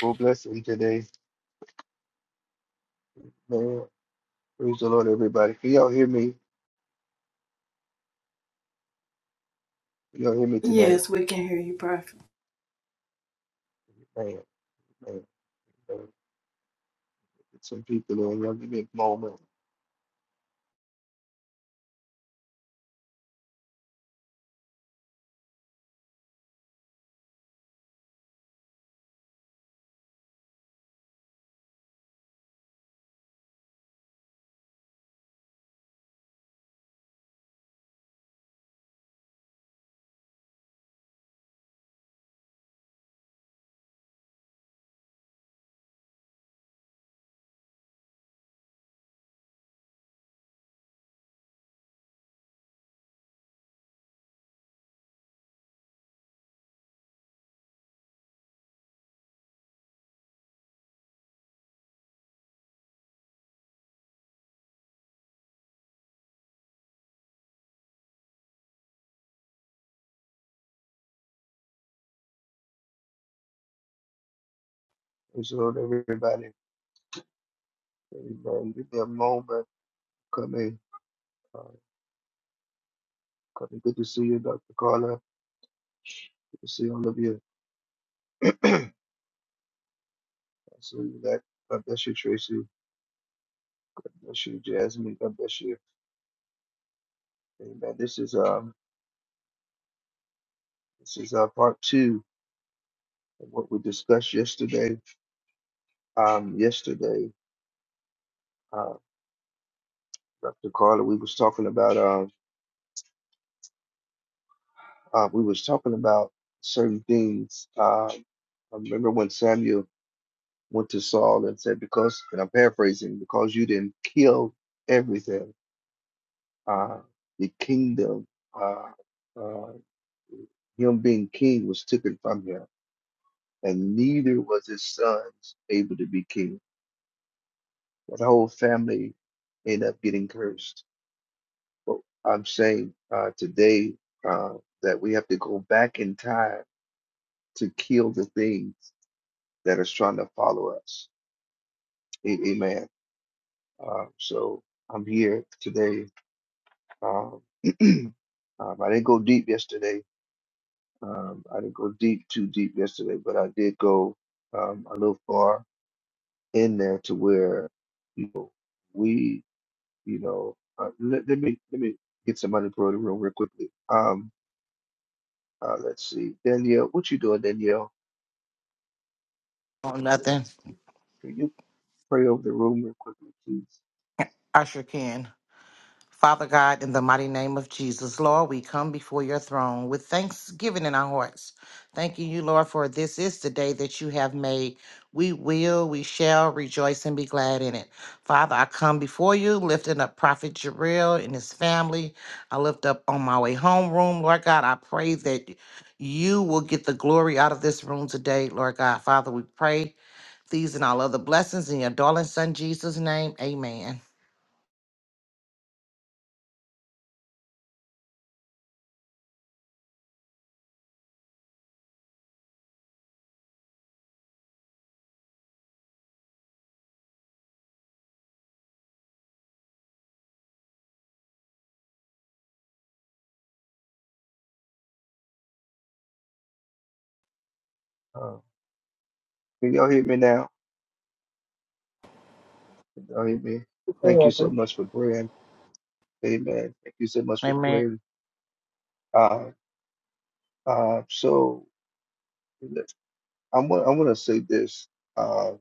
Well, blessing today, man. Praise the Lord, everybody. Can y'all hear me? Can y'all hear me tonight? Yes, we can hear you, Prophet. Man, man, man. Get some people on. Y'all give me a moment. Praise the Lord, everybody. Amen. Give me a moment. Come in. Uh, come in. Good to see you, Dr. Carla. Good to see all of you. I see you back. God bless you, Tracy. God bless you, Jasmine. God bless you. Amen. This is um this is uh part two of what we discussed yesterday. Um yesterday, uh Dr. Carla, we was talking about um. uh, we was talking about certain things. Uh, I remember when Samuel went to Saul and said, "Because," and I'm paraphrasing, "because you didn't kill everything, uh, the kingdom, uh, uh, him being king, was taken from him, and neither was his sons able to be king. Well, The whole family ended up getting cursed." But I'm saying uh, today uh, that we have to go back in time to kill the things. that is trying to follow us. A- Amen. Uh, so I'm here today. Um, um, I didn't go deep yesterday. Um, I didn't go deep too deep yesterday, but I did go um, a little far in there to where you know, we, you know, uh, let, let me let me get somebody to the room real quickly. Um, uh, let's see, Danielle, what you doing, Danielle? Oh, What you doing? nothing. Can you pray over the room real quickly, please? I sure can. Father God, in the mighty name of Jesus, Lord, we come before your throne with thanksgiving in our hearts. Thanking you, Lord, for this is the day that you have made. We will, we shall rejoice and be glad in it. Father, I come before you, lifting up Prophet Jarrell and his family. I lift up on my way home room. Lord God, I pray that you will get the glory out of this room today, Lord God. Father, we pray these and all other blessings in your darling son Jesus' name. Amen. Uh, can y'all hear me now? Amen. Thank you so much for praying. Amen. Thank you so much for Amen. praying. Uh, uh, so let- I'm, wa- I want to say this. Uh,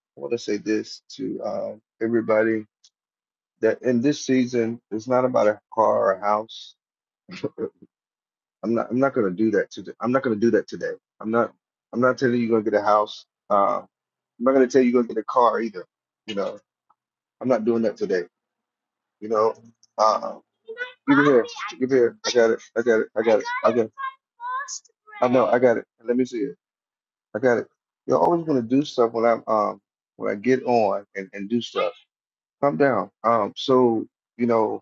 I want to say this to uh, everybody that in this season, it's not about a car or a house. I'm not. I'm not going to do that today. I'm not going to do that today. I'm not. I'm not telling you you're going to get a house. Uh, I'm not going to tell you you're going to get a car either. You know, I'm not doing that today. You know, uh, Give it here. Give it here. I got it. I got it. I got it. I got it. I know, I got it. Let me see it. I got it. You're always gonna do stuff when I'm um when I get on and, and do stuff. Calm down. Um, so you know,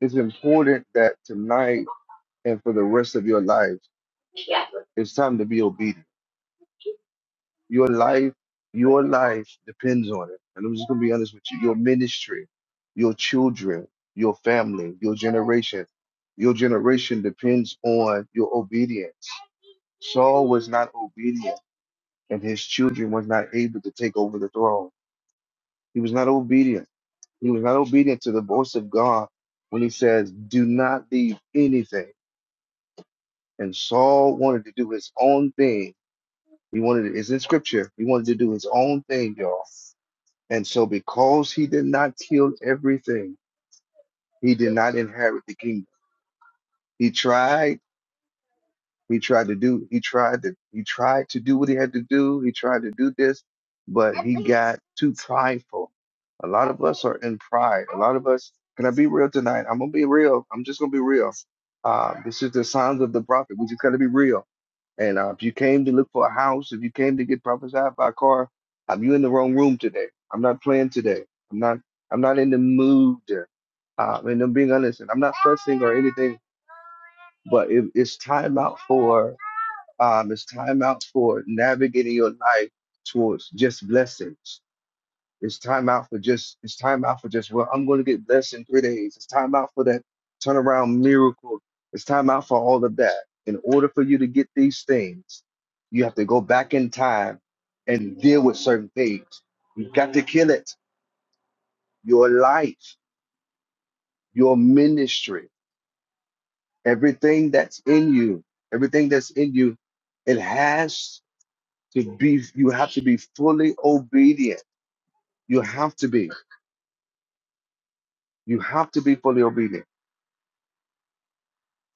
it's important that tonight and for the rest of your life, it's time to be obedient. Your life, your life depends on it. And I'm just gonna be honest with you. Your ministry, your children, your family, your generation, your generation depends on your obedience. Saul was not obedient and his children was not able to take over the throne. He was not obedient. He was not obedient to the voice of God when he says, Do not leave anything. And Saul wanted to do his own thing. He wanted to, it's in scripture. He wanted to do his own thing, y'all. And so because he did not kill everything, he did not inherit the kingdom. He tried He tried to do he tried to he tried to do what he had to do. He tried to do this, but he got too prideful. A lot of us are in pride. A lot of us can I be real tonight? I'm gonna be real. I'm just gonna be real. Uh, this is the signs of the prophet. We just gotta be real and uh, if you came to look for a house, if you came to get prophesied by a car, um, you in the wrong room today. I'm not playing today. I'm not. I'm not in the mood. Uh, and I'm being honest. And I'm not fussing or anything. But it, it's time out for. Um, it's time out for navigating your life towards just blessings. It's time out for just it's time out for just well, I'm going to get blessed in three days. It's time out for that turnaround miracle. It's time out for all of that. In order for you to get these things, you have to go back in time and deal with certain things. You got to kill it. Your life, your ministry, everything that's in you, everything that's in you, it has to be. You have to be fully obedient. You have to be. You have to be fully obedient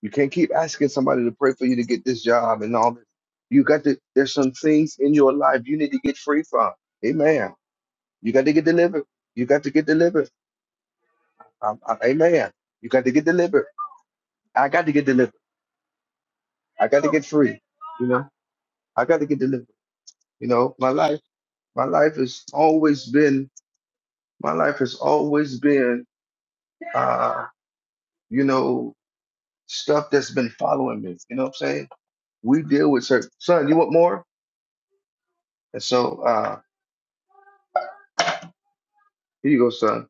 You can't keep asking somebody to pray for you to get this job and all this. You got to, there's some things in your life you need to get free from. Amen. You got to get delivered. You got to get delivered. Um, uh, amen. You got to get delivered. I got to get delivered. I got to get free. You know, I got to get delivered. You know, my life, my life has always been, my life has always been, uh, you know, stuff that's been following me. You know what I'm saying? We deal with certain, son, you want more? And so, uh, here you go, son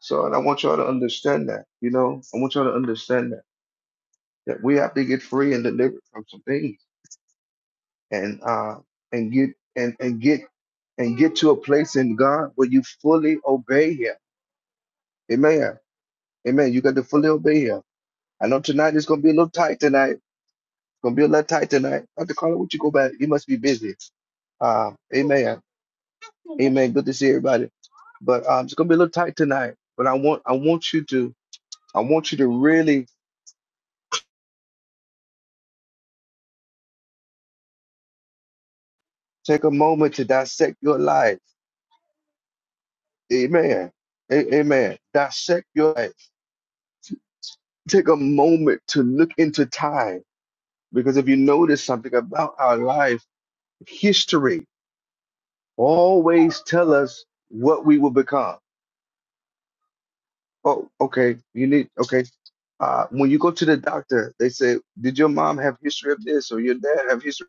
So, and I want y'all to understand that, you know, I want y'all to understand that that we have to get free and delivered from some things, and uh, and get and and get and get to a place in God where you fully obey Him. Amen. Amen. You got to fully obey Him. I know tonight it's gonna be a little tight tonight. It's gonna be a little tight tonight. Dr. Carla, would you go back? You must be busy. Uh, amen. Amen. Good to see everybody. But um, it's gonna be a little tight tonight. But I want I want you to I want you to really take a moment to dissect your life Amen. A- amen. Dissect your life. Take a moment to look into time because if you notice something about our life, history always tell us what we will become. Oh, okay. You need okay. Uh, when you go to the doctor, they say, "Did your mom have history of this or your dad have history?"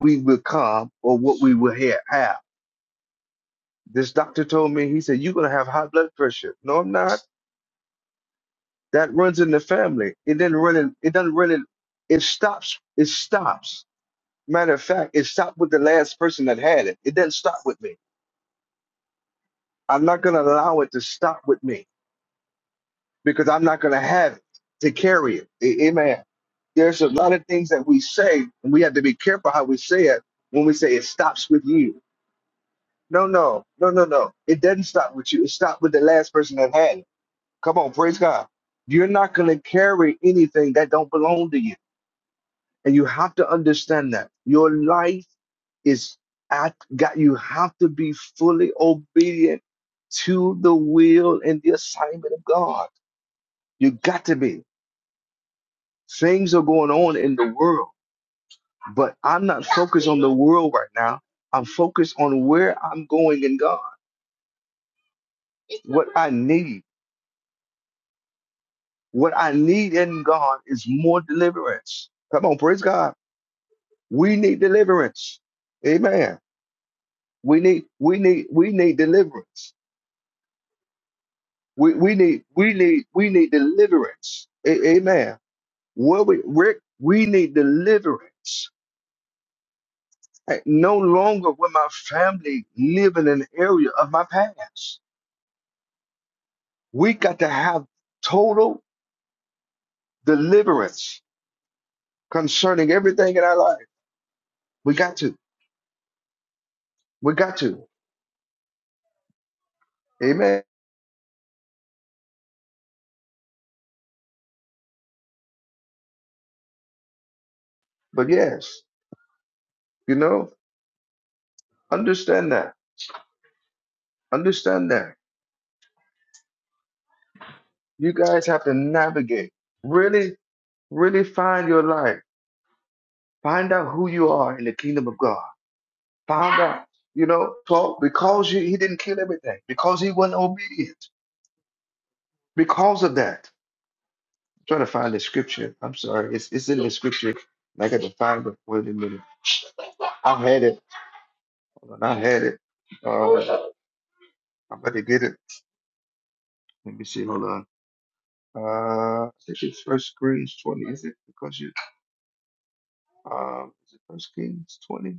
We become or what we will ha- have. This doctor told me. He said, "You're gonna have high blood pressure." No, I'm not. that runs in the family. It didn't run in, it doesn't run in, it stops, it stops. Matter of fact, it stopped with the last person that had it. It doesn't stop with me. I'm not gonna allow it to stop with me because I'm not gonna have it to carry it. A- Amen. There's a lot of things that we say, and we have to be careful how we say it when we say it stops with you. No, no, no, no, no. It doesn't stop with you. It stopped with the last person that had it. Come on, praise God. You're not gonna carry anything that don't belong to you And you have to understand that your life is at God. You have to be fully obedient to the will and the assignment of God. You got to be. Things are going on in the world, but I'm not focused on the world right now. I'm focused on where I'm going in God, what I need. What I need in God is more deliverance. Come on, praise God. We need deliverance. Amen. We need, we need, we need deliverance We we need we need we need deliverance. A- amen. What we Rick, we need deliverance. Hey, No longer will my family live in an area of my past. We got to have total deliverance concerning everything in our life. We got to. We got to. Amen. But yes, you know, understand that. Understand that. You guys have to navigate. Really, really find your life. Find out who you are in the kingdom of God found out, you know, so because you, he didn't kill everything, because he wasn't obedient, because of that. I'm trying to find the scripture. I'm sorry, it's it's in the scripture. I got to find it. Wait a minute. I had it. Hold on, I had it. Uh, I'm about to get it. Let me see. Hold on. Uh, I think it's First Kings 20. Is it because you? Um, is it First Kings 20?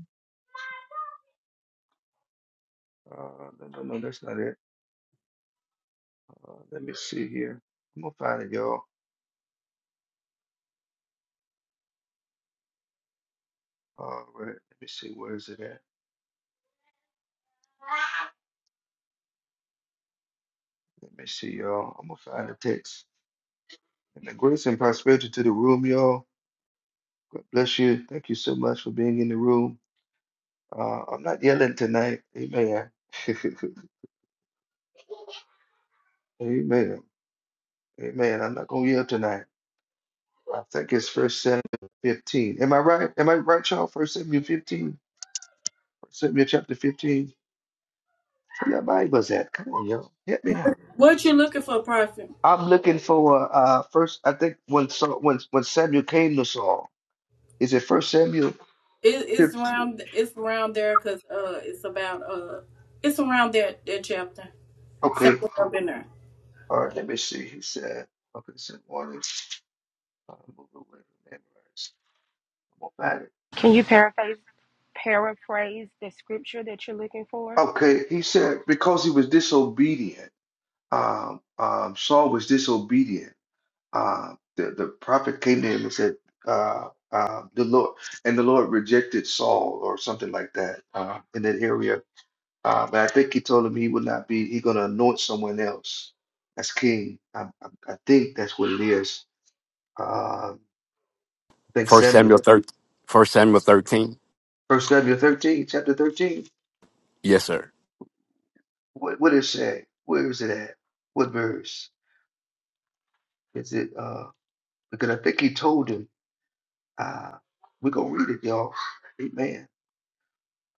Uh, no, no, no, that's not it. Uh, let me see here. I'm gonna find it, y'all. All right. Let me see. Where is it at? Let me see, y'all. I'm gonna find the text. And the grace and prosperity to the room, y'all. God bless you. Thank you so much for being in the room. Uh, I'm not yelling tonight. Amen. Amen. Amen. I'm not gonna yell tonight. I think it's First Samuel 15. Am I right? Am I right, y'all? First Samuel 15. First Samuel chapter 15. Where your Bibles at? Come on, y'all. Help me out. What you looking for, Prophet? I'm looking for uh first. I think when Saul, when when Samuel came to Saul. Is it First Samuel It, it's 15? around. It's around there because uh, it's about uh, it's around that that chapter Okay. somewhere up in there. All right, let me see. He said, okay, said morning. I'm away from memories. I'm gonna find it. Can you paraphrase paraphrase the scripture that you're looking for? Okay, he said because he was disobedient, um, um, Saul was disobedient. Um, the, the prophet came to him and said, uh, uh, the Lord, and the Lord rejected Saul or something like that uh, in that area. Uh, but I think he told him he would not be, he's gonna anoint someone else as king. I, I, I think that's what it is. Uh, I think First Samuel Samuel thirteen. First Samuel thirteen. First Samuel 13, chapter 13. Yes, sir. What, what it say? Where is it at? What verse? Is it uh because I think he told him uh we're gonna read it, y'all. Amen.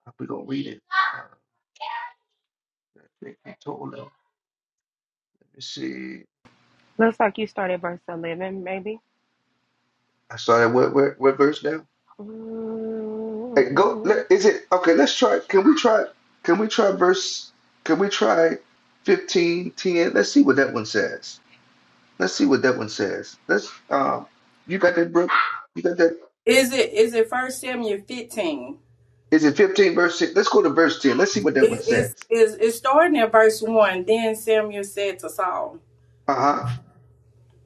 Uh, We're gonna read it. Uh, I think he told him. Let's see. Looks like you started verse eleven, maybe. I started what what, what verse now? Hey, go let, is it okay, let's try can we try can we try verse can we try fifteen ten? Let's see what that one says. Let's see what that one says. Let's um you got that, Brooke? You got that? Is it is it First Samuel fifteen? Is it 15 verse 6? Let's go to verse 10. Let's see what that one It is says. is it's starting at verse one. Then Samuel said to Saul, Uh-huh.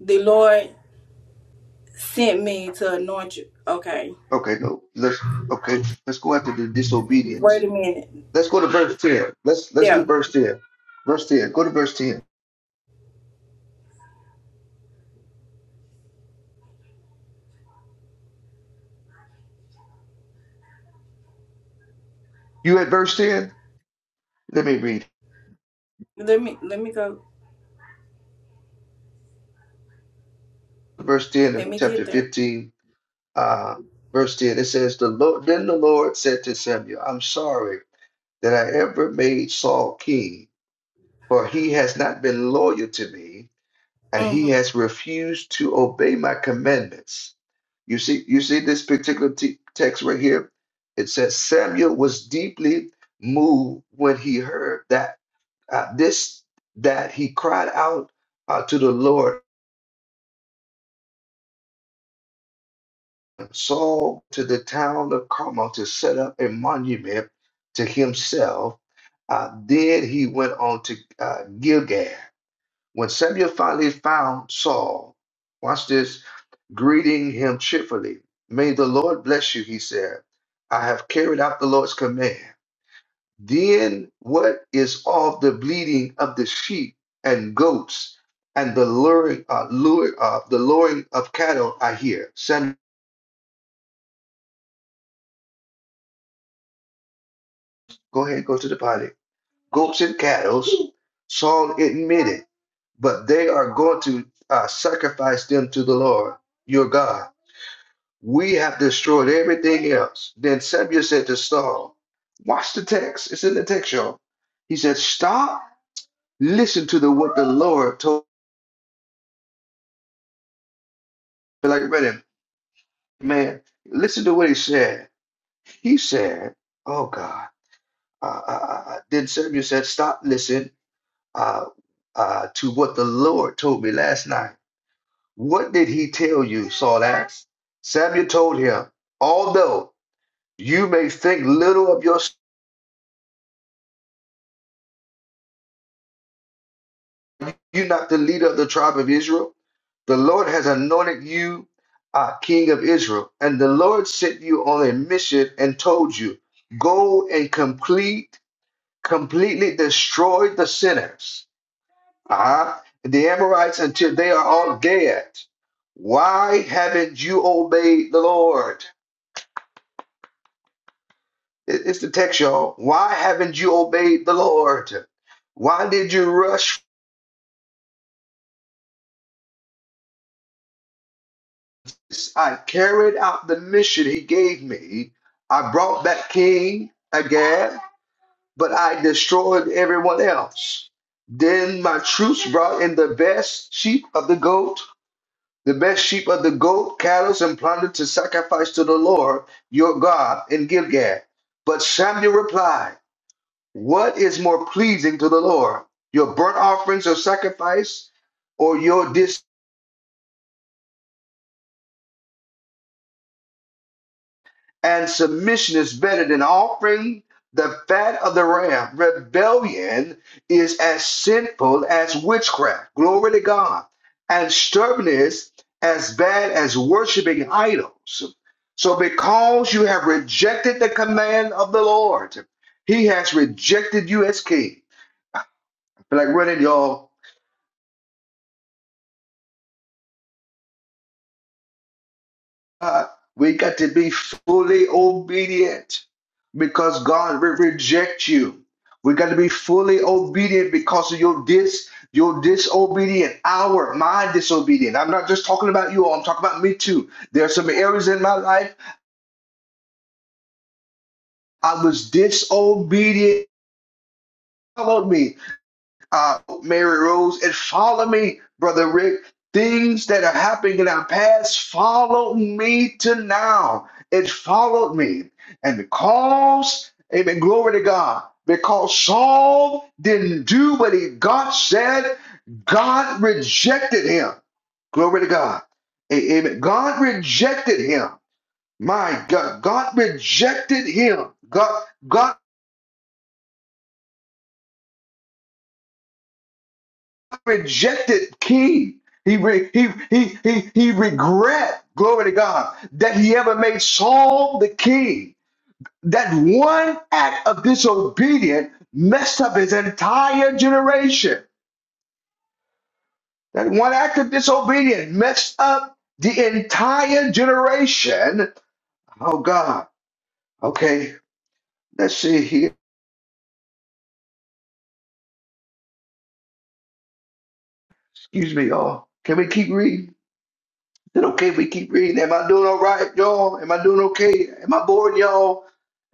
"The Lord sent me to anoint you." Okay, Okay, no. Let's okay. Let's go after the wait disobedience. a minute. Let's go to verse 10. Let's let's Yeah, do verse 10. Verse 10. Go to verse 10. You at verse 10? Let me read. let me let me go. Verse 10 Let of me get chapter there. 15. Uh verse 10. It says, The Lord then the Lord said to Samuel, I'm sorry that I ever made Saul king, for he has not been loyal to me, and Mm-hmm. he has refused to obey my commandments. You see, you see this particular te- text right here. It says Samuel was deeply moved when he heard that uh, this that he cried out uh, to the Lord. Saul to the town of Carmel to set up a monument to himself. Uh, then he went on to uh, Gilgal. When Samuel finally found Saul, watch this. greeting him cheerfully. May the Lord bless you, he said. I have carried out the Lord's command. Then what is all the bleating of the sheep and goats and the luring, uh, lure, uh, the luring of cattle I hear? Son, go ahead, go to the potty. Goats and cattle, Saul admitted, but they are going to uh, sacrifice them to the Lord, your God. We have destroyed everything else. Then Samuel said to Saul, Watch the text. It's in the text, y'all. He said, Stop. Listen to the what the Lord told me. Like, man, man, listen to what he said. He said, Oh God. Uh, uh, uh, uh." then Samuel said, Stop, listen uh, uh, to what the Lord told me last night. What did he tell you? Saul asked. Samuel told him, Although you may think little of yourself you not the leader of the tribe of Israel? The Lord has anointed you uh, king of Israel. And the Lord sent you on a mission and told you, go and complete, completely destroy the sinners, uh-huh, the Amorites until they are all dead. Why haven't you obeyed the Lord? It- It's the text, y'all. Why haven't you obeyed the Lord? Why did you rush I carried out the mission he gave me. I brought back King Agag, but I destroyed everyone else. Then my troops brought in the best sheep of the goat, the best sheep of the goat, cattle, and plunder to sacrifice to the Lord your God in Gilgal. But Samuel replied, What is more pleasing to the Lord, your burnt offerings of sacrifice, or your and submission is better than offering the fat of the ram. Rebellion is as sinful as witchcraft. Glory to God. And stubbornness as bad as worshiping idols. So, because you have rejected the command of the Lord, He has rejected you as king. I feel like running, y'all. God, we got to be fully obedient because God will reject you. We got to be fully obedient because of your dis your disobedient, our my disobedient. I'm not just talking about you all, I'm talking about me too. There are some areas in my life I was disobedient. Followed me. uh, Mary Rose, and follow me, Brother Rick. Things that are happening in our past follow me to now. It followed me. And because, amen, glory to God, because Saul didn't do what he God said, God rejected him. Glory to God. A- Amen. God rejected him. My God, God rejected him. God, God rejected King. He, re- he, he, he, he regret, glory to God, that he ever made Saul the king. That one act of disobedience messed up his entire generation. That one act of disobedience messed up the entire generation. Oh, God. Okay, let's see here. Excuse me, y'all. Can we keep reading? Then okay, we keep reading. Am I doing all right, y'all? Am I doing okay? Am I bored, y'all?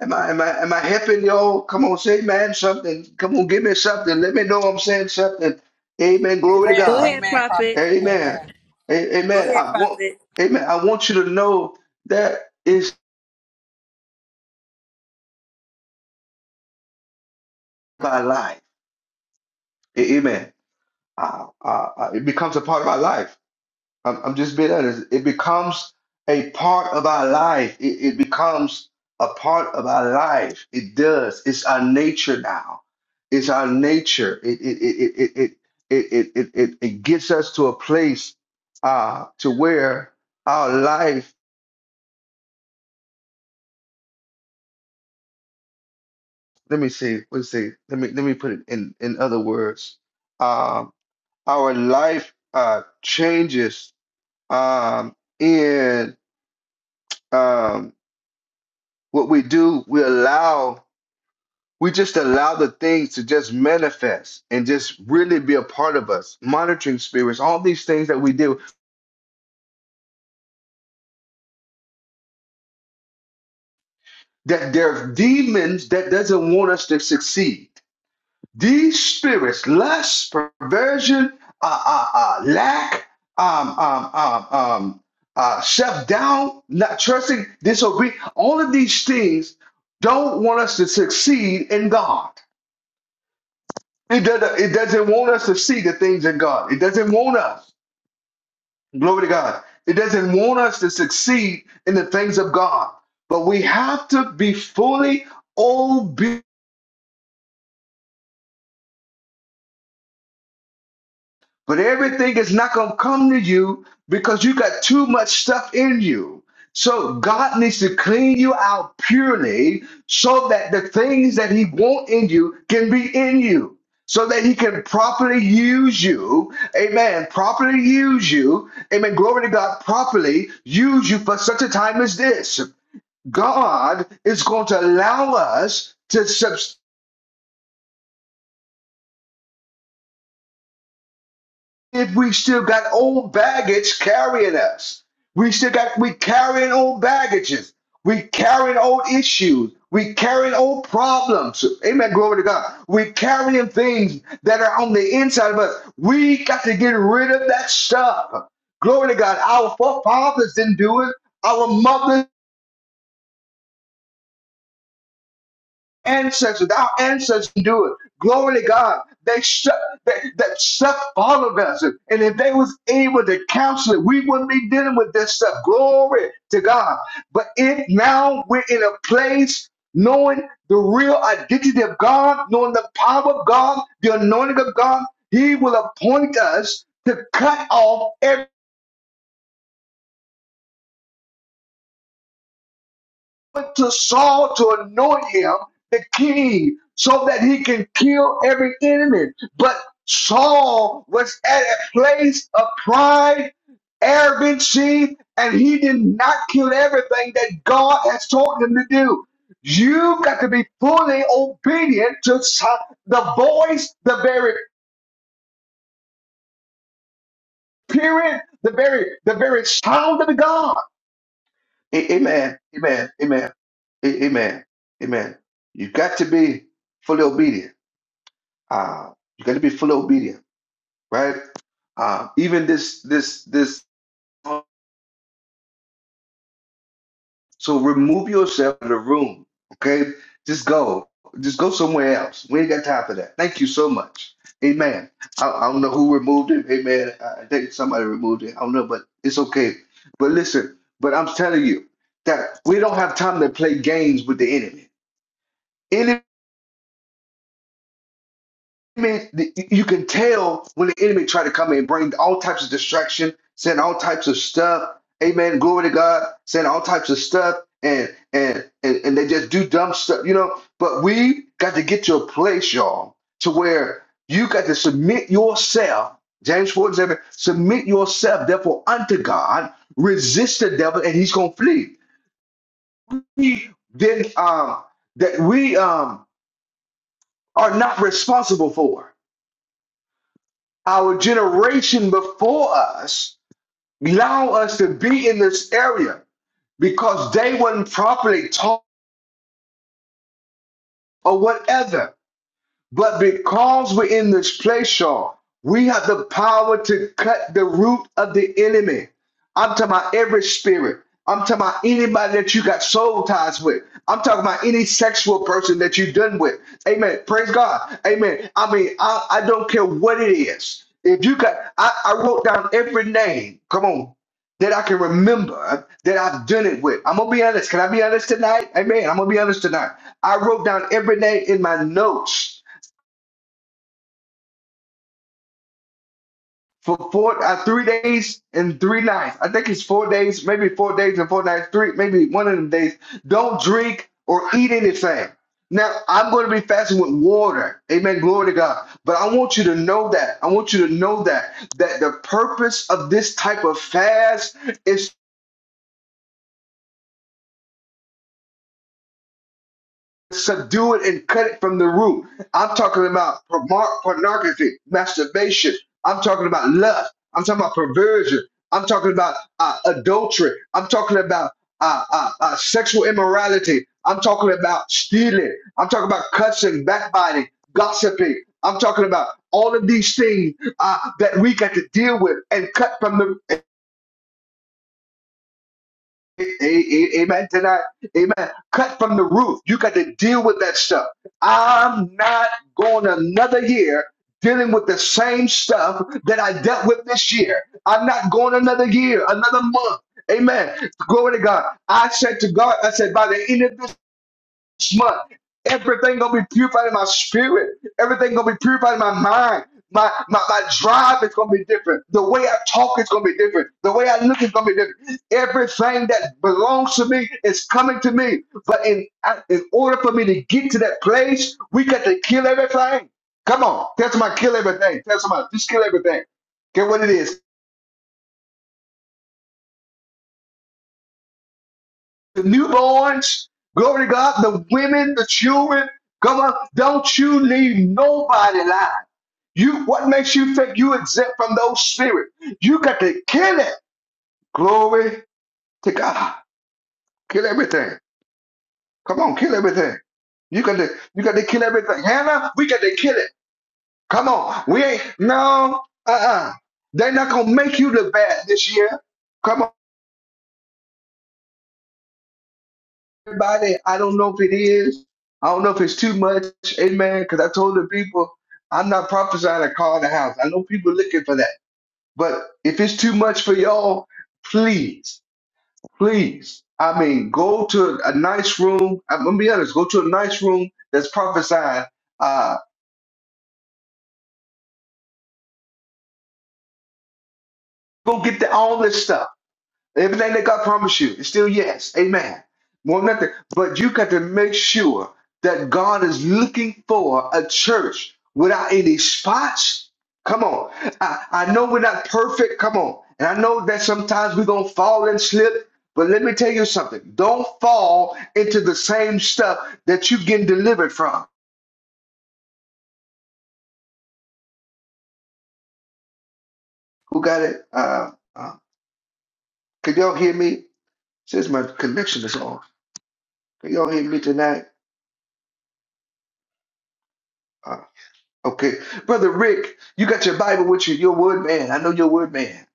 Am I am I am I helping y'all? Come on, say man something. Come on, give me something. Let me know I'm saying something. Amen. Glory to Amen. Go God. ahead, Amen. Prophet. Prophet. Amen. Amen. A- Go Amen. ahead, I want Prophet. Amen. I want you to know that is my life. A- Amen. I, I, I- it becomes a part of my life. I'm, I'm just being honest. It becomes a part of our life. It, it becomes a part of our life. It does. It's our nature now. It's our nature. It it it it it it it it, it, it gets us to a place uh to where our life. Let me see. Let's see. Let me let me put it in in other words. Um, our life uh changes um in um what we do. We allow. We just allow the things to just manifest and just really be a part of us. Monitoring spirits, all these things that we do, that they're demons that doesn't want us to succeed. These spirits, lust, perversion, uh, uh, uh, lack, um, um, um, um, uh, shut down, not trusting, disobedience, all of these things don't want us to succeed in God. It doesn't, it doesn't want us to see the things in God. It doesn't want us. Glory to God. It doesn't want us to succeed in the things of God, but we have to be fully obedient. But everything is not going to come to you because you got too much stuff in you. So God needs to clean you out purely so that the things that He wants in you can be in you. So that he can properly use you, amen. Properly use you, amen. Glory to God, properly use you for such a time as this. God is going to allow us to subs- if we still got old baggage carrying us. We still got we carrying old baggages. We carrying old issues. We carrying old problems. Amen. Glory to God. We carrying things that are on the inside of us. We got to get rid of that stuff. Glory to God. Our forefathers didn't do it. Our mothers ancestors, our ancestors do it. Glory to God. They shut that, that stuff followed us. And if they was able to counsel it, we wouldn't be dealing with this stuff. Glory to God. But if now we're in a place knowing the real identity of God, knowing the power of God, the anointing of God, He will appoint us to cut off every. went to Saul to anoint him the king so that he can kill every enemy. But Saul was at a place of pride, arrogancy, and he did not kill everything that God has told him to do. You've got to be fully obedient to so- the voice, the very period, the very the very sound of God. A- Amen. Amen. Amen. A- Amen. Amen. You got to be fully obedient. Uh, you got to be fully obedient, right? Uh, even this, this, this. So remove yourself from the room, okay? Just go. Just go somewhere else. We ain't got time for that. Thank you so much. Amen. I, I don't know who removed it. Amen. I I think somebody removed it. I don't know, but it's okay. But listen, but I'm telling you that we don't have time to play games with the enemy. enemy, the- you can tell when the enemy try to come and bring all types of distraction, saying all types of stuff. Amen. Glory to God, saying all types of stuff, and and and, and they just do dumb stuff, you know. But we got to get to a place, y'all, to where you got to submit yourself. James 4 and 7, submit yourself therefore unto God, resist the devil, and he's gonna flee. We then um that we um are not responsible for. our generation before us allow us to be in this area because they weren't properly taught or whatever. But because we're in this place, y'all, we have the power to cut the root of the enemy. I'm talking about every spirit. I'm talking about anybody that you got soul ties with. I'm talking about any sexual person that you done with. Amen. Praise God. Amen. I mean, I, I don't care what it is. If you got, I, I wrote down every name. Come on. That I can remember that I've done it with. I'm gonna be honest. Can I be honest tonight? Amen. I'm gonna be honest tonight. I wrote down every name in my notes for four uh, three days and three nights. I think it's four days, maybe four days and four nights, three maybe one of them days. Don't drink or eat anything. Now I'm going to be fasting with water. Amen. Glory to God. But I want you to know that. I want you to know that that the purpose of this type of fast subdue it and cut it from the root. I'm talking about porno- pornography, masturbation. I'm talking about lust. I'm talking about perversion. I'm talking about uh, adultery. I'm talking about uh, uh, uh, sexual immorality. I'm talking about stealing. I'm talking about cussing, backbiting, gossiping. I'm talking about all of these things uh, that we got to deal with and cut from the a- a- Amen to that. Amen. Cut from the roof. You got to deal with that stuff. I'm not going another year dealing with the same stuff that I dealt with this year. I'm not going another year, another month. Amen. Glory to God. I said to God, I said, by the end of this month, everything gonna be purified in my spirit. Everything gonna be purified in my mind. My, my my drive is gonna be different. The way I talk is gonna be different. The way I look is gonna be different. Everything that belongs to me is coming to me. But in I- in order for me to get to that place, we got to kill everything. Come on, tell somebody kill everything. Tell somebody just kill everything. Get what it is. the newborns, glory to God, the women, the children. Come on, don't you leave nobody alive. You what makes you think you exempt from those spirits? You got to kill it. Glory to God. Kill everything. Come on, kill everything. You got to you got to kill everything. Hannah, we got to kill it. Come on. We ain't no uh, uh-uh. uh. They're not gonna make you look bad this year. Come on. everybody. I don't know if it is. I don't know if it's too much. Amen. Because I told the people, I'm not prophesying a car in the house. I know people looking for that. But if it's too much for y'all, please, please. I mean, go to a nice room. I'm gonna be honest. Go to a nice room that's prophesying. Uh, go get the all this stuff. Everything that God promised you is still yes. Amen. More nothing. But you got to make sure that God is looking for a church without any spots. Come on. I, I know we're not perfect. Come on. And I know that sometimes we're going to fall and slip. But let me tell you something. Don't fall into the same stuff that you're getting delivered from. Who got it? Uh, uh, can y'all hear me? Since my connection is off. Can y'all hear me tonight? Uh, Okay. Brother Rick, you got your Bible with you. You're a word man. I know you're a word man.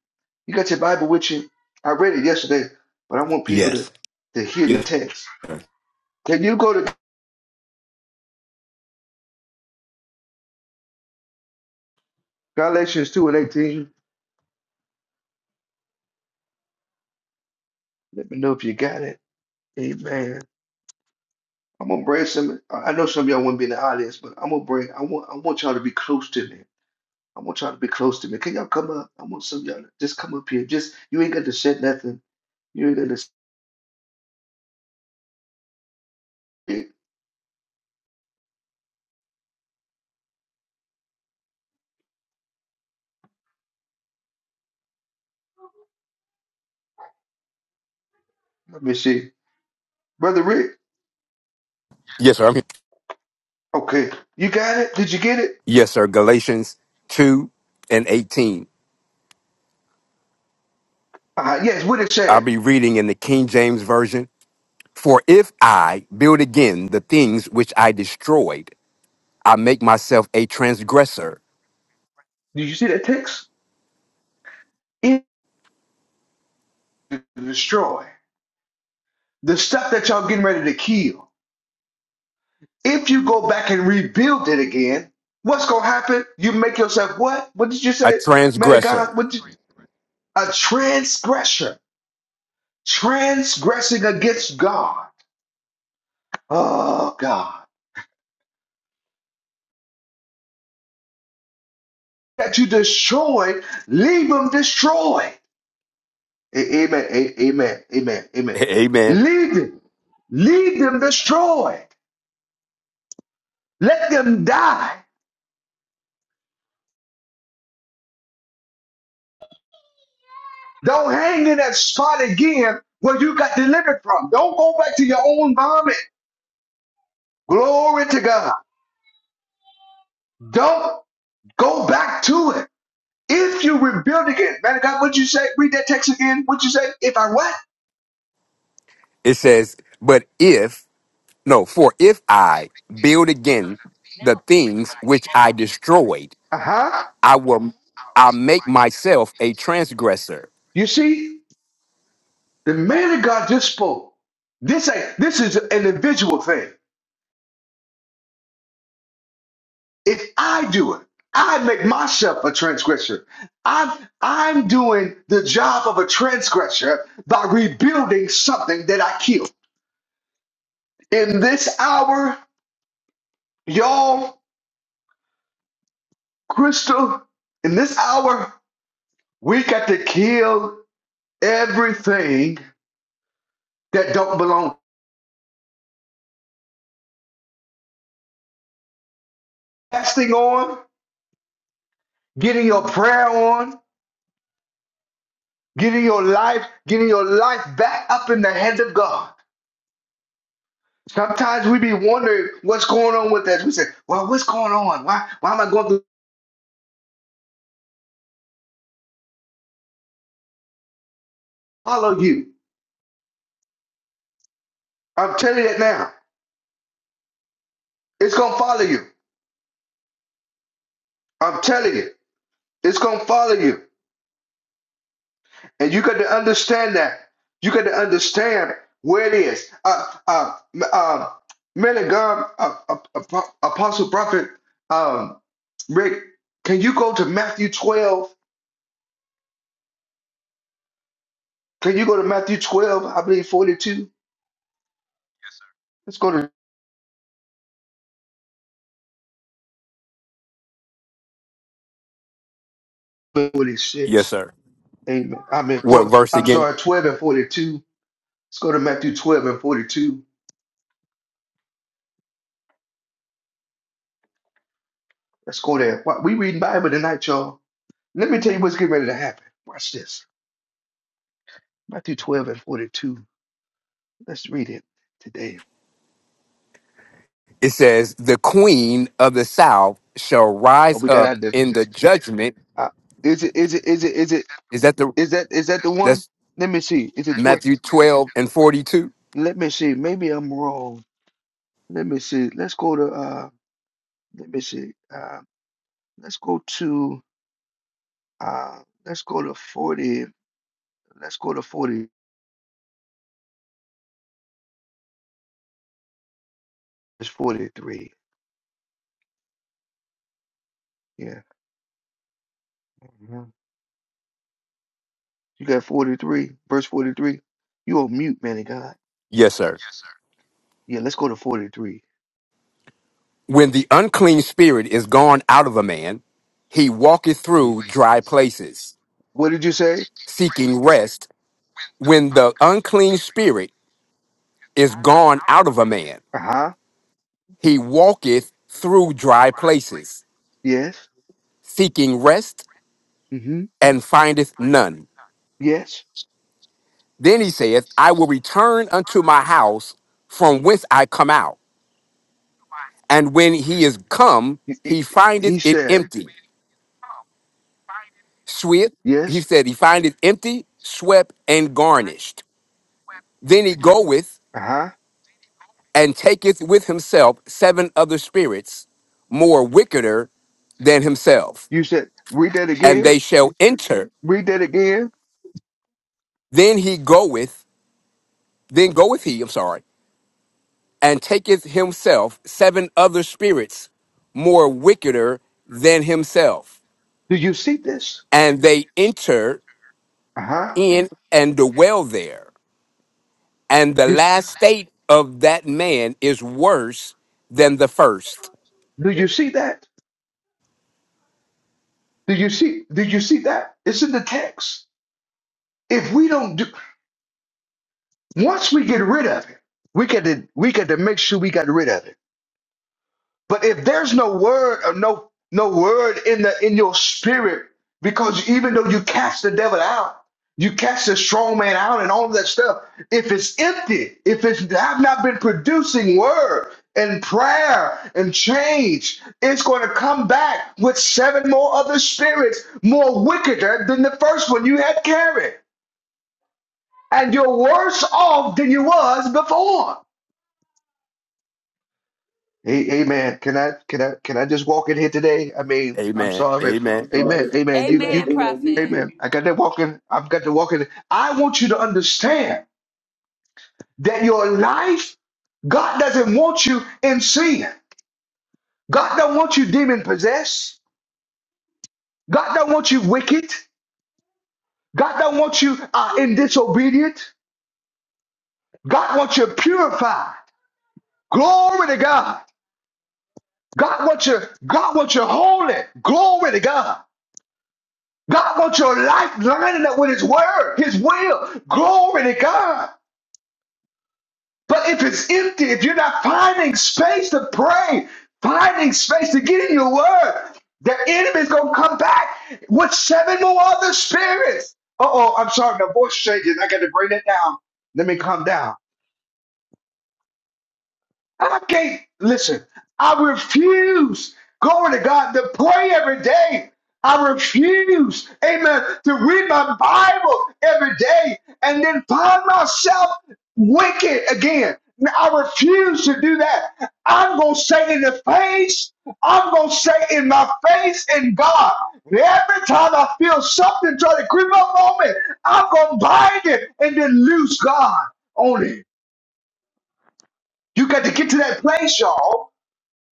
You got your Bible with you. I read it yesterday, but I want people to, Yes. to hear the Yes. text. sir. Can you go to Galatians 2 and 18? Let me know if you got it. Amen. I'm gonna bring some I I know some of y'all wouldn't be in the audience, but I'm gonna bring I want I want y'all to be close to me. I want y'all to be close to me. Can y'all come up? I want some of y'all to just come up here. Just you ain't got to say nothing. You ain't got to say it. Let me see. Brother Rick, Yes, sir. I'm here. okay. You got it? Did you get it? Yes, sir. Galatians two and eighteen. Uh, yes, what it I'll said. be reading in the King James version. For if I build again the things which I destroyed, I make myself a transgressor. Did you see that text? It is destroy the stuff that y'all getting ready to kill. If you go back and rebuild it again, what's gonna happen? You make yourself what? What did you A say, man of God? transgressor. What did you, a transgressor transgressing against God? Oh God, that you destroyed, leave them destroyed. A- Amen. a- Amen. Amen. Amen. Amen. Leave them. Leave them destroyed. Let them die. Don't hang in that spot again where you got delivered from. Don't go back to your own vomit. Glory to God. Don't go back to it. If you rebuild again, man of God, what'd you say? Read that text again. What'd you say? If I what? It says, but if no, for if I build again the things which I destroyed. Uh-huh. I will I make myself a transgressor. You see, the man of God just spoke. This ain't this is an individual thing. If I do it, I make myself a transgressor. I'm I'm doing the job of a transgressor by rebuilding something that I killed. In this hour, y'all, Crystal, in this hour, we got to kill everything that don't belong. Fasting on, getting your prayer on, getting your life, getting your life back up in the hands of God. Sometimes we be wondering what's going on with us. We say, "Well, what's going on? Why? Why am I going to follow you?" I'm telling you that now. It's gonna follow you. I'm telling you, it's gonna follow you. And you got to understand that. You got to understand where it is. Uh, uh, m- uh, man of God, uh, uh, uh, Apostle Prophet um, Rick, can you go to Matthew 12? Can you go to Matthew 12? I believe 42. Let's go to Yes, 46. sir. Amen. I mean, What four, verse I'm again? sorry, 12 and 42. Let's go to Matthew 12 and 42. Let's go there. Why- We reading Bible tonight, y'all. Let me tell you what's getting ready to happen. Watch this. Matthew 12 and 42. Let's read it today. It says, The queen of the south shall Oh, rise we got up out there. in the judgment. Uh, is it? Is it? Is it? Is it? Is that the Is that? Is that the one? that's Let me see. Is it twelve? Matthew 12 and 42? Let me see. Maybe I'm wrong. Let me see. Let's go to. Uh, let me see. Uh, let's go to. Uh, let's go to forty. Let's go to forty. It's forty-three. Yeah. Mhm. You got forty-three. Verse forty-three. You on mute, man of God. Yes, sir. Yeah. Let's go to forty-three. When the unclean spirit is gone out of a man, he walketh That's it. through dry places, What did you say? seeking rest. When the unclean spirit is gone out of a man, Uh huh. he walketh through dry places, Yes. seeking rest Mm hmm. and findeth none. Yes. Then he saith, I will return unto my house from whence I come out. And when he is come, He he- he he findeth it said, empty, swept. He Yes. said, he findeth empty, swept, and garnished. Then he goeth Uh huh. and taketh with himself seven other spirits more wickeder than himself, You said, Read that and again. they shall enter. Read that again. Then he goeth, then goeth he, I'm sorry, and taketh himself seven other spirits more wickeder than himself, Do you see this? and they enter Uh huh. in and dwell there. And the Yes. last state of that man is worse than the first. Do you see that? Do you see? Do you see that? It's in the text. If we don't do, once we get rid of it, we got to we got to make sure we got rid of it. But if there's no word or no no word in the in your spirit, because even though you cast the devil out, you cast the strong man out and all of that stuff, if it's empty, if it's I've not been producing word and prayer and change, it's going to come back with seven more other spirits more wickeder than the first one you had carried. And you're worse off than you was before. Hey, hey man, can I can I can I just walk in here today? I mean, I'm Amen. sorry. Amen. Amen. Prophet. Amen. You you Amen. Amen, Prophet. you, Amen. I got that walking. I've got to walk in. I want you to understand that your life, God doesn't want you in sin. God don't want you demon possessed. God don't want you wicked. God don't want you uh, in disobedient. God wants you purified. Glory to God. God wants you. God wants you holy. Glory to God. God wants your life lining up with His word, His will. Glory to God. But if it's empty, if you're not finding space to pray, finding space to get in your word, the enemy's going to come back with seven more other spirits. Uh oh, I'm sorry, my voice changing. I got to bring it down. Let me calm down. I can't listen. I refuse, glory to God, to pray every day. I refuse, amen, to read my Bible every day and then find myself wicked again. I refuse to do that. I'm going to say in the face, I'm going to say in my face in God. Every time I feel something try to creep up on me, I'm going to bind it and then loose God on it. You got to get to that place, y'all.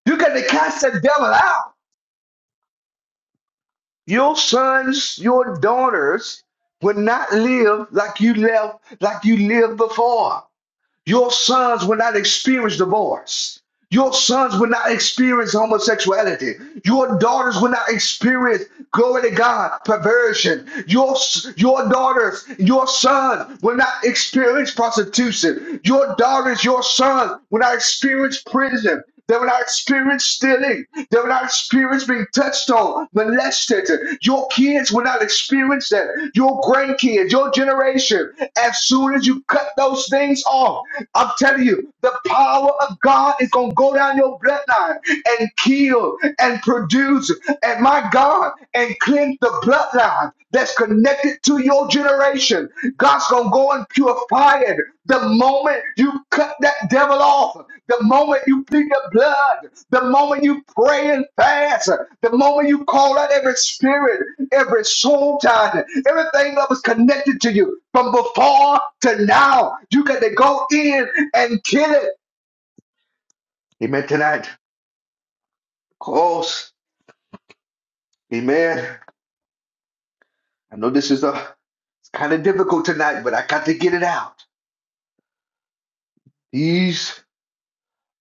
You got to cast that devil out. Your sons, your daughters will not live like you left, like you lived before. Your sons will not experience divorce. Your sons will not experience homosexuality. Your daughters will not experience, glory to God, perversion. Your, your daughters, your sons will not experience prostitution. Your daughters, your sons will not experience prison. They will not experience stealing. They will not experience being touched on, molested. Your kids will not experience that. Your grandkids, your generation. As soon as you cut those things off, I'm telling you, the power of God is going to go down your bloodline and kill and produce. And my God, and cleanse the bloodline that's connected to your generation. God's gonna go and purify it. The moment you cut that devil off, the moment you plead the blood, the moment you pray and fast, the moment you call out every spirit, every soul tie, everything that was connected to you from before to now, you got to go in and kill it. Amen. Tonight, close. Amen. I know this is a it's kind of difficult tonight, but I got to get it out. These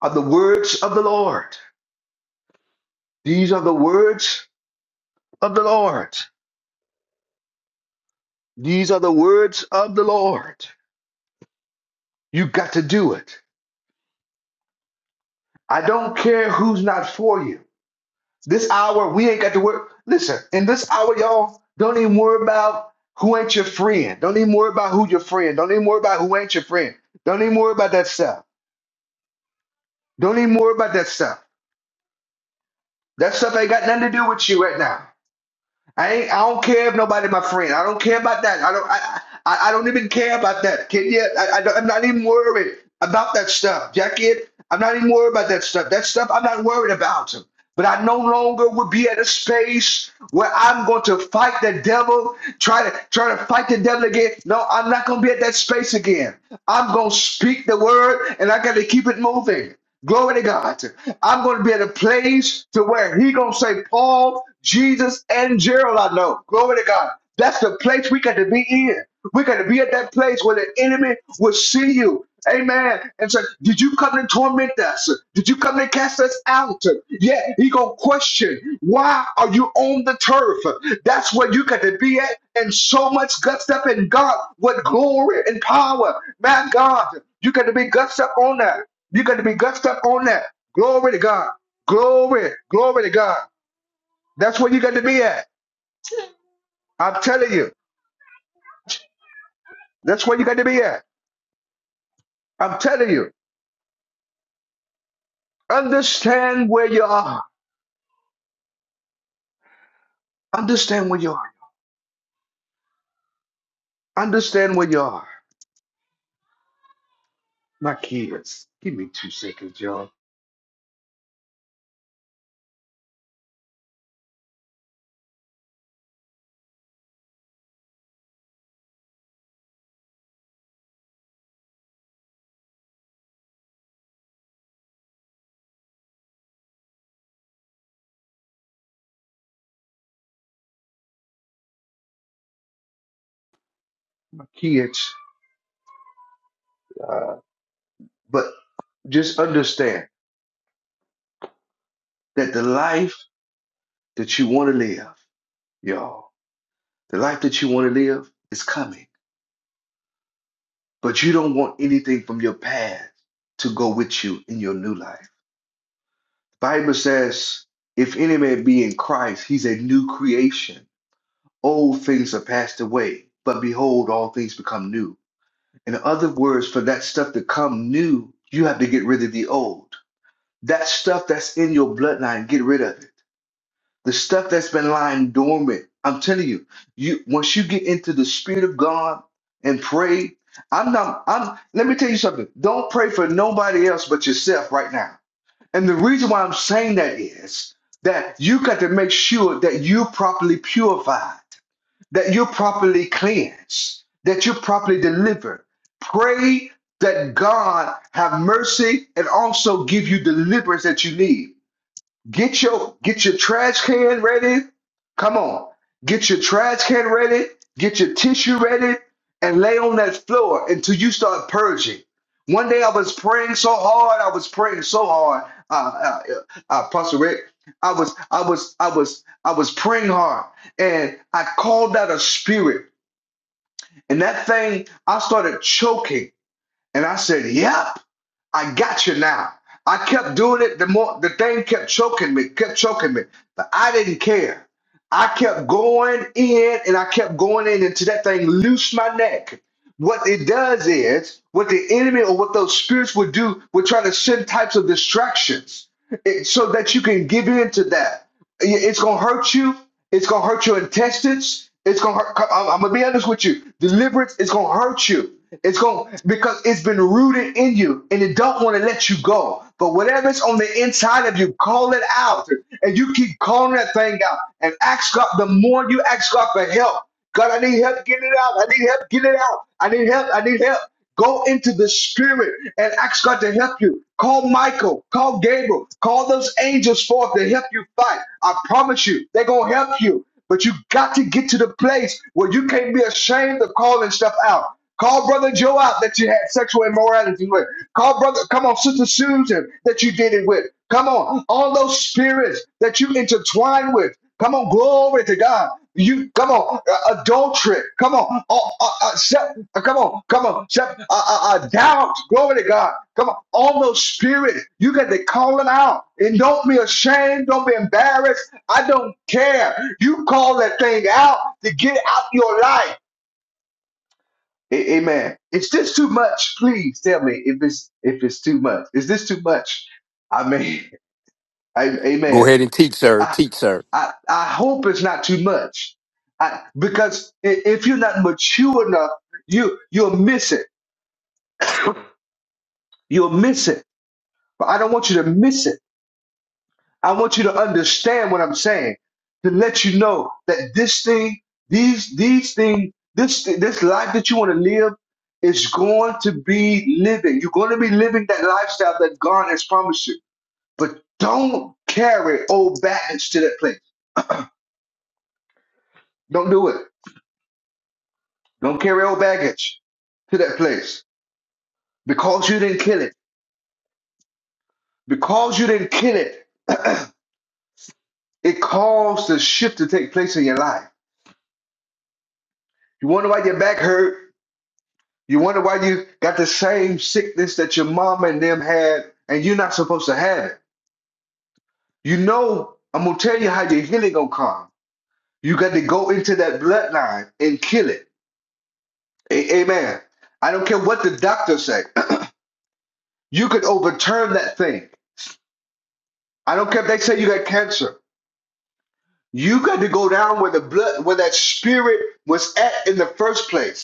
are the words of the Lord. These are the words of the Lord. These are the words of the Lord. You got to do it. I don't care who's not for you. This hour, we ain't got to worry. Listen, in this hour, y'all, don't even worry about who ain't your friend. Don't even worry about who your friend. Don't even worry about who ain't your friend. Don't even worry about that stuff. Don't even worry about that stuff. That stuff ain't got nothing to do with you right now. I ain't, I don't care if nobody my friend. I don't care about that. I don't I I, I don't even care about that. Can you? I, I don't- I'm not even worried about that stuff, Jackie. I'm not even worried about that stuff. That stuff I'm not worried about. But I no longer will be at a space where I'm going to fight the devil, try to try to fight the devil again. No, I'm not going to be at that space again. I'm going to speak the word, and I got to keep it moving. Glory to God. I'm going to be at a place to where he going to say, Paul, Jesus, and Gerald, I know. Glory to God. That's the place we got to be in. We got to be at that place where the enemy will see you. Amen. And say, did you come to torment us? Did you come to cast us out? Yeah, he gonna question, why are you on the turf? That's where you got to be at. And so much gutsed up in God with glory and power. My God, you got to be gutsed up on that. You got to be gutsed up on that. Glory to God. Glory, glory to God. That's where you got to be at. I'm telling you, that's where you got to be at. I'm telling you, understand where you are. Understand where you are. Understand where you are. My kids, give me two seconds, y'all. My kids, uh, but just understand that the life that you want to live, y'all, the life that you want to live is coming, but you don't want anything from your past to go with you in your new life. Bible says, if any man be in Christ, he's a new creation. Old things are passed away, but behold, all things become new. In other words, for that stuff to come new, you have to get rid of the old. That stuff that's in your bloodline, get rid of it. The stuff that's been lying dormant. I'm telling you, you once you get into the spirit of God and pray, I'm not I'm let me tell you something. Don't pray for nobody else but yourself right now. And the reason why I'm saying that is that you got to make sure that you're properly purified that you're properly cleansed, that you're properly delivered. Pray that God have mercy and also give you deliverance that you need. Get your get your trash can ready. Come on. Get your trash can ready. Get your tissue ready and lay on that floor until you start purging. One day I was praying so hard. I was praying so hard. Uh, uh, uh, Pastor Rick, I was, I was, I was, I was praying hard, and I called out a spirit, and that thing I started choking, and I said, "Yep, I got you now. I kept doing it. The more the thing kept choking me, kept choking me, but I didn't care. I kept going in and I kept going in until that thing loosed my neck. What it does is, what the enemy or what those spirits would do, would try to send types of distractions it, so that you can give in to that. It- It's gonna hurt you. It's gonna hurt your intestines. It's gonna hurt. I'm, I'm gonna be honest with you. Deliverance is gonna hurt you. It's gonna because it's been rooted in you, and it don't want to let you go. But whatever's on the inside of you, call it out, and you keep calling that thing out, and ask God. The more you ask God for help, God, I need help getting it out. I need help getting it out. I need help. I need help. Go into the spirit and ask God to help you. Call Michael, call Gabriel, call those angels forth to help you fight. I promise you, they're going to help you. But you got to get to the place where you can't be ashamed of calling stuff out. Call Brother Joe out that you had sexual immorality with. Call Brother, come on, Sister Susan that you did it with. Come on, all those spirits that you intertwine with. Come on, glory to God. You come on, uh, adultery. Come on, uh, uh, uh, se- uh, Come on, come on. Shep- Uh, uh, uh, doubt, glory to God. Come on, all those spirits. you got to call it out. And don't be ashamed, don't be embarrassed. I don't care. You call that thing out to get out your life. A- amen. Is this too much? Please tell me if it's if it's too much. Is this too much? I mean, I, Go amen. ahead and teach, sir. I, Teach, sir. I I hope it's not too much. I, because i- if you're not mature enough, you you'll miss it. You'll miss it But I don't want you to miss it. I want you to understand what I'm saying to let you know that this thing, these these things, this this life that you want to live is going to be living. You're going to be living that lifestyle that God has promised you. But don't carry old baggage to that place. Don't do it. Don't carry old baggage to that place because you didn't kill it. Because you didn't kill it, it caused the shift to take place in your life. You wonder why your back hurt? You wonder why you got the same sickness that your mama and them had, and you're not supposed to have it. You know, I'm gonna tell you how your healing gonna come. You got to go into that bloodline and kill it. A- Amen. I don't care what the doctors say. you could overturn that thing. I don't care if they say you got cancer. You got to go down where the blood, where that spirit was at in the first place.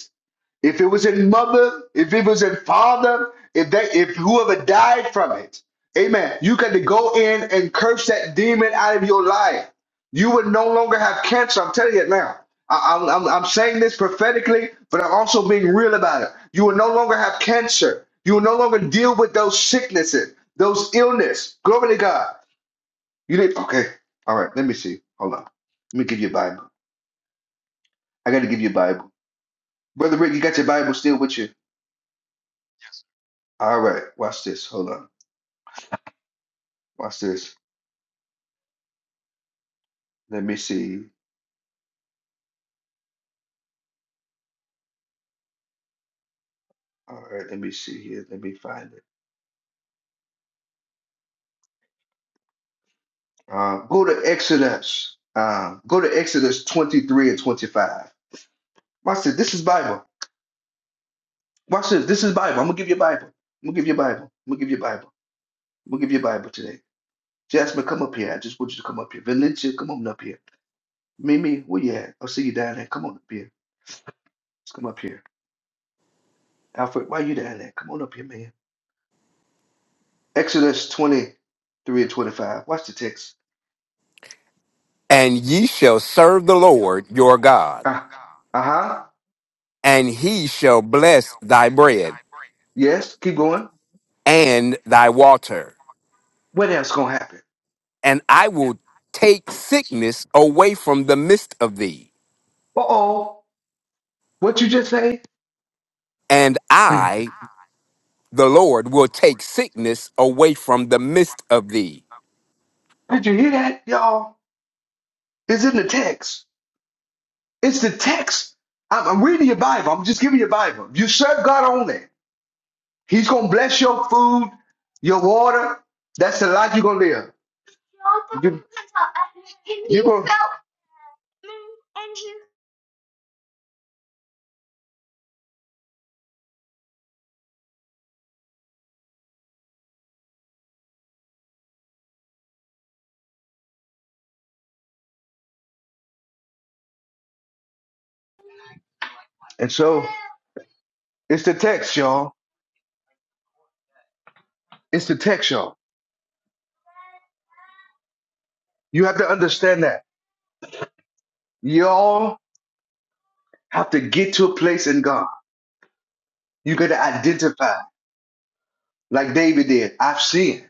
If it was in mother, if it was in father, if that if whoever died from it, amen. You got to go in and curse that demon out of your life. You would no longer have cancer. I'm telling you it now. I, I'm, I'm I'm saying this prophetically, but I'm also being real about it. You will no longer have cancer. You will no longer deal with those sicknesses, those illness. Glory to God. You did okay. All right. Let me see. Hold on. Let me give you a Bible. I got to give you a Bible, brother Rick. You got your Bible still with you? All right, watch this. Hold on. Watch this. Let me see. All right, let me see here. Let me find it. Uh, go to Exodus. Uh, go to Exodus 23 and 25. Watch this. This is Bible. Watch this. This is Bible. I'm gonna give you a Bible. I'm gonna give you a Bible. I'm gonna give you a Bible. I'm gonna give you a Bible today. Jasmine, come up here. I just want you to come up here. Valencia, come on up here. Mimi, where you at? i see you down there. Come on up here. Let's come up here. Alfred, why you down there? Come on up here, man. Exodus 23 and 25. Watch the text. And ye shall serve the Lord your God, Uh huh. and he shall bless thy bread Yes, keep going. and thy water. What else gonna happen? And I will take sickness away from the midst of thee Uh oh. What you just say? and Hmm. I, the Lord, will take sickness away from the midst of thee. Did you hear that, y'all? It's in the text. It's the text. I'm, I'm reading your Bible. I'm just giving you a Bible. You serve God only. He's gonna bless your food, your water. That's the life you're gonna live. You, you gonna, and so it's the text, y'all. It's the text, y'all. You have to understand that. Y'all. have to get to a place in God. You got to identify, like David did. I've sinned.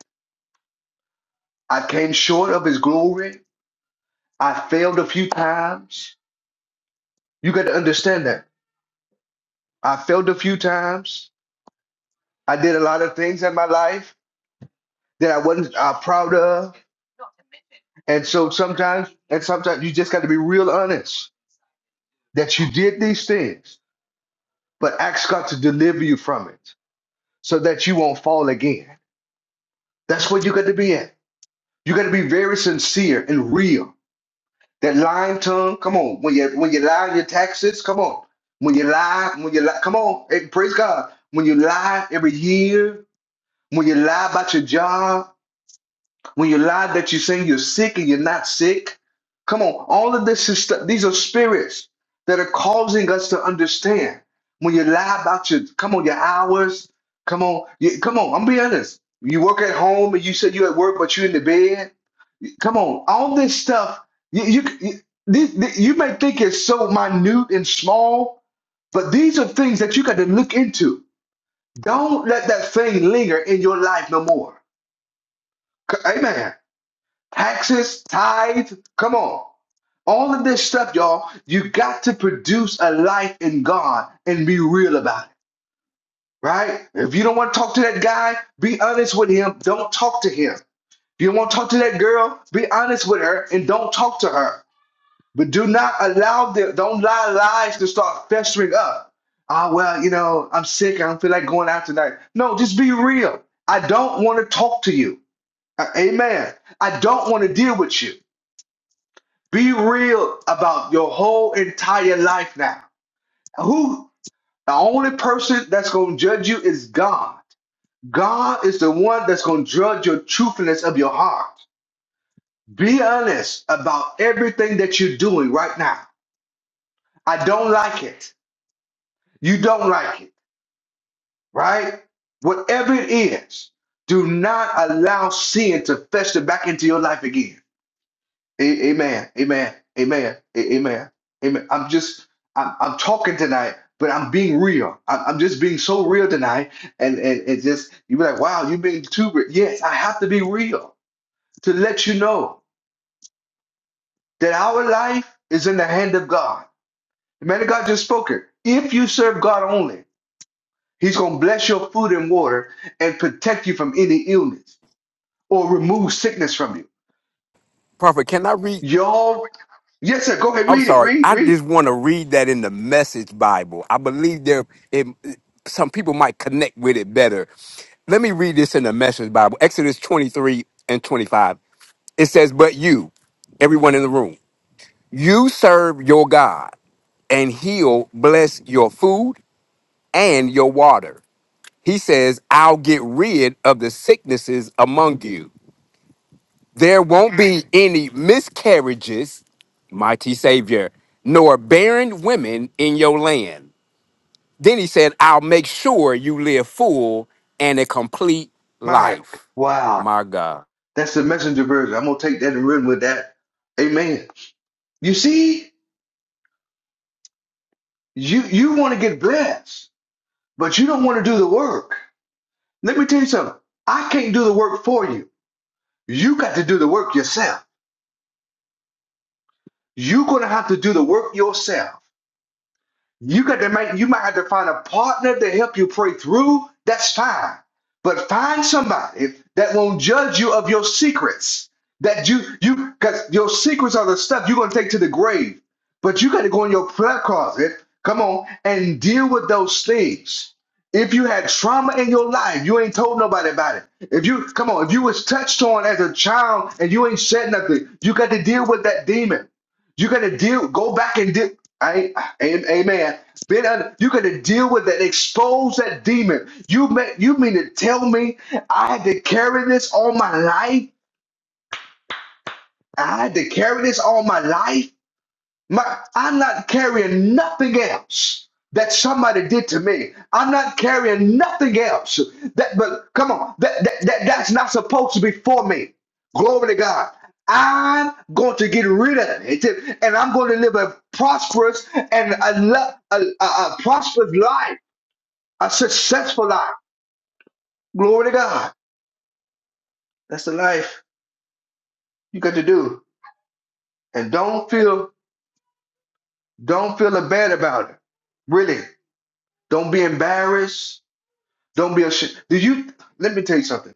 I came short of his glory. I failed a few times. You got to understand that. I failed a few times. I did a lot of things in my life that I wasn't uh, proud of. And so sometimes, and sometimes you just got to be real honest that you did these things, but ask God to deliver you from it so that you won't fall again. That's what you got to be at. You got to be very sincere and real That lying tongue, come on. When you when you lie on your taxes, come on. When you lie, when you lie, come on. Hey, praise God. When you lie every year, when you lie about your job, when you lie that you're saying you're sick and you're not sick, come on. All of this is stuff. These are spirits that are causing us to understand. When you lie about your, come on, your hours, come on, you, come on. I'm be honest. You work at home and you said you're at work, but you're in the bed. Come on, all this stuff you you you, this, this- you may think it's so minute and small, but these are things that you got to look into. Don't let that thing linger in your life no more. C- Amen. Taxes, tithe, come on. All of this stuff, y'all, you got to produce a life in God and be real about it, right? If you don't want to talk to that guy, be honest with him. Don't talk to him. If you don't want to talk to that girl, be honest with her and don't talk to her. But do not allow them, don't allow lies to start festering up. Ah, well, you know, I'm sick. I don't feel like going out tonight. No, just be real. I don't want to talk to you. Uh, Amen. I don't want to deal with you. Be real about your whole entire life now. Who? The only person that's going to judge you is God. God is the one that's going to judge your truthfulness of your heart. Be honest about everything that you're doing right now. I don't like it. You don't like it, right? Whatever it is, do not allow sin to fester back into your life again. A- amen. Amen. Amen. A- amen. Amen. I'm just, I'm, I'm talking tonight, but I'm being real. I'm, I'm just being so real tonight. And, and, and just, you be like, wow, you've been too real. Yes, I have to be real to let you know that our life is in the hand of God. The man of God just spoke it. If you serve God only, He's going to bless your food and water and protect you from any illness or remove sickness from you. Prophet, can I read? Y'all, yes, sir. Go ahead, I'm read it. sorry. Read, I read. just want to read that in the Message Bible. I believe there, it, some people might connect with it better. Let me read this in the Message Bible, Exodus 23 and 25. It says, But you, everyone in the room, you serve your God, and he'll bless your food and your water. He says, I'll get rid of the sicknesses among you. There won't be any miscarriages, mighty Savior, nor barren women in your land. Then he said, I'll make sure you live full and a complete My, life. wow. My God. That's the messenger version. I'm going to take that and run with that. Amen. You see, you, you want to get blessed, but you don't want to do the work. Let me tell you something. I can't do the work for you. You got to do the work yourself. You're going to have to do the work yourself. You got to make you might have to find a partner to help you pray through. That's fine. But find somebody that won't judge you of your secrets. That you you because your secrets are the stuff you're gonna take to the grave. But you got to go in your prayer closet, come on, and deal with those things. If you had trauma in your life, you ain't told nobody about it. If you come on, if you was touched on as a child and you ain't said nothing, you got to deal with that demon. You got to deal. Go back and deal. I, am- amen. Been under, you got to deal with that. Expose that demon. You may, you mean to tell me I had to carry this all my life? I had to carry this all my life. My, I'm not carrying nothing else that somebody did to me. I'm not carrying nothing else that, but come on, that, that, that that's not supposed to be for me. Glory to God. I'm going to get rid of it, and I'm going to live a prosperous and a, lo- a, a, a prosperous life, a successful life. Glory to God. That's the life you got to do, and don't feel don't feel bad about it. Really, don't be embarrassed. Don't be ashamed. Do you? Let me tell you something.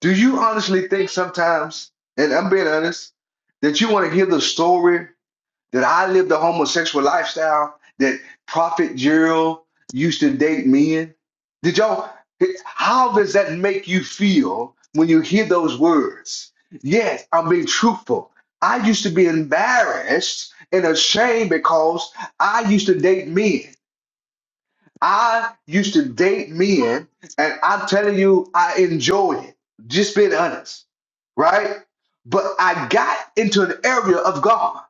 Do you honestly think sometimes, and I'm being honest, that you want to hear the story that I lived a homosexual lifestyle that Prophet Gerald used to date men? Did y'all? How does that make you feel when you hear those words? Yes, I'm being truthful. I used to be embarrassed and ashamed because I used to date men. I used to date men, and I'm telling you, I enjoyed it. Just being honest, right? But I got into an area of God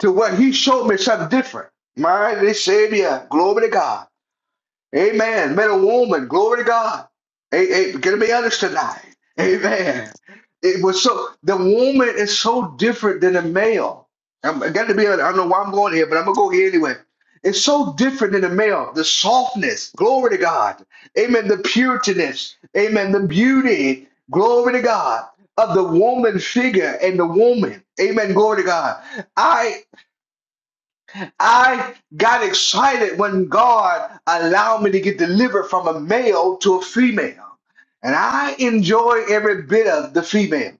to where He showed me something different. My Savior, glory to God. Amen. Men and woman, glory to God. Hey, hey, gonna be honest tonight. Amen. It was so the woman is so different than the male. I'm I gotta be honest. I don't know why I'm going here, but I'm gonna go here anyway. It's so different than the male. The softness, glory to God. Amen. The purityness, amen. The beauty, glory to God, of the woman figure and the woman. Amen. Glory to God. I. I got excited when God allowed me to get delivered from a male to a female. And I enjoy every bit of the female.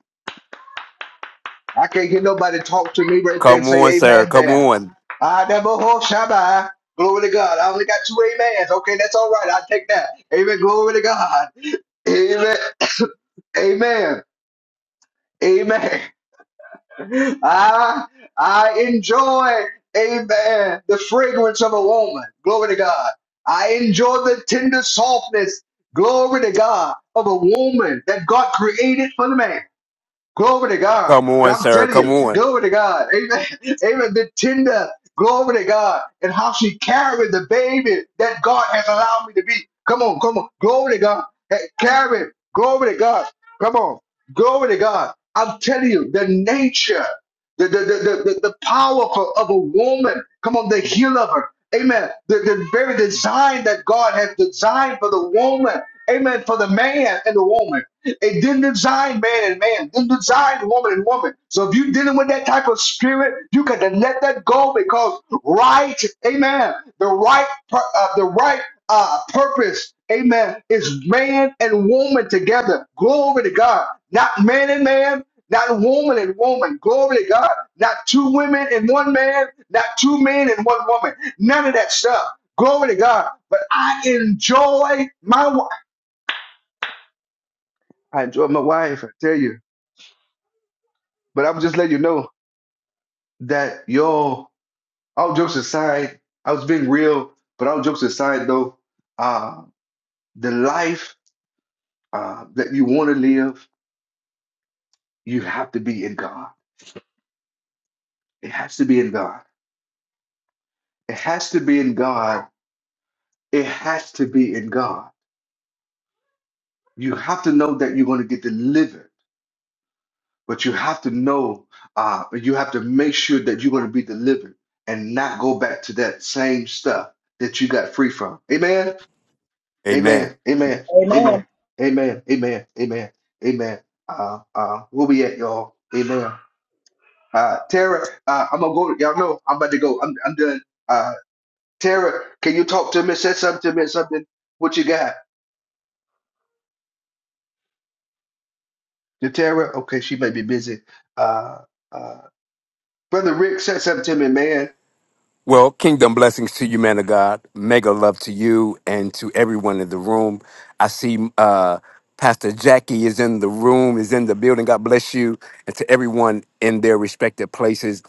I can't get nobody talk to me right there and Come on, say sir. amen Come there. on. I never hold Shabbat. Glory to God. I only got two amens. Okay, that's all right. I'll take that. Amen. Glory to God. Amen. Amen. Amen. I I enjoy, amen, the fragrance of a woman. Glory to God. I enjoy the tender softness, glory to God, of a woman that God created for the man. Glory to God. Come And on, I'm sir. telling Come you, glory to God. Amen. Amen. The tender, glory to God. And how she carried the baby that God has allowed me to be. Come on, come on. Glory to God. Hey, carry. Glory to God. Come on. Glory to God. I'm telling you, the nature, the, the, the, the, the the power for- of a woman. Come on, the healer of her. Amen. The, the very design that God has designed for the woman. Amen. For the man and the woman. It didn't design man and man, didn't design woman and woman. So if you're dealing with that type of spirit, you got to let that go because right, amen, the right, pur- uh, the right uh, purpose, amen, is man and woman together. Glory to God. Not man and man, not woman and woman. Glory to God. Not two women and one man, not two men and one woman. None of that stuff. Glory to God. But I enjoy my wife. I enjoy my wife, I tell you. But I'm just letting you know that y'all, all jokes aside, I was being real, but all jokes aside though, uh, the life uh, that you want to live, you have to be in God. It has to be in God. It has to be in God. It has to be in God. You have to know that you're going to get delivered, but you have to know, uh, you have to make sure that you're going to be delivered and not go back to that same stuff that you got free from. Amen. on. Amen. Amen. Amen. Amen. Amen. Amen. Amen. Amen. Uh, uh, where we at, y'all? Amen. Uh, Tara, uh, I'm gonna go. Y'all know I'm about to go. I'm, I'm done. Uh, Tara, can you talk to me? Say something to me. Something. What you got? To Tara? Okay, she may be busy. Uh, uh, brother Rick, say something to me, man. Well, kingdom blessings to you, man of God. Mega love to you and to everyone in the room. I see uh, Pastor Jackie is in the room, is in the building. God bless you, and to everyone in their respective places.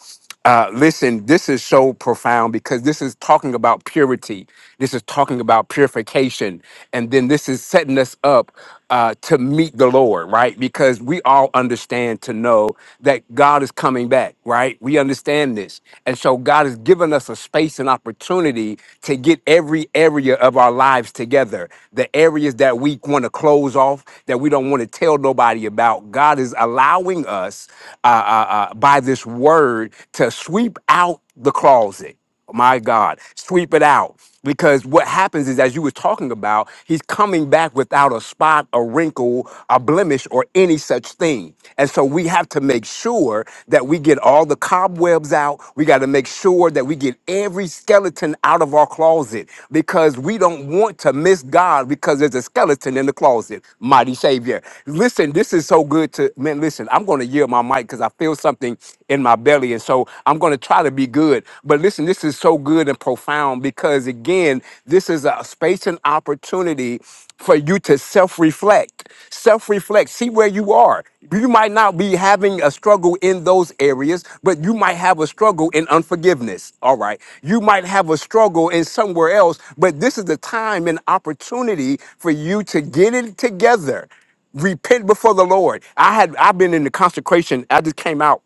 Uh, listen, this is so profound because this is talking about purity. This is talking about purification. And then this is setting us up uh, to meet the Lord, right? Because we all understand to know know that God is coming back, right? We understand this. And so God has given us a space and opportunity to get every area of our lives together. The areas that we want to close off, that we don't want to tell nobody about. God is allowing us uh, uh, uh, by this word to sweep out the closet my God, sweep it out. Because what happens is, as you were talking about, he's coming back without a spot, a wrinkle, a blemish, or any such thing. And so we have to make sure that we get all the cobwebs out. We got to make sure that we get every skeleton out of our closet because we don't want to miss God because there's a skeleton in the closet. Mighty Savior. Listen, this is so good to, man, listen, I'm going to yield my mic because I feel something in my belly. And so I'm going to going to try to be good. But listen, this is so good and profound because, again, this is a space and opportunity for you to self reflect. Self reflect. See where you are. You might not be having a struggle in those areas, but you might have a struggle in unforgiveness. All right. You might have a struggle in somewhere else, but this is the time and opportunity for you to get it together repent before the Lord. I had I've been in the consecration. I just came out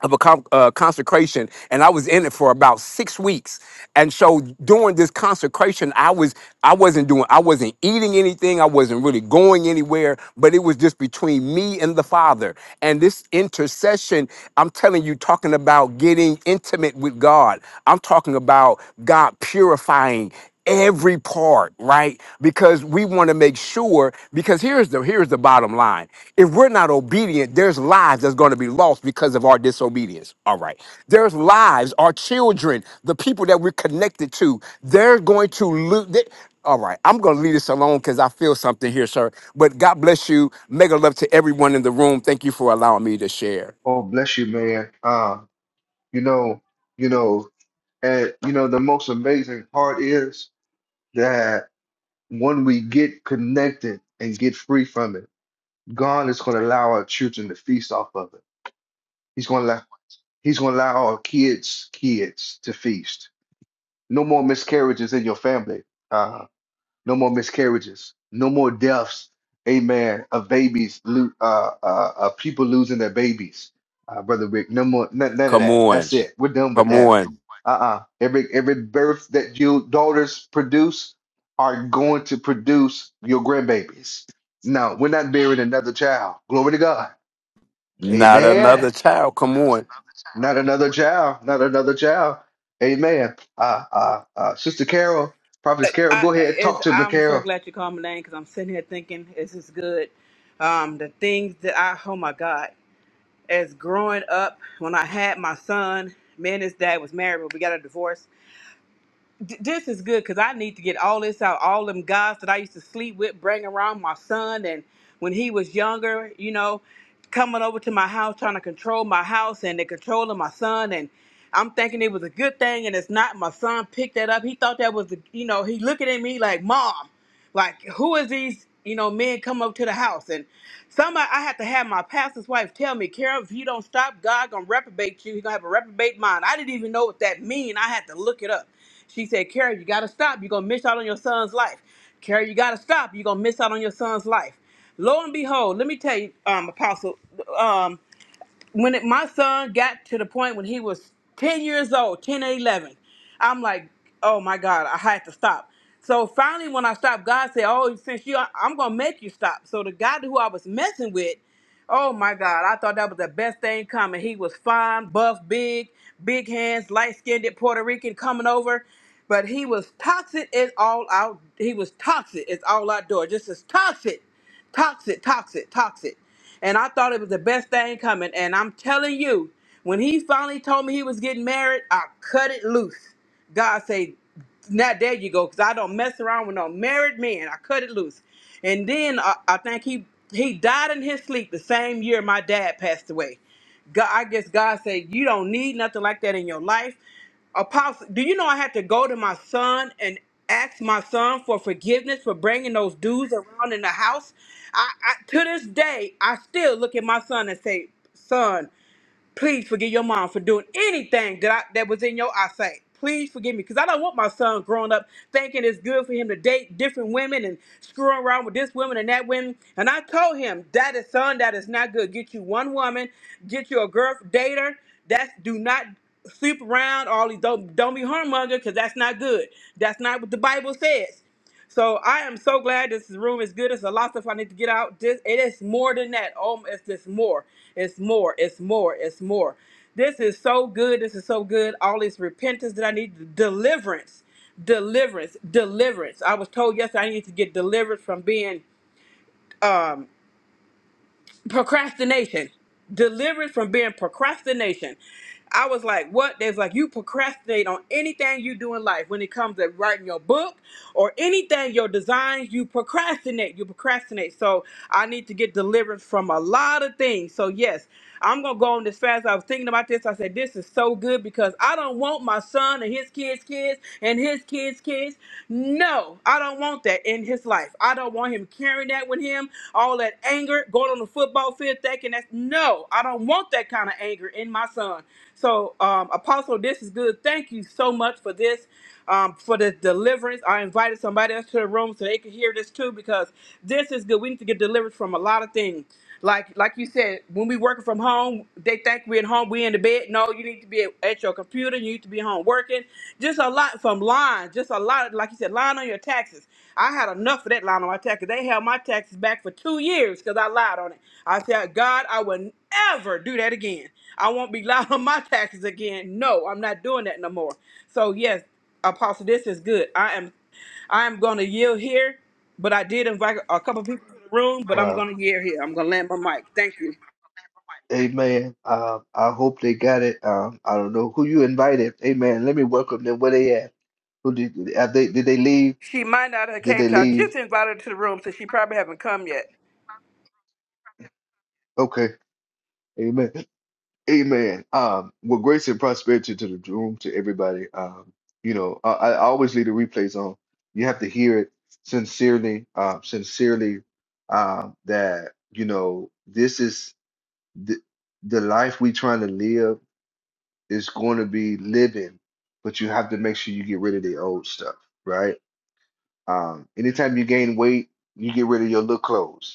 of a con- uh, consecration and i was in it for about six weeks and so during this consecration i was i wasn't doing i wasn't eating anything i wasn't really going anywhere but it was just between me and the father and this intercession i'm telling you talking about getting intimate with god i'm talking about god purifying every part right because we want to make sure because here's the here's the bottom line if we're not obedient there's lives that's going to be lost because of our disobedience all right there's lives our children the people that we're connected to they're going to lose all right i'm going to leave this alone because i feel something here sir but god bless you mega love to everyone in the room thank you for allowing me to share Oh, bless you, man. Uh, you know, you know, and you know, the most amazing part is that when we get connected and get free from it. God is going to allow our children to feast off of it. He's going to allow, He's going to allow our kids' kids to feast. No more miscarriages in your family. Uh, no more miscarriages. No more deaths. Amen. Of babies, lo- uh, uh, of people losing their babies. Uh, Brother Rick, no more, none, none of come that. on That's it. We're done with come that. on Uh-uh. Every every birth that your daughters produce are going to produce your grandbabies. No, we're not bearing another child. Glory to God. not Amen. another child come on Not another child. Not another child. Amen. Uh, uh, uh, Sister Carol, Prophetess Carol, I, go ahead. it's, Talk to me, I'm so Carol. glad you called my name because I'm sitting here thinking this is good. Um, the things that I, oh my God, as growing up, when I had my son, me and his dad was married, but we got a divorce. d- this is good because I need to get all this out. All them guys that I used to sleep with, bring around my son, and when he was younger, you know, coming over to my house trying to control my house and they controlling my son, and I'm thinking it was a good thing, and it's not. My son picked that up. He thought that was the, you know, he looking at me like mom. Like, who is these, you know, men come up to the house? And somebody, I had to have my pastor's wife tell me, Carol, if you don't stop, God gonna reprobate you. He gonna have a reprobate mind. I didn't even know what that mean. I had to look it up. She said, Carol, you gotta stop. You're gonna miss out on your son's life. Carol, you gotta stop. You're gonna miss out on your son's life. Lo and behold, let me tell you, um, Apostle, um, when it, my son got to the point when he was 10 years old 10 or 11 i'm like oh my god i had to stop so finally when i stopped god said oh since you i'm gonna make you stop so the guy who i was messing with oh my god i thought that was the best thing coming he was fine buff big big hands light-skinned puerto rican coming over but he was toxic it's all out he was toxic it's all outdoor just as toxic Toxic, toxic, toxic. And I thought it was the best thing coming. And I'm telling you, when he finally told me he was getting married, I cut it loose. God say, now there you go, because I don't mess around with no married men. I cut it loose. And then I, I think he he died in his sleep the same year my dad passed away. God, I guess God said, You don't need nothing like that in your life. Apostle, do you know I had to go to my son and ask my son for forgiveness for bringing those dudes around in the house? I, I to this day, I still look at my son and say, "Son, please forgive your mom for doing anything that I, that was in your eyesight. Please forgive me, because I don't want my son growing up thinking it's good for him to date different women and screwing around with this woman and that woman. And I told him, that is son, that is not good. Get you one woman, get you a girl dater. That's do not sleep around all these don't don't be hormonger because that's not good. That's not what the Bible says. So I am so glad this room is good. It's a lot of stuff I need to get out. This it is more than that. Oh, it's just more. It's more. It's more. It's more. This is so good. This is so good. All this repentance that I need, deliverance, deliverance, deliverance. I was told yesterday I need to get delivered from being um, procrastination deliverance from being procrastination i was like what they was like you procrastinate on anything you do in life when it comes to writing your book or anything your design you procrastinate you procrastinate so i need to get deliverance from a lot of things so yes I'm gonna go on this fast. I was thinking about this. I said, this is so good because I don't want my son and his kids' kids and his kids' kids. No, I don't want that in his life. I don't want him carrying that with him. All that anger going on the football field, thinking that's no. I don't want that kind of anger in my son. So, um, Apostle, this is good. Thank you so much for this um, for the deliverance. I invited somebody else to the room so they could hear this too because this is good. We need to get delivered from a lot of things. Like like you said, when we working from home, they think we're at home, we in the bed. No, you need to be at, at your computer, you need to be home working. Just a lot from lying, just a lot of, like you said, lying on your taxes. I had enough of that lying on my taxes. They held my taxes back for two years because I lied on it. I said, God, I will never do that again. I won't be lying on my taxes again. No, I'm not doing that no more. So yes, Apostle, this is good. I am. I'm going to yield here, but I did invite a couple people to the room, but I'm Wow. going to yield here. I'm going to land my mic. Thank you. Amen. Uh, I hope they got it. Um, I don't know who you invited. Amen. Let me welcome them. Where they at? Who did, have they, did they leave? She might not have Did came they to. I leave? just invited her to the room, so she probably haven't come yet. Okay. Amen. Amen. Um, well, grace and prosperity to the room, to everybody. Um, you know, I, I always leave the replays on. You have to hear it sincerely, uh, sincerely, um, that, you know, this is the, the life we trying to live is going to be living, but you have to make sure you get rid of the old stuff, right? Um, anytime you gain weight, you get rid of your little clothes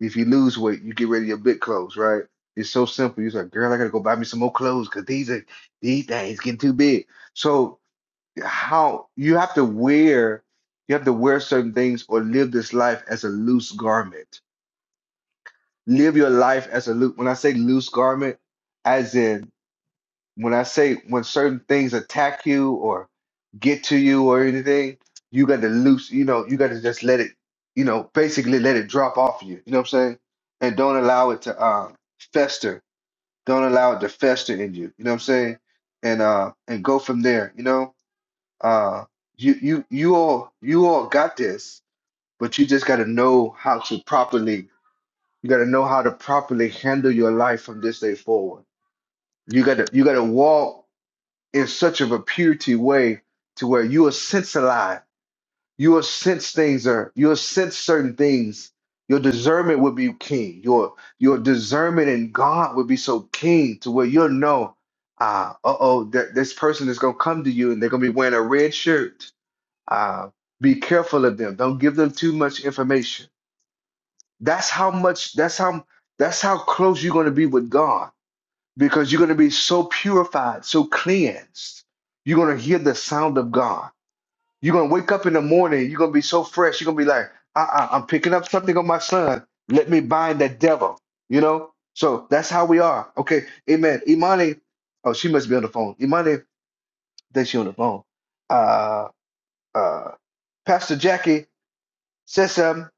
if you lose weight, you get rid of your big clothes, right? It's so simple. You're like, girl, I gotta go buy me some more clothes because these are these things getting too big. So how you have to wear, you have to wear certain things or live this life as a loose garment. Live your life as a loose. When I say loose garment, as in. When I say when certain things attack you or get to you or anything, you got to loose, you know, you got to just let it, you know, basically let it drop off you. You know what I'm saying? And don't allow it to um, fester. Don't allow it to fester in you. You know what I'm saying? And uh, and go from there. You know, uh, you you you all you all got this, but you just got to know how to properly. You got to know how to properly handle your life from this day forward. You got to you got to walk in such of a purity way to where you will sense a lot. You will sense things or you will sense certain things. Your discernment will be keen. Your your discernment in God will be so keen to where you'll know, uh, uh-oh, that this person is gonna come to you and they're gonna be wearing a red shirt. Uh, be careful of them. Don't give them too much information. That's how much that's how that's how close you're gonna be with God because you're going to be so purified, so cleansed. You're going to hear the sound of God. You're going to wake up in the morning. You're going to be so fresh. You're going to be like, uh-uh, I'm picking up something on my son. Let me bind that devil, you know? So that's how we are. Okay. Amen. Imani, oh, she must be on the phone. Imani, that she on the phone. Uh, uh, Pastor Jackie says something.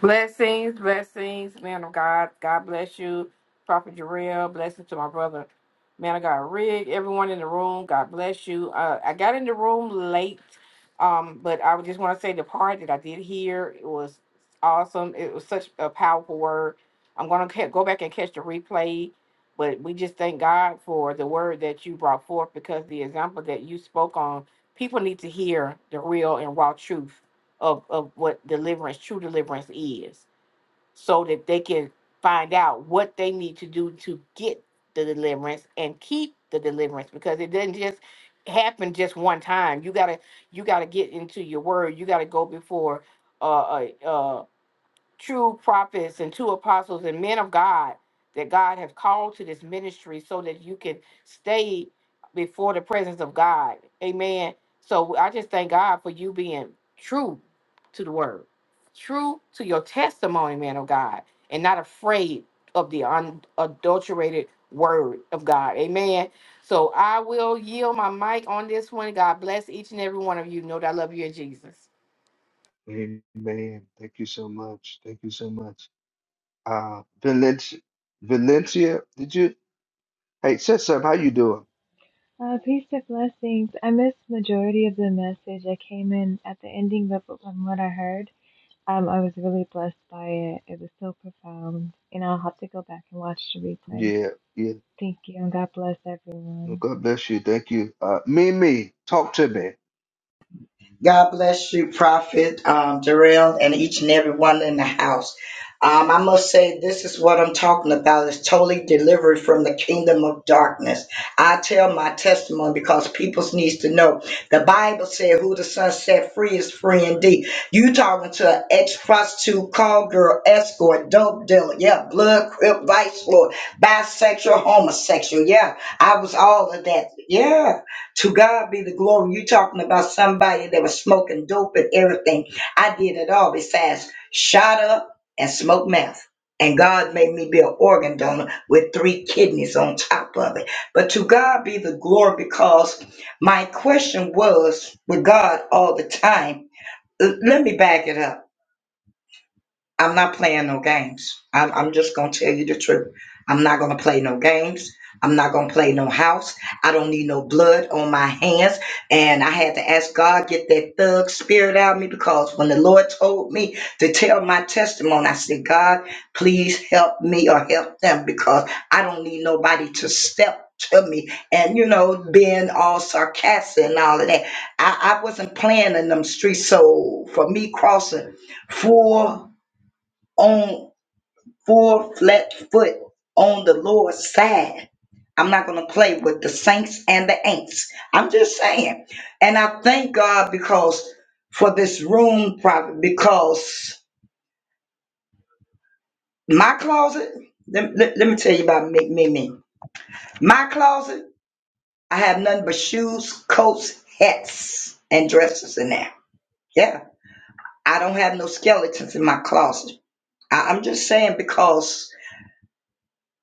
Blessings, blessings, man of God. God bless you, Prophet Jarrell. Blessings to my brother, man of God, Rig. Everyone in the room, God bless you. Uh, I got in the room late, um, but I would just want to say the part that I did hear it was awesome. It was such a powerful word. I'm gonna ca- go back and catch the replay, but we just thank God for the word that you brought forth because the example that you spoke on, people need to hear the real and raw truth of, of what deliverance, true deliverance is, so that they can find out what they need to do to get the deliverance and keep the deliverance because it doesn't just happen just one time. You gotta you gotta get into your word. You gotta go before uh uh, uh, true prophets and two apostles and men of God that God has called to this ministry so that you can stay before the presence of God. Amen. So I just thank God for you being true to the word, true to your testimony, man of God, and not afraid of the unadulterated word of God. Amen. So I will yield my mic on this one. God bless each and every one of you. Know that I love you in Jesus. Amen. Thank you so much. Thank you so much. Uh, Valencia, Valencia, did you? Hey, Sism, how you doing? Uh, peace and blessings. I missed majority of the message. I came in at the ending, but from what I heard, um, I was really blessed by it. It was so profound, and I'll have to go back and watch the replay. Yeah, yeah. Thank you, and God bless No, everyone. God bless you. Thank you. Uh, Mimi, talk to me. God bless you, Prophet um, Darrell, and each and every one in the house. Um, I must say, this is what I'm talking about. It's totally delivered from the kingdom of darkness. I tell my testimony because people needs to know. The Bible said, "Who the Son set free is free indeed." You talking to an ex-prostitute, call girl, escort, dope dealer, yeah, blood crip, vice lord, bisexual, homosexual, yeah. I was all of that, yeah. To God be the glory. You talking about somebody that was smoking dope and everything. I did it all besides shot up and smoke meth. And God made me be an organ donor with three kidneys on top of it. But to God be the glory because my question was with God all the time. L- Let me back it up. I'm not playing no games. I'm, I'm just going to tell you the truth. I'm not going to play no games. I'm not going to play no house. I don't need no blood on my hands. And I had to ask God, get that thug spirit out of me because when the Lord told me to tell my testimony, I said, God, please help me or help them because I don't need nobody to step to me and you know being all sarcastic and all of that I, I wasn't playing in them streets so for me crossing four on four flat foot on the Lord's side. I'm not going to play with the saints and the ain'ts. I'm just saying. And I thank God because for this room, probably because my closet, let, let- let me tell you about me, me, me. My closet, I have nothing but shoes, coats, hats, and dresses in there. Yeah. I don't have no skeletons in my closet. I, I'm just saying because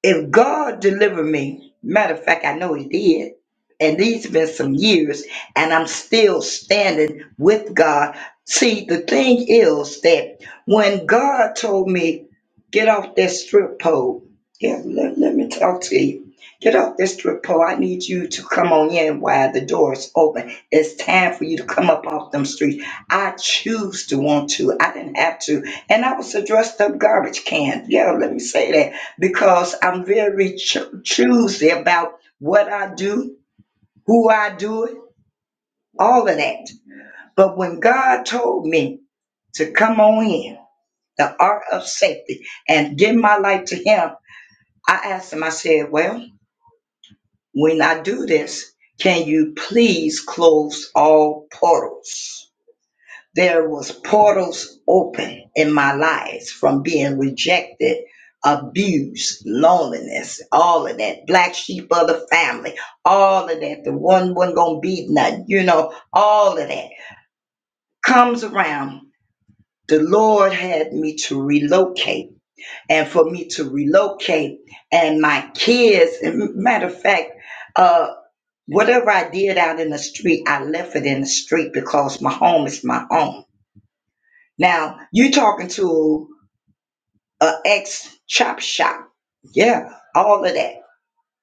if God delivered me, matter of fact, I know He did, and these have been some years, and I'm still standing with God. See, the thing is that when God told me, get off that strip pole, yeah, let, let me talk to you. Get off this strip pole. I need you to come on in while the door is open. It's time for you to come up off them streets. I choose to want to. I didn't have to. And I was a dressed up garbage can. Yeah, let me say that because I'm very cho- choosy about what I do, who I do it, all of that. But when God told me to come on in, the art of safety, and give my life to Him, I asked Him, I said, Well, when I do this, can you please close all portals? there was portals open in my life from being rejected abused, loneliness all of that black sheep of the family all of that the one wasn't gonna be nothing you know all of that comes around the lord had me to relocate and for me to relocate and my kids and matter of fact uh whatever i did out in the street i left it in the street because my home is my own Now you talking to a ex chop shop. Yeah, all of that.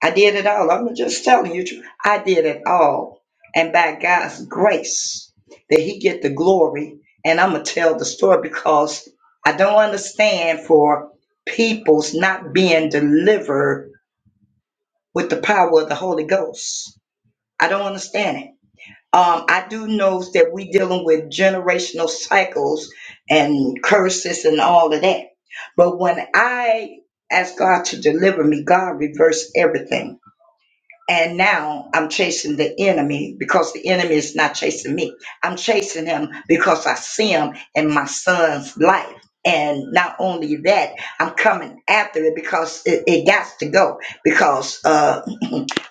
I did it all. I'm just telling you, tru- I did it all. And by God's grace, that He get the glory. And I'm gonna tell the story because I don't understand for people's not being delivered with the power of the Holy Ghost. I don't understand it. Um, I do know that we dealing with generational cycles and curses and all of that. But when I ask God to deliver me, God reversed everything. And now I'm chasing the enemy because the enemy is not chasing me. I'm chasing him because I see him in my son's life. And not only that, I'm coming after it because it, it got to go because uh,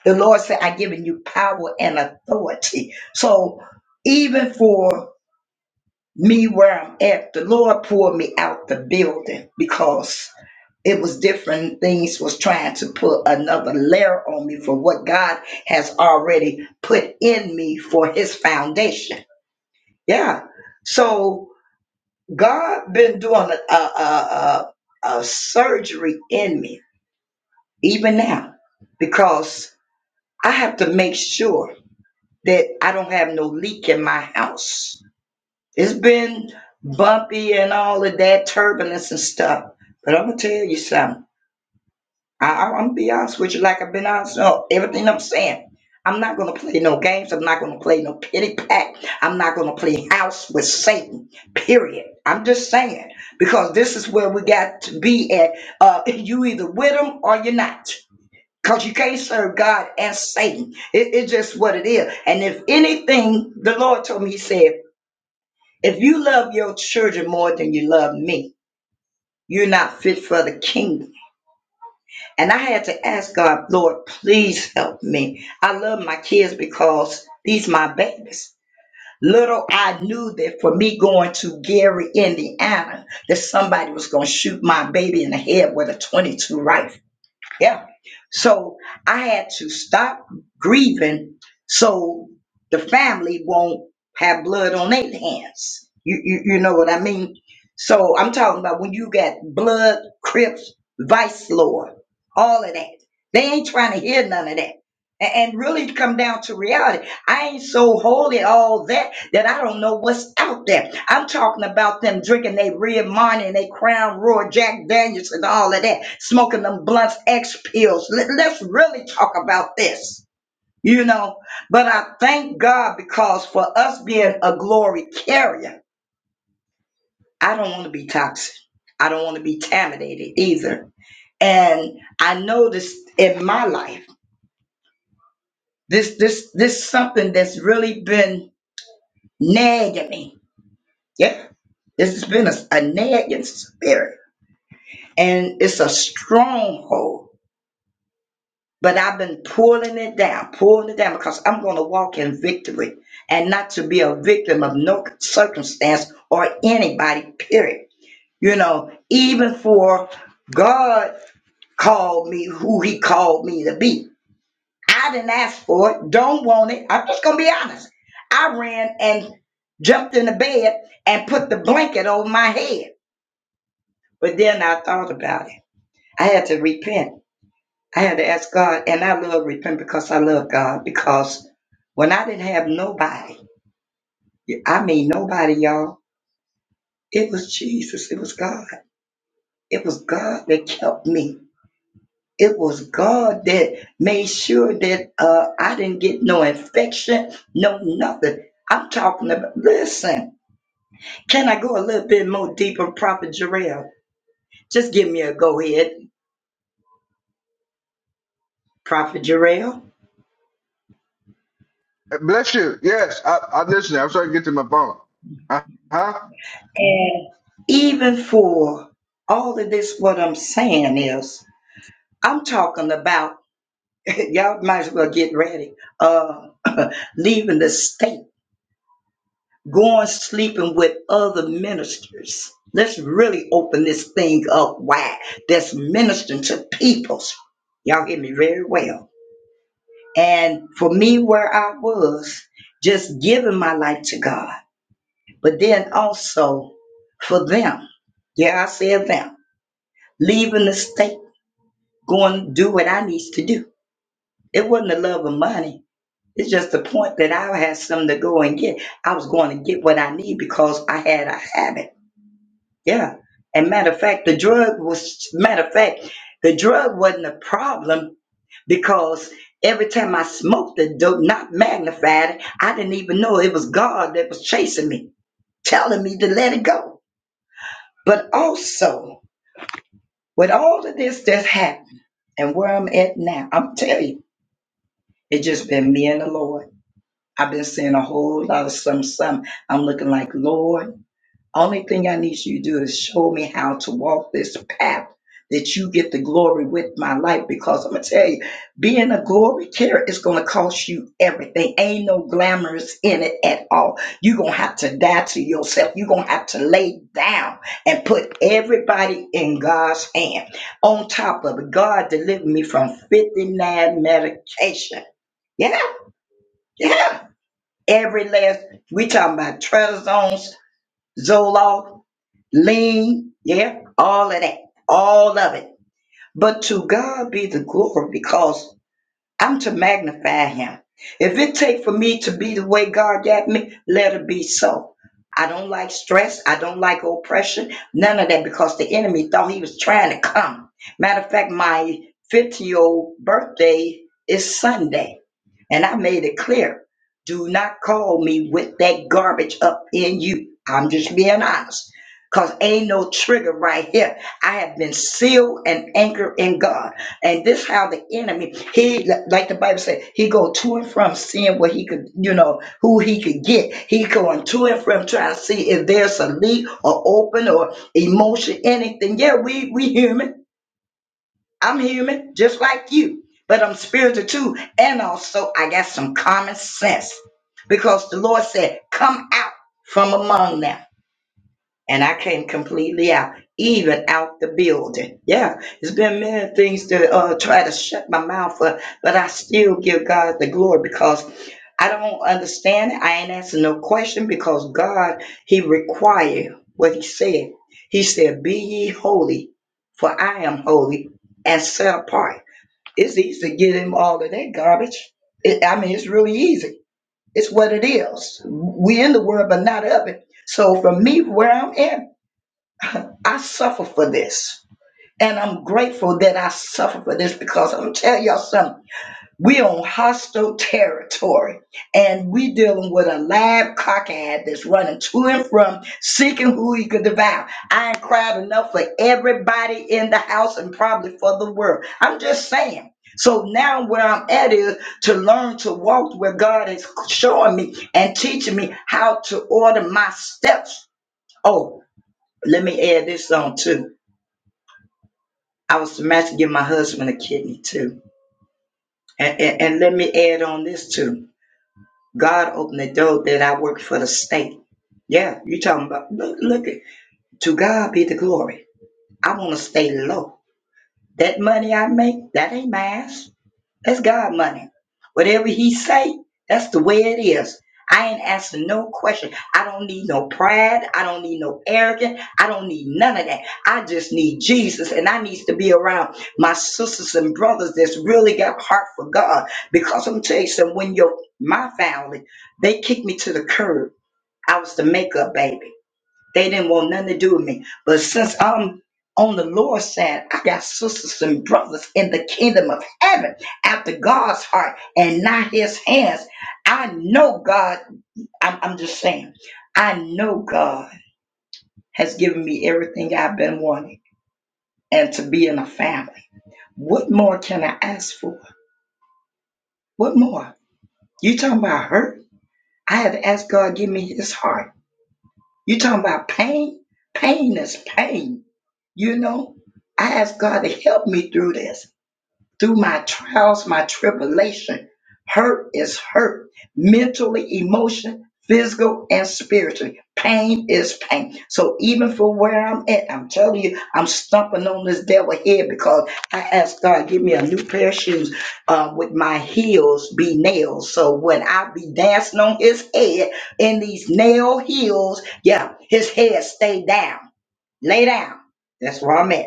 the Lord said, I've given you power and authority. So even for me where I'm at, the Lord pulled me out the building because it was different things was trying to put another layer on me for what God has already put in me for his foundation. Yeah. So God been doing a, a, a, a a surgery in me even now because I have to make sure that I don't have no leak in my house. It's been bumpy and all of that turbulence and stuff, but I'm gonna tell you something. I, I, I'm gonna be honest with you, like I've been honest on everything I'm saying. I'm not gonna play no games. I'm not gonna play no pity pack. I'm not gonna play house with Satan. Period. I'm just saying because this is where we got to be at. Uh, you either with him or you're not. Because you can't serve God and Satan. It- it's just what it is. And if anything, the Lord told me, He said, if you love your children more than you love me, you're not fit for the kingdom. And I had to ask God, Lord, please help me. I love my kids because these my babies. Little I knew that for me going to Gary, Indiana, that somebody was going to shoot my baby in the head with a 22 rifle. Yeah. So I had to stop grieving so the family won't have blood on their hands. You, you you know what I mean? So I'm talking about when you got blood, Crips, Vice Lord, all of that. They ain't trying to hear none of that. A- And really come down to reality. I ain't so holy all that that I don't know what's out there. I'm talking about them drinking they Red Monty and they Crown Royal, Jack Daniels, and all of that, smoking them blunts, X pills. Let, let's really talk about this, you know. But I thank God because for us being a glory carrier, I don't want to be toxic. I don't want to be contaminated either. And I know this in my life. This this this something that's really been nagging me. Yeah, this has been a, a nagging spirit and it's a stronghold. But I've been pulling it down, pulling it down because I'm going to walk in victory and not to be a victim of no circumstance or anybody, period. You know, even for God called me who he called me to be. I didn't ask for it, don't want it. I'm just going to be honest. I ran and jumped in the bed and put the blanket over my head. But then I thought about it. I had to repent. I had to ask God, and I love repent because I love God. Because when I didn't have nobody, I mean nobody, y'all, it was Jesus, it was God. It was God that kept me. It was God that made sure that uh, I didn't get no infection, no nothing. I'm talking about, listen, can I go a little bit more deeper, Prophet Jarrell? Just give me a go ahead, Prophet Jarrell. Uh, Bless you. Yes, I, I'm listening. I'm trying to get to my phone. Uh huh. Even for all of this, what I'm saying is, I'm talking about y'all might as well get ready. Uh, leaving the state, going sleeping with other ministers. Let's really open this thing up wide. That's ministering to peoples. Y'all hear me very well. And for me, where I was, just giving my life to God, but then also for them. Yeah, I said them. Leaving the state, going to do what I needs to do. It wasn't the love of money It's just the point that I had something to go and get. I was going to get what I need because I had a habit. Yeah. And matter of fact, the drug was, matter of fact, the drug wasn't a problem because every time I smoked the dope, not magnified, it, I didn't even know it was God that was chasing me, telling me to let it go. But also, with all of this that's happened and where I'm at now, I'm telling you, it's just been me and the Lord. I've been seeing a whole lot of some some. I'm looking like, Lord, only thing I need you to do is show me how to walk this path that you get the glory with my life. Because I'm gonna tell you, being a glory carrier is gonna cost you everything. Ain't no glamorous in it at all. You're gonna have to die to yourself. You're gonna have to lay down and put everybody in God's hand. On top of it, God delivered me from 59 medication. Yeah, yeah. Every last, we talking about Trazones, Zoloft, Lean, yeah, all of that, all of it. But to God be the glory because I'm to magnify him. If it take for me to be the way God got me, let it be so. I don't like stress. I don't like oppression. None of that because the enemy thought he was trying to come. Matter of fact, my 50 year old birthday is Sunday. And I made it clear do not call me with that garbage up in you. I'm just being honest. Because ain't no trigger right here. I have been sealed and anchored in God. And this how the enemy, he like the Bible said, he go to and from seeing what he could, you know, who he could get. He going to and from trying to see if there's a leak or open or emotion, anything. Yeah, we we human I'm human, just like you, but I'm spiritual too. And also, I got some common sense because the Lord said, Come out from among them. And I came completely out, even out the building. Yeah, it's been many things to uh, try to shut my mouth up, but I still give God the glory because I don't understand it. I ain't asking no question because God, He required what He said. He said, Be ye holy, for I am holy, and set apart. It's easy to get him all of that garbage. It, I mean, it's really easy. It's what it is. We in the world, but not of it. So for me, where I'm at, I suffer for this. And I'm grateful that I suffer for this because I'm telling y'all something. We on hostile territory, and we dealing with a live cockhead that's running to and from, seeking who he could devour. I ain't cried enough for everybody in the house and probably for the world. I'm just saying. So now where I'm at is to learn to walk where God is showing me and teaching me how to order my steps. Oh, let me add this on too. I was to match to give my husband a kidney too. And, and, and let me add on this too God opened the door that I worked for the state. Yeah, you talking about look look at to God be the glory. I wanna stay low. That money I make, that ain't mine. That's God money. Whatever he say, that's the way it is. I ain't asking no question. I don't need no pride. I don't need no arrogance. I don't need none of that. I just need Jesus and I needs to be around my sisters and brothers that's really got a heart for God. Because I'm telling you, something, when your my family, they kicked me to the curb. I was the makeup baby. They didn't want nothing to do with me. But since I'm on the Lord's side, I got sisters and brothers in the kingdom of heaven after God's heart and not his hands. I know God, I'm, I'm just saying, I know God has given me everything I've been wanting and to be in a family. What more can I ask for? What more? You talking about hurt? I had to ask God give me his heart. You talking about pain? Pain is pain You know, I ask God to help me through this, through my trials, my tribulation. Hurt is hurt, mentally, emotion, physical, and spiritually. Pain is pain. So even for where I'm at, I'm telling you, I'm stomping on this devil head because I asked God, give me a new pair of shoes uh, with my heels be nails. So when I be dancing on his head in these nail heels, yeah, his head stay down, lay down. That's where I'm at.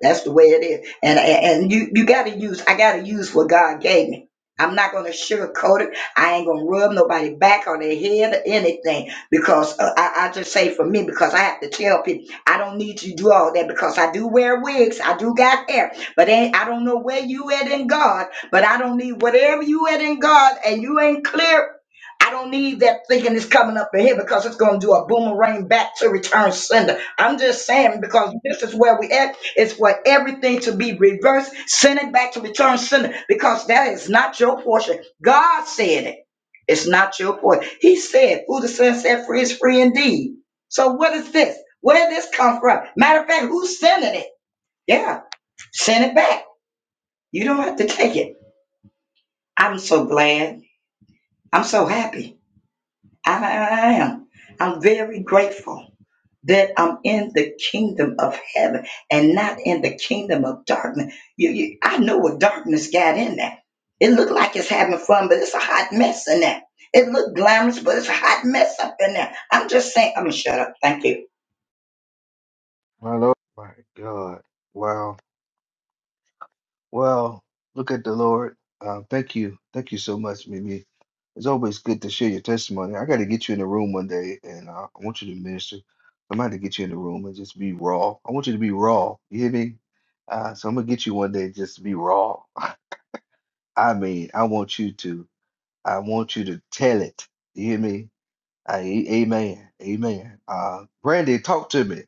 That's the way it is. And and and you you gotta use I gotta use what God gave me. I'm not gonna sugarcoat it. I ain't gonna rub nobody back on their head or anything because uh, I, I just say for me because I have to tell people I don't need you to do all that because I do wear wigs, I do got hair, but ain't, I don't know where you at in God, but I don't need whatever you at in God and you ain't clear. I don't need that thinking it's coming up in here because it's gonna do a boomerang back to return sender. I'm just saying because this is where we at it's for everything to be reversed, send it back to return sender, because that is not your portion. God said it. It's not your portion. He said, Who the Son set free is free indeed. So what is this? Where did this come from? Matter of fact, who's sending it? Yeah, send it back. You don't have to take it. I'm so glad. I'm so happy. I, I I am. I'm very grateful. that I'm in the kingdom of heaven and not in the kingdom of darkness. You, you, I know what darkness got in there. It looked like it's having fun, but it's a hot mess in there. It looked glamorous, but it's a hot mess up in there. I'm just saying, I'm gonna shut up. Thank you. My Lord. My God. Wow. Well, look at the Lord. Uh, thank you. Thank you so much, Mimi. It's always good to share your testimony. I got to get you in the room one day, and uh, I want you to minister. I'm going to get you in the room and just be raw. I want you to be raw. You hear me? Uh, so I'm gonna get you one day just to be raw. I mean, I want you to, I want you to tell it. You hear me? I, amen. Amen. Uh, Brandy, talk to me.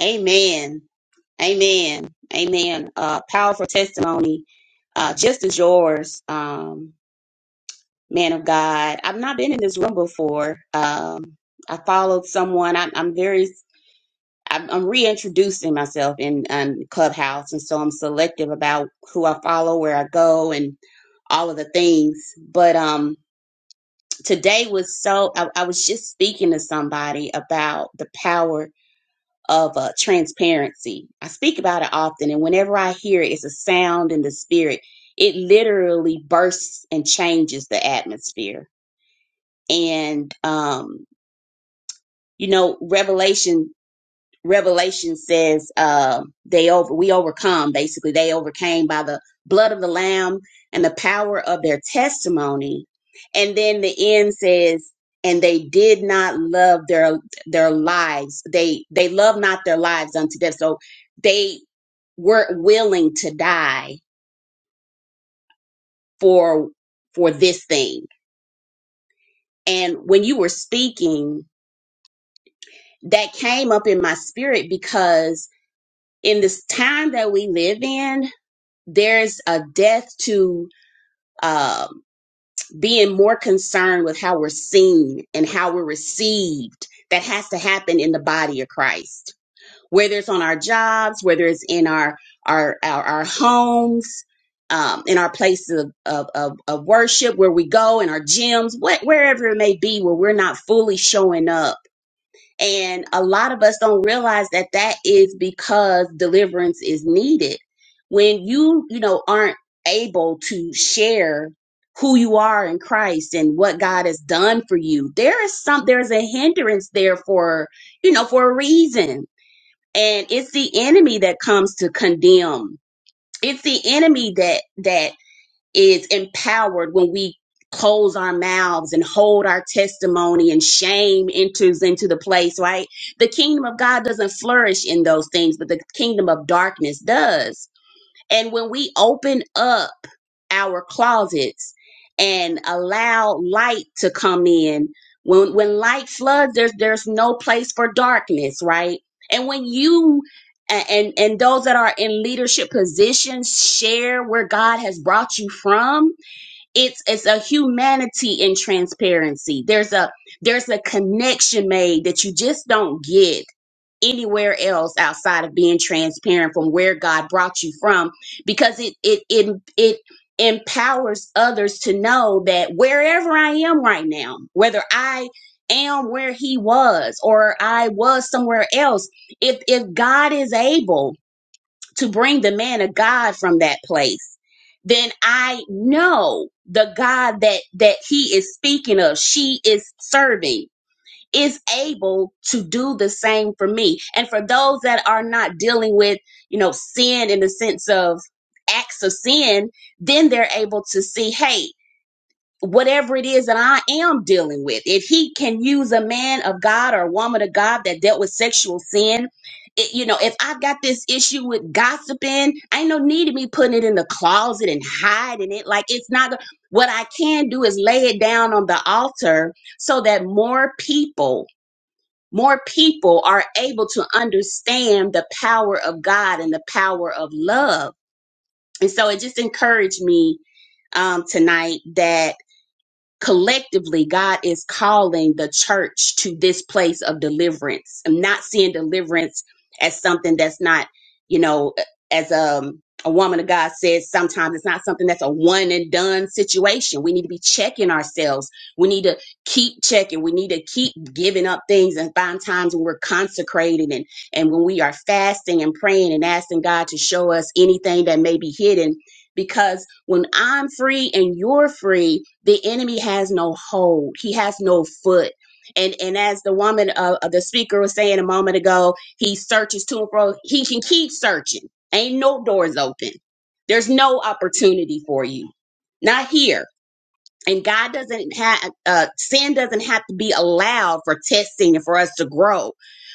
Amen. Amen. Amen. Uh, powerful testimony, uh, just as yours, um, man of God. I've not been in this room before. Um, I followed someone. I, I'm very, I'm, I'm reintroducing myself in, in Clubhouse, and so I'm selective about who I follow, where I go, and all of the things. But um, today was so. I, I was just speaking to somebody about the power of uh, transparency. I speak about it often, and whenever I hear it, it's a sound in the spirit. It literally bursts and changes the atmosphere. And, um, you know, Revelation Revelation says uh, they over we overcome basically they overcame by the blood of the lamb and the power of their testimony and then the end says and they did not love their their lives they they love not their lives unto death so they weren't willing to die for for this thing and when you were speaking that came up in my spirit because in this time that we live in there's a death to um, being more concerned with how we're seen and how we're received that has to happen in the body of Christ, whether it's on our jobs, whether it's in our our our, our homes, um, in our places of, of of of worship, where we go in our gyms, what, wherever it may be, where we're not fully showing up and a lot of us don't realize that that is because deliverance is needed. When you, you know, aren't able to share who you are in Christ and what God has done for you, there is some, there's a hindrance there for, you know, for a reason. And it's the enemy that comes to condemn. It's the enemy that, that is empowered when we close our mouths and hold our testimony and shame enters into the place, right? The kingdom of God doesn't flourish in those things, but the kingdom of darkness does. And when we open up our closets and allow light to come in, when when light floods, there's there's no place for darkness, right? And when you a- and and those that are in leadership positions share where God has brought you from, it's it's a humanity in transparency. There's a there's a connection made that you just don't get anywhere else outside of being transparent from where God brought you from because it it it it empowers others to know that wherever I am right now, whether I am where he was or I was somewhere else, if if God is able to bring the man of God from that place, then I know the God that that he is speaking of, she is serving is able to do the same for me. And for those that are not dealing with, you know, sin in the sense of acts of sin, then they're able to see, hey, whatever it is that I am dealing with, if he can use a man of God or a woman of God that dealt with sexual sin, it, you know, if I've got this issue with gossiping, ain't no need of me putting it in the closet and hiding it. Like it's not what I can do is lay it down on the altar so that more people more people are able to understand the power of God and the power of love. And so it just encouraged me um, tonight that collectively god is calling the church to this place of deliverance i'm not seeing deliverance as something that's not you know as um a woman of god says sometimes it's not something that's a one and done situation we need to be checking ourselves we need to keep checking we need to keep giving up things and find times when we're consecrating and and when we are fasting and praying and asking god to show us anything that may be hidden because when I'm free and you're free, the enemy has no hold. He has no foot. And and as the woman uh, uh, the speaker was saying a moment ago, he searches to and fro. He can keep searching. Ain't no doors open. There's no opportunity for you. Not here. And God doesn't have uh, sin doesn't have to be allowed for testing and for us to grow.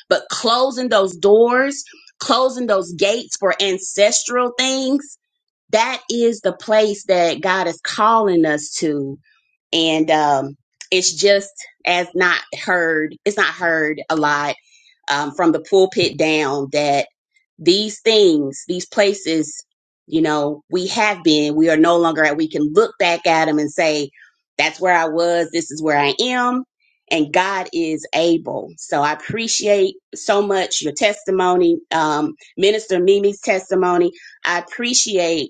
But closing those doors, closing those gates for ancestral things that is the place that God is calling us to. And um, it's just as not heard, it's not heard a lot um, from the pulpit down that these things, these places, you know, we have been, we are no longer at, we can look back at them and say, that's where I was, this is where I am, and God is able. So I appreciate so much your testimony, um, Minister Mimi's testimony. I appreciate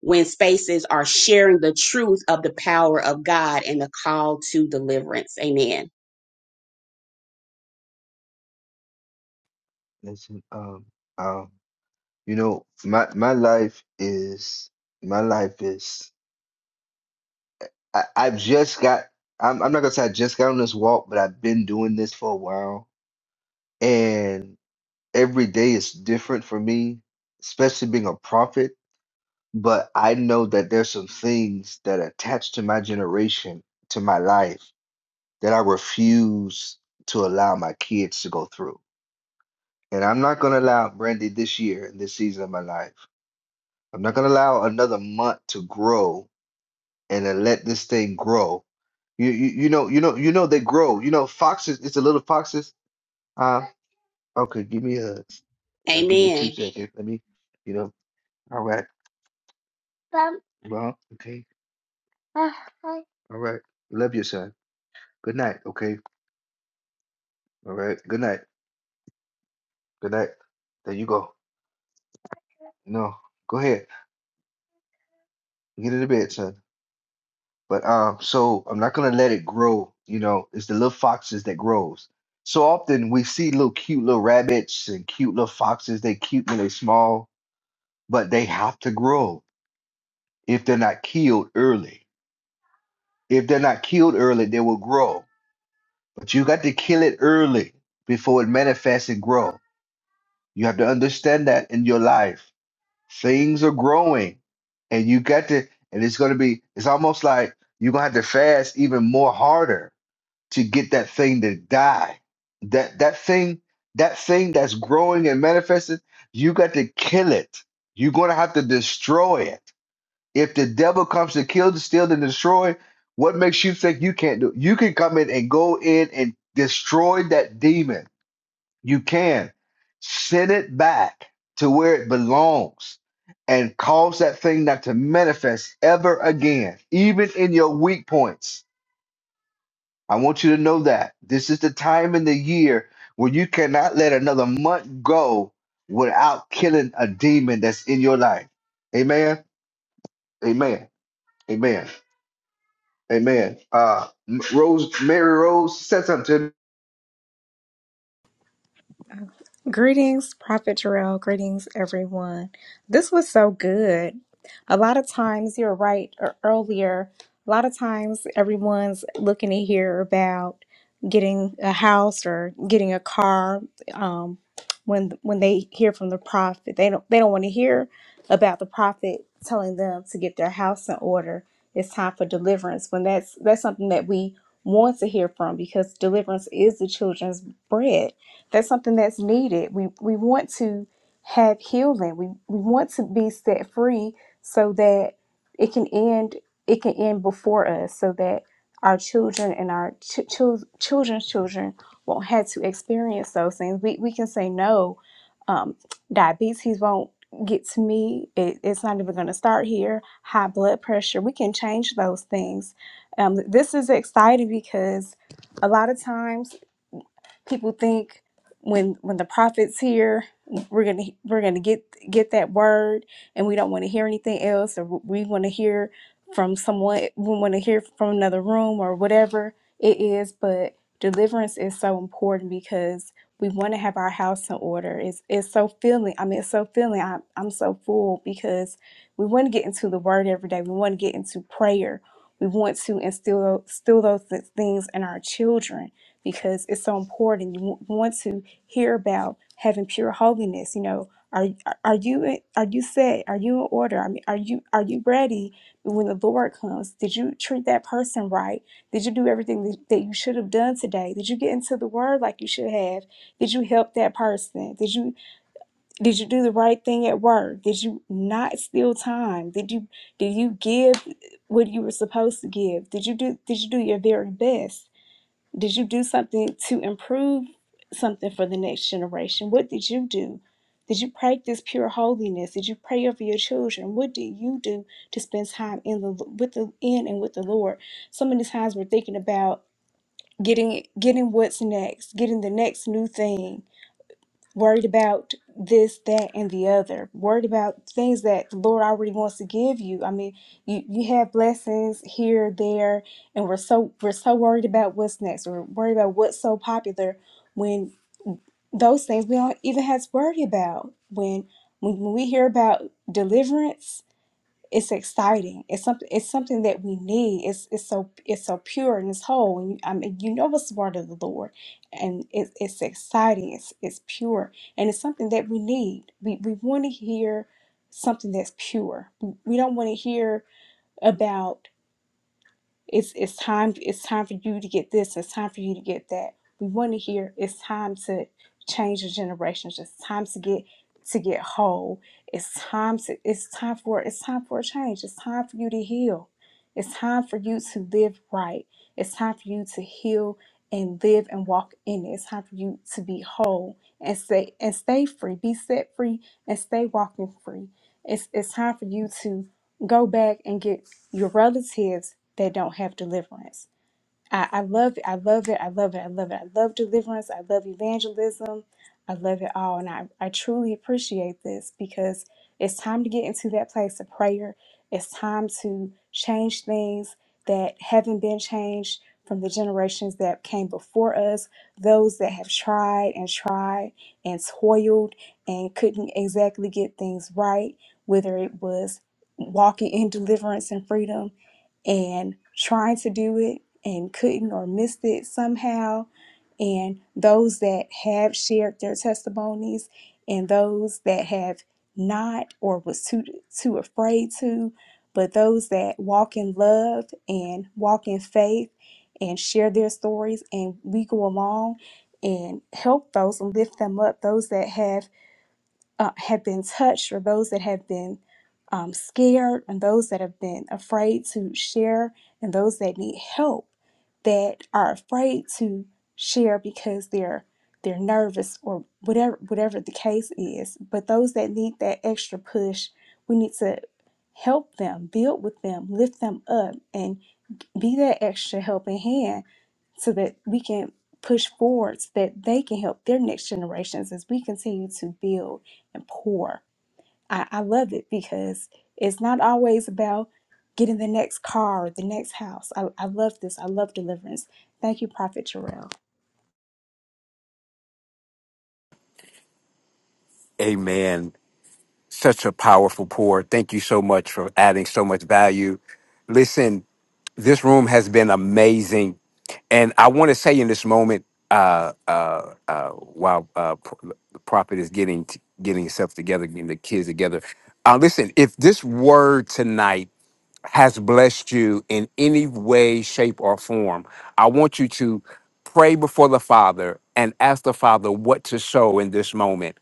when spaces are sharing the truth of the power of God and the call to deliverance. Amen. Listen, um, um, you know, my my life is my life is. I, I've just got. I'm, I'm not gonna say I just got on this walk, but I've been doing this for a while, and every day is different for me, especially being a prophet. But I know that there's some things that are attached to my generation, to my life that I refuse to allow my kids to go through. And I'm not going to allow Brandy this year and this season of my life. I'm not going to allow another month to grow and then let this thing grow. You, you you know you know you know they grow. You know foxes. It's the little foxes. Uh, okay, give me a, you know, give me two Amen. seconds. Let me, you know. All right. Well, okay. All right. Love you, son. Good night. Okay. All right. Good night. Good night. There you go. No, go ahead. Get into bed, son. But um, so I'm not gonna let it grow. You know, it's the little foxes that grows. So often we see little cute little rabbits and cute little foxes. They cute when they small, but they have to grow if they're not killed early. If they're not killed early, they will grow. But you got to kill it early before it manifests and grow. You have to understand that in your life, things are growing, and you got to. And it's gonna be. It's almost like you're gonna have to fast even more harder to get that thing to die. That that thing, that thing that's growing and manifested, you got to kill it. You're gonna have to destroy it. If the devil comes to kill, to steal, and destroy, what makes you think you can't do it? You can come in and go in and destroy that demon. You can send it back to where it belongs and cause that thing not to manifest ever again, even in your weak points I want you to know that this is the time in the year where you cannot let another month go without killing a demon that's in your life. Amen. Amen. Amen. Amen. Uh, M- Rose, Mary Rose said something to me. Greetings, Prophet Jarrell. Greetings, everyone. This was so good. A lot of times, you're right, or earlier, a lot of times everyone's looking to hear about getting a house or getting a car. Um, when when they hear from the prophet, they don't they don't want to hear about the prophet telling them to get their house in order. It's time for deliverance. When that's that's something that we want to hear from because deliverance is the children's bread that's something that's needed. We we want to have healing. We we want to be set free so that it can end it can end before us so that our children and our ch- chil- children's children won't have to experience those things. We we can say no. Um, diabetes won't get to me. It, it's not even going to start here. High blood pressure. We can change those things. Um, this is exciting because a lot of times people think when when the prophet's here we're gonna we're gonna get get that word and we don't want to hear anything else or we want to hear from someone we want to hear from another room or whatever it is but deliverance is so important because we want to have our house in order it's it's so filling i mean it's so filling I, i'm so full because we want to get into the word every day we want to get into prayer we want to instill instill those things in our children because it's so important. You w- want to hear about having pure holiness. You know, are are you are you set? Are you in order? I mean, are you are you ready when the Lord comes? Did you treat that person right? Did you do everything that that you should have done today? Did you get into the Word like you should have? Did you help that person? Did you did you do the right thing at work? Did you not steal time? Did you did you give what you were supposed to give? Did you do did you do your very best? Did you do something to improve something for the next generation? What did you do? Did you practice pure holiness? Did you pray over your children? What did you do to spend time in the with the in and with the Lord? So many times we're thinking about getting getting what's next, getting the next new thing, worried about this, that, and the other, worried about things that the Lord already wants to give you. I mean, you, you have blessings here, there, and we're so we're so worried about what's next. We're worried about what's so popular when those things we don't even have to worry about. When when, when we hear about deliverance, it's exciting. It's something. It's something that we need. It's it's so it's so pure and it's whole. And you, I mean, you know it's the word of the Lord, and it's it's exciting. It's it's pure, and it's something that we need. We we want to hear something that's pure. We we don't want to hear about. It's it's time it's time for you to get this, it's time for you to get that. We want to hear it's time to change the generations, it's time to get to get whole. It's time to it's time for it's time for a change. It's time for you to heal. It's time for you to live right. It's time for you to heal and live and walk in it. It's time for you to be whole and stay and stay free. Be set free and stay walking free. It's it's time for you to go back and get your relatives that don't have deliverance. I, I love it. I love it. I love it. I love it. I love deliverance. I love evangelism. I love it all. And I, I truly appreciate this because it's time to get into that place of prayer. It's time to change things that haven't been changed from the generations that came before us, those that have tried and tried and toiled and couldn't exactly get things right, whether it was walking in deliverance and freedom and trying to do it and couldn't or missed it somehow, and those that have shared their testimonies, and those that have not or was too too afraid to, but those that walk in love and walk in faith and share their stories, and we go along and help those and lift them up. Those that have uh, have been touched or those that have been um, scared and those that have been afraid to share and those that need help that are afraid to share because they're they're nervous or whatever whatever the case is but those that need that extra push we need to help them build with them lift them up and be that extra helping hand so that we can push forward so that they can help their next generations as we continue to build and pour. I, I love it because it's not always about getting the next car or the next house. I, I love this. I love deliverance. Thank you, Prophet Jarrell. amen Such a powerful pour. Thank you so much for adding so much value. Listen, this room has been amazing. And I want to say in this moment, uh, uh, uh, while uh, Pro- the prophet is getting getting himself together, getting the kids together, uh, listen. If this word tonight has blessed you in any way, shape, or form, I want you to pray before the Father and ask the Father what to sow in this moment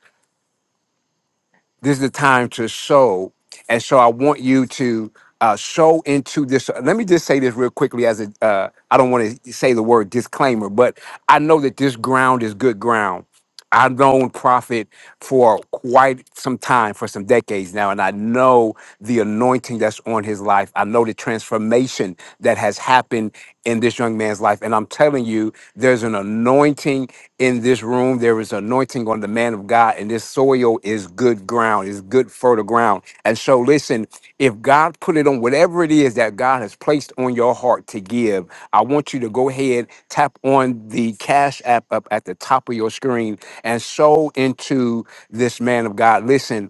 this is the time to sow. And so I want you to uh, sow into this. so, Let me just say this real quickly as a, uh, I don't want to say the word disclaimer, but I know that this ground is good ground. I've known Prophet for quite some time, for some decades now, and I know the anointing that's on his life. I know the transformation that has happened in this young man's life. And I'm telling you, there's an anointing in this room. There is anointing on the man of God, and this soil is good ground, is good fertile ground. And so, listen, if God put it on whatever it is that God has placed on your heart to give, I want you to go ahead, tap on the Cash App up at the top of your screen and sow into this man of God. Listen,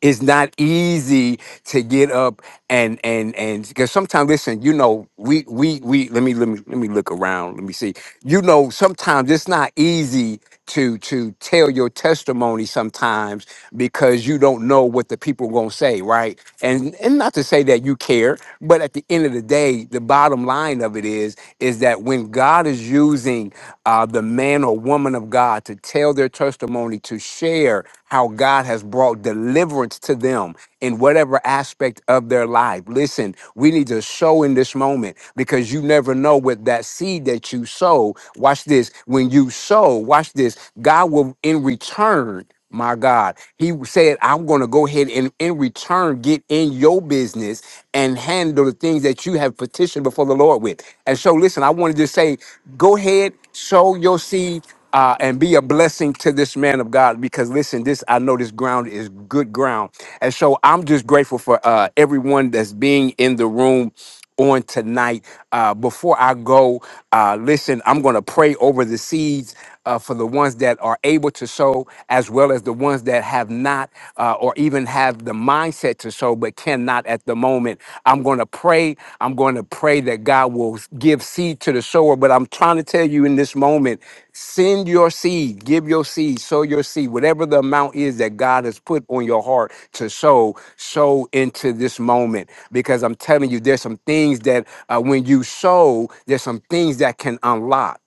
it's not easy to get up and and and because sometimes listen you know we we we let me let me let me look around let me see you know sometimes it's not easy to to tell your testimony sometimes because you don't know what the people are going to say right and and not to say that you care but at the end of the day the bottom line of it is is that when god is using uh the man man or woman of God to tell their testimony, to share how God has brought deliverance to them in whatever aspect of their life. Listen, we need to sow in this moment because you never know what that seed that you sow. Watch this. When you sow, watch this, God will in return. My God. He said, I'm going to go ahead and in return get in your business and handle the things that you have petitioned before the Lord with. And so, listen, I wanted to say, go ahead, sow your seed. Uh, and be a blessing to this man of God because listen, this I know this ground is good ground, and so I'm just grateful for uh, everyone that's being in the room on tonight. Uh, before I go, uh, listen, I'm going to pray over the seeds uh, for the ones that are able to sow, as well as the ones that have not, uh, or even have the mindset to sow, but cannot at the moment. I'm going to pray. I'm going to pray that God will give seed to the sower. But I'm trying to tell you in this moment, send your seed, give your seed, sow your seed, whatever the amount is that God has put on your heart to sow, sow into this moment. Because I'm telling you, there's some things that uh, when you sow, there's some things that can unlock.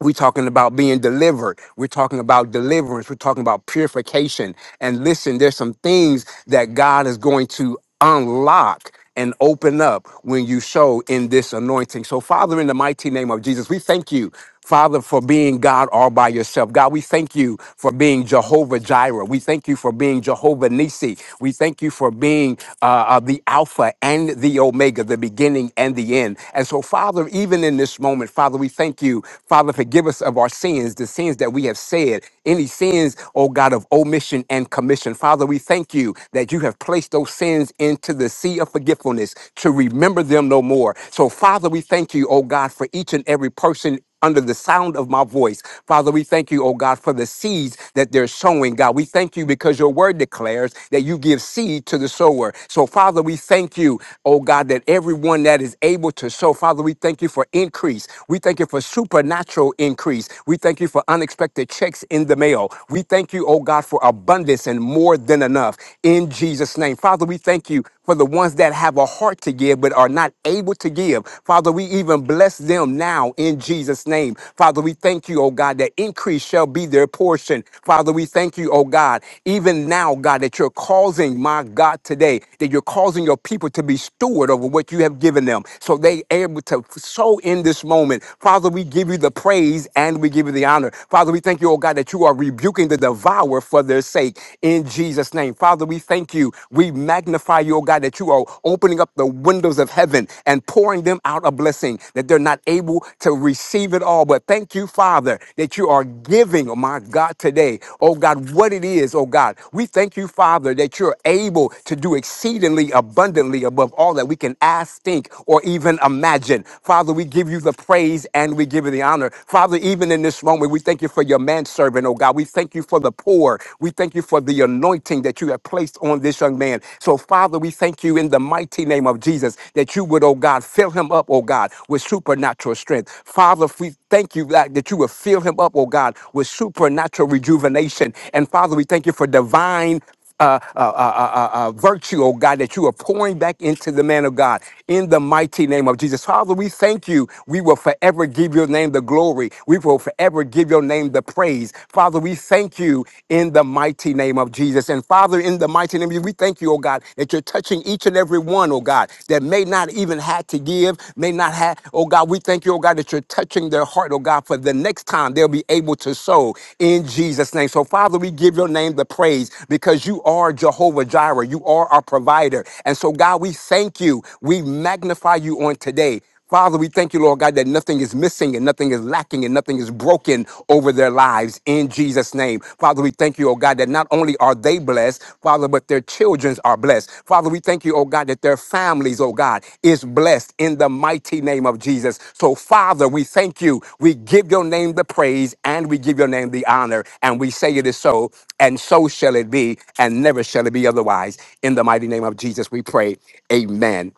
We're talking about being delivered. We're talking about deliverance. We're talking about purification. And listen, there's some things that God is going to unlock and open up when you show in this anointing. So, Father, in the mighty name of Jesus, we thank you. Father, for being God all by yourself. God, we thank you for being Jehovah Jireh. We thank you for being Jehovah Nisi. We thank you for being uh, uh, the Alpha and the Omega, the beginning and the end. And so, Father, even in this moment, Father, we thank you you. Father, forgive us of our sins, the sins that we have said, any sins, oh God, of omission and commission. Father, we thank you that you have placed those sins into the sea of forgetfulness to remember them no more. So, Father, we thank you, oh God, for each and every person under the sound of my voice. Father, we thank you, oh God, for the seeds that they're sowing, God. We thank you because your word declares that you give seed to the sower. So, Father, we thank you, oh God, that everyone that is able to sow, Father, we thank you for increase. We thank you for supernatural increase. We thank you for unexpected checks in the mail. We thank you, oh God, for abundance and more than enough in Jesus' name. Father, we thank you for the ones that have a heart to give but are not able to able to give. Father, we even bless them now in Jesus' name. Father, we thank you, oh God, that increase shall be their portion. Father, we thank you, oh God, even now, God, that you're causing, my God, today, that you're causing your people to be steward over what you have given them. So they able to sow in this moment. Father, we give you the praise and we give you the honor. Father, we thank you, oh God, that you are rebuking the devourer for their sake in Jesus' name. Father, we thank you. We magnify magnify you, oh God, that you are opening up the windows of heaven and pouring them out a blessing that they're not able to receive it all. But thank you, Father, that you are giving, oh my God, today, oh God, what it is, oh God. We thank you, Father, that you're able to do exceedingly abundantly above all that we can ask, think, or even imagine. Father, we give you the praise and we give you the honor. Father, even in this moment, we thank you for your manservant, oh God. We thank you for the poor. We thank you thank you for the anointing that you have placed on this young man. So, Father, we thank you in the mighty name of Jesus that you would, oh God, fill him up, oh God, with supernatural strength. Father, we thank you that, that you would fill him up, oh God, with supernatural rejuvenation. And Father, we thank you for divine uh, uh, uh, uh, uh, uh, virtue, oh God, that you are pouring back into the man of God in the mighty name of Jesus. Father, we thank you. We will forever give your name the glory. We will forever give your name the praise. Father, we thank you in the mighty name of Jesus. And Father, in the mighty name of Jesus, we thank you, oh God, that you're touching each and every one, oh God, that may not even have to give, may not not had. Oh God, we thank you, oh God, that you're touching their heart, oh God, for the next time they'll be able to sow in Jesus' name. So, Father, we give your name the praise because you are Jehovah Jireh. You are our provider. And so, God, we thank you. We magnify you on today. Father, we thank you, Lord God, that nothing is missing and nothing is lacking and nothing is broken over their lives in Jesus' name. Father, we thank you, oh God, that not only are they blessed, Father, but their children are blessed. Father, we thank you, oh God, that their families, oh God, is blessed in the mighty name of Jesus. So, Father, we thank you. We give your name the praise and we give your name the honor. And we say it is so, and so shall it be, and never shall it be otherwise. In the mighty name of Jesus, we pray. Amen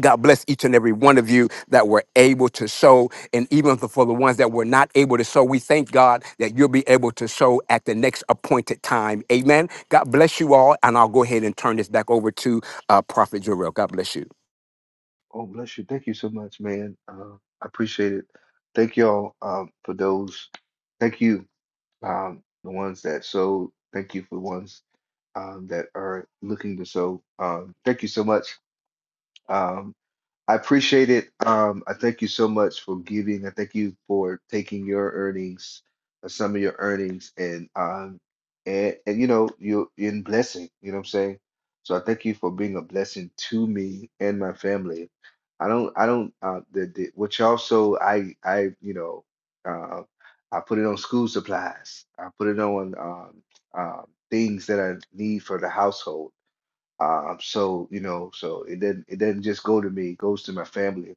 God bless each and every one of you that were able to sow. And even for the ones that were not able to sow, we thank God that you'll be able to sow at the next appointed time. Amen. God bless you all. And I'll go ahead and turn this back over to uh, Prophet Jarrell. God bless you. Oh, bless you. Thank you so much, man. Uh, I appreciate it. Thank y'all um, for those. Thank you, um, the ones that sold. Thank you for the ones um, that are looking to sow. Um, thank you so much. Um, I appreciate it. Um, I thank you so much for giving. I thank you for taking your earnings, uh, some of your earnings, and um, and, and you know, you're in blessing. You know what I'm saying? So I thank you for being a blessing to me and my family. I don't, I don't. Uh, the, the which also I, I, you know, uh, I put it on school supplies. I put it on um, um, things that I need for the household. Um, so you know, so it doesn't it doesn't just go to me, it goes to my family.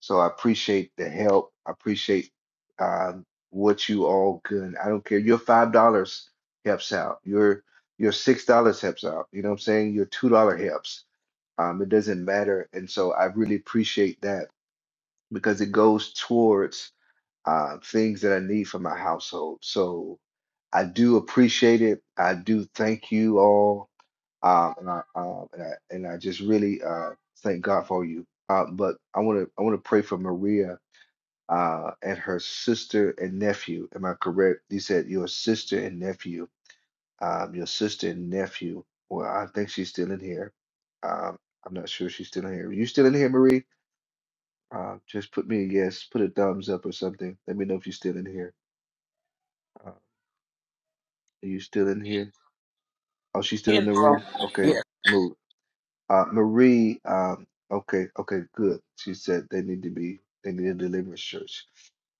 So I appreciate the help. I appreciate um what you all can. I don't care. Your five dollars helps out. Your your six dollars helps out. You know what I'm saying? Your two dollar helps. Um, it doesn't matter. And so I really appreciate that because it goes towards uh, things that I need for my household. So I do appreciate it. I do thank you all um, and I um, and I and I just really uh, thank God for you. Uh, but I want to I want to pray for Maria uh, and her sister and nephew. Am I correct? You said your sister and nephew, um, your sister and nephew. Well, I think she's still in here. Um, I'm not sure if she's still in here. you still in here, Marie? Uh, just put me a yes, put a thumbs up or something. Let me know if you're still in here. Uh, are you still in here? Oh, she's still in You the know, room. Okay, yeah. Marie. Uh, Marie, um, okay, okay, good. She said they need to be, they need a deliverance church.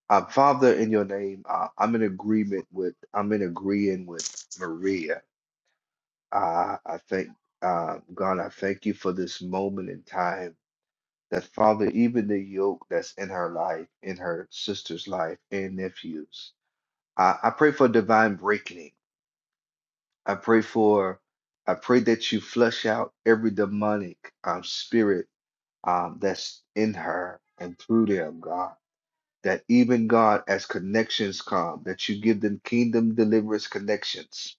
Uh, Father, in your name, uh, I'm in agreement with, I'm in agreeing with Maria. Uh, I thank, uh, God, I thank you for this moment in time that, Father, even the yoke that's in her life, in her sister's life, and nephews, I, I pray for divine breaking. I pray for, I pray that you flush out every demonic um, spirit um, that's in her and through them, God. That even God, as connections come, that you give them kingdom deliverance connections.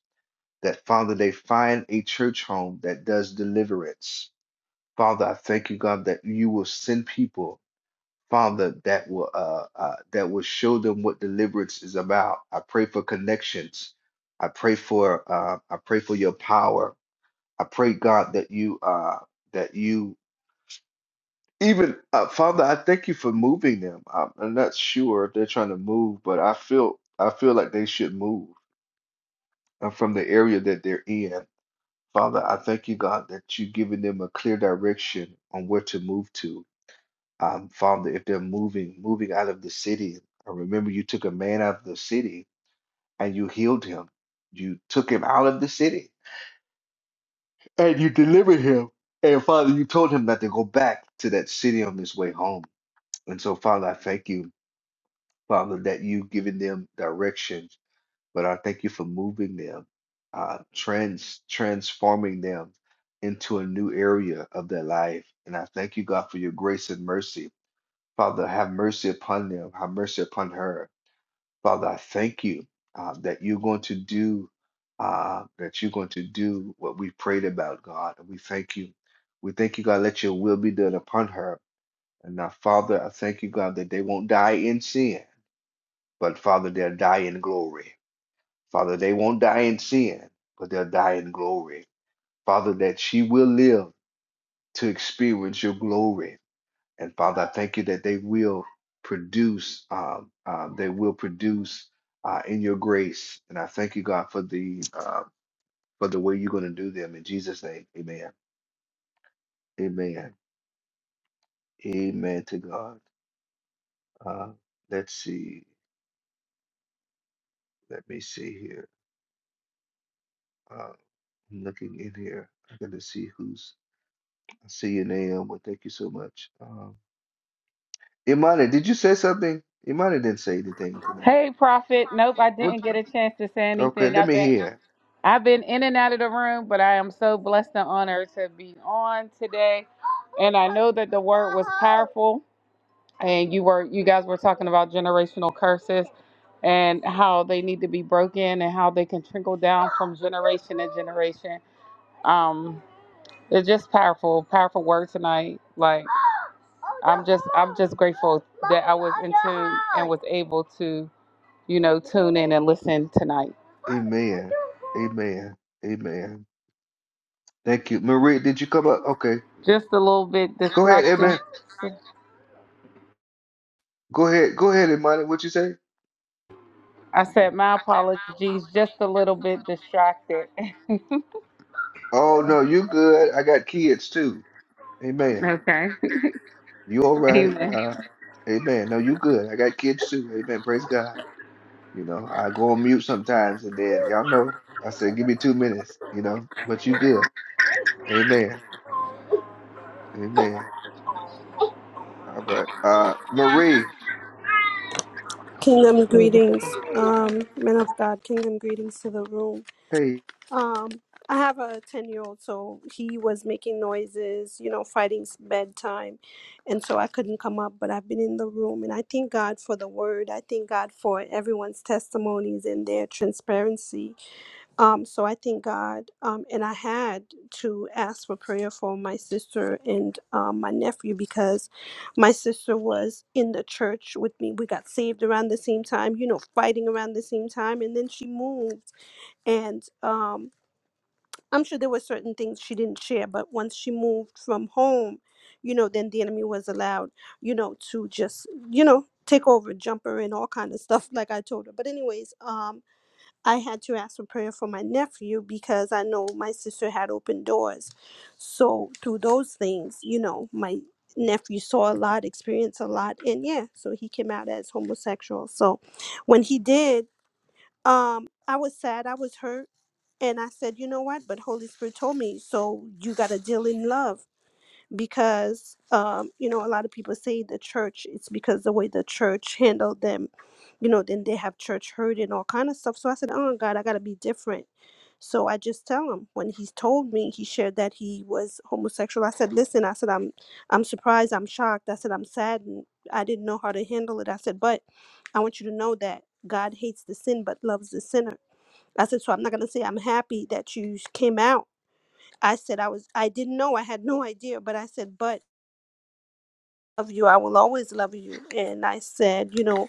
That Father, they find a church home that does deliverance. Father, I thank you, God, that you will send people, Father, that will uh, uh, that will show them what deliverance is about. I pray for connections. I pray for uh, I pray for your power. I pray, God, that you uh, that you Even uh, Father, I thank you for moving them. I'm, I'm not sure if they're trying to move, but I feel I feel like they should move uh, from the area that they're in. Father, I thank you, God, that you've given them a clear direction on where to move to. Um, Father, if they're moving, moving out of the city, I remember you took a man out of the city and you healed him. You took him out of the city and you delivered him. And Father, you told him not to go back to that city on his way home. And so, Father, I thank you. Father, that you've given them direction, but I thank you for moving them, uh, trans transforming them into a new area of their life. And I thank you, God, for your grace and mercy. Father, have mercy upon them, have mercy upon her. Father, I thank you uh, that you're going to do uh, that you're going to do what we prayed about, God. And we thank you. We thank you, God, let your will be done upon her. And now, Father, I thank you, God, that they won't die in sin but Father, they'll die in glory. Father, they won't die in sin, but they'll die in glory. Father, that she will live to experience your glory. And Father, I thank you that they will produce, um, uh, they will produce uh, in your grace. And I thank you, God, for the uh, for the way you're going to do them. In Jesus' name, Amen. Amen. Amen to God. Uh, let's see. Let me see here. Uh, I'm looking in here. I got to see who's I see you, Naomi. Thank you so much. Um, Imani, did you say something? Imani didn't say anything tonight. Hey, Prophet. Nope, I What? didn't get a chance to say Okay, anything. let I've me been hear. I've been in and out of the room, but I am so blessed and honored to be on today. And I know that the word was powerful, and you were you guys were talking about generational curses and how they need to be broken and how they can trickle down from generation to generation. Um, it's just powerful, powerful word tonight. Like I'm just I'm just grateful that I was in tune and was able to you know, tune in and listen tonight. Amen. Amen. Amen. Thank you. Marie, did you come up? Okay. Just a little bit Go ahead, distraction. Amen. Go ahead. Go ahead, Imani. What you say? I said my apologies, just a little bit distracted. Oh, no, you good. I got kids too. Amen. okay. You all right? Amen. Uh, amen. No, you good. I got kids too. Amen. Praise God. You know, I go on mute sometimes and then y'all know. I said, give me two minutes, you know, but you good. Amen. Amen. All right. Uh Marie. Kingdom greetings, um, men of God. Kingdom greetings to the room. Hey. Um, I have a ten-year-old, so he was making noises, you know, fighting s- bedtime, and so I couldn't come up. But I've been in the room, and I thank God for the word. I thank God for everyone's testimonies and their transparency. Um, so I thank God. Um, and I had to ask for prayer for my sister and um, my nephew because my sister was in the church with me. We got saved around the same time, you know, fighting around the same time. And then she moved. And um, I'm sure there were certain things she didn't share, but once she moved from home, you know, then the enemy was allowed, you know, to just, you know, take over, jump her and all kind of stuff, like I told her. But anyways, um, I had to ask for prayer for my nephew because I know my sister had opened doors. So through those things, you know, my nephew saw a lot, experienced a lot, and yeah, so he came out as homosexual. So when he did, um, I was sad, I was hurt, and I said, you know what? But Holy Spirit told me, so you gotta deal in love because um, you know a lot of people say the church it's because the way the church handled them you know then they have church hurt and all kind of stuff so i said oh god i gotta be different so i just tell him when he's told me he shared that he was homosexual i said listen i said i'm i'm surprised i'm shocked i said i'm saddened i didn't know how to handle it i said but i want you to know that god hates the sin but loves the sinner i said so i'm not gonna say i'm happy that you came out i said i was i didn't know i had no idea but i said but love you. I will always love you. And I said, you know,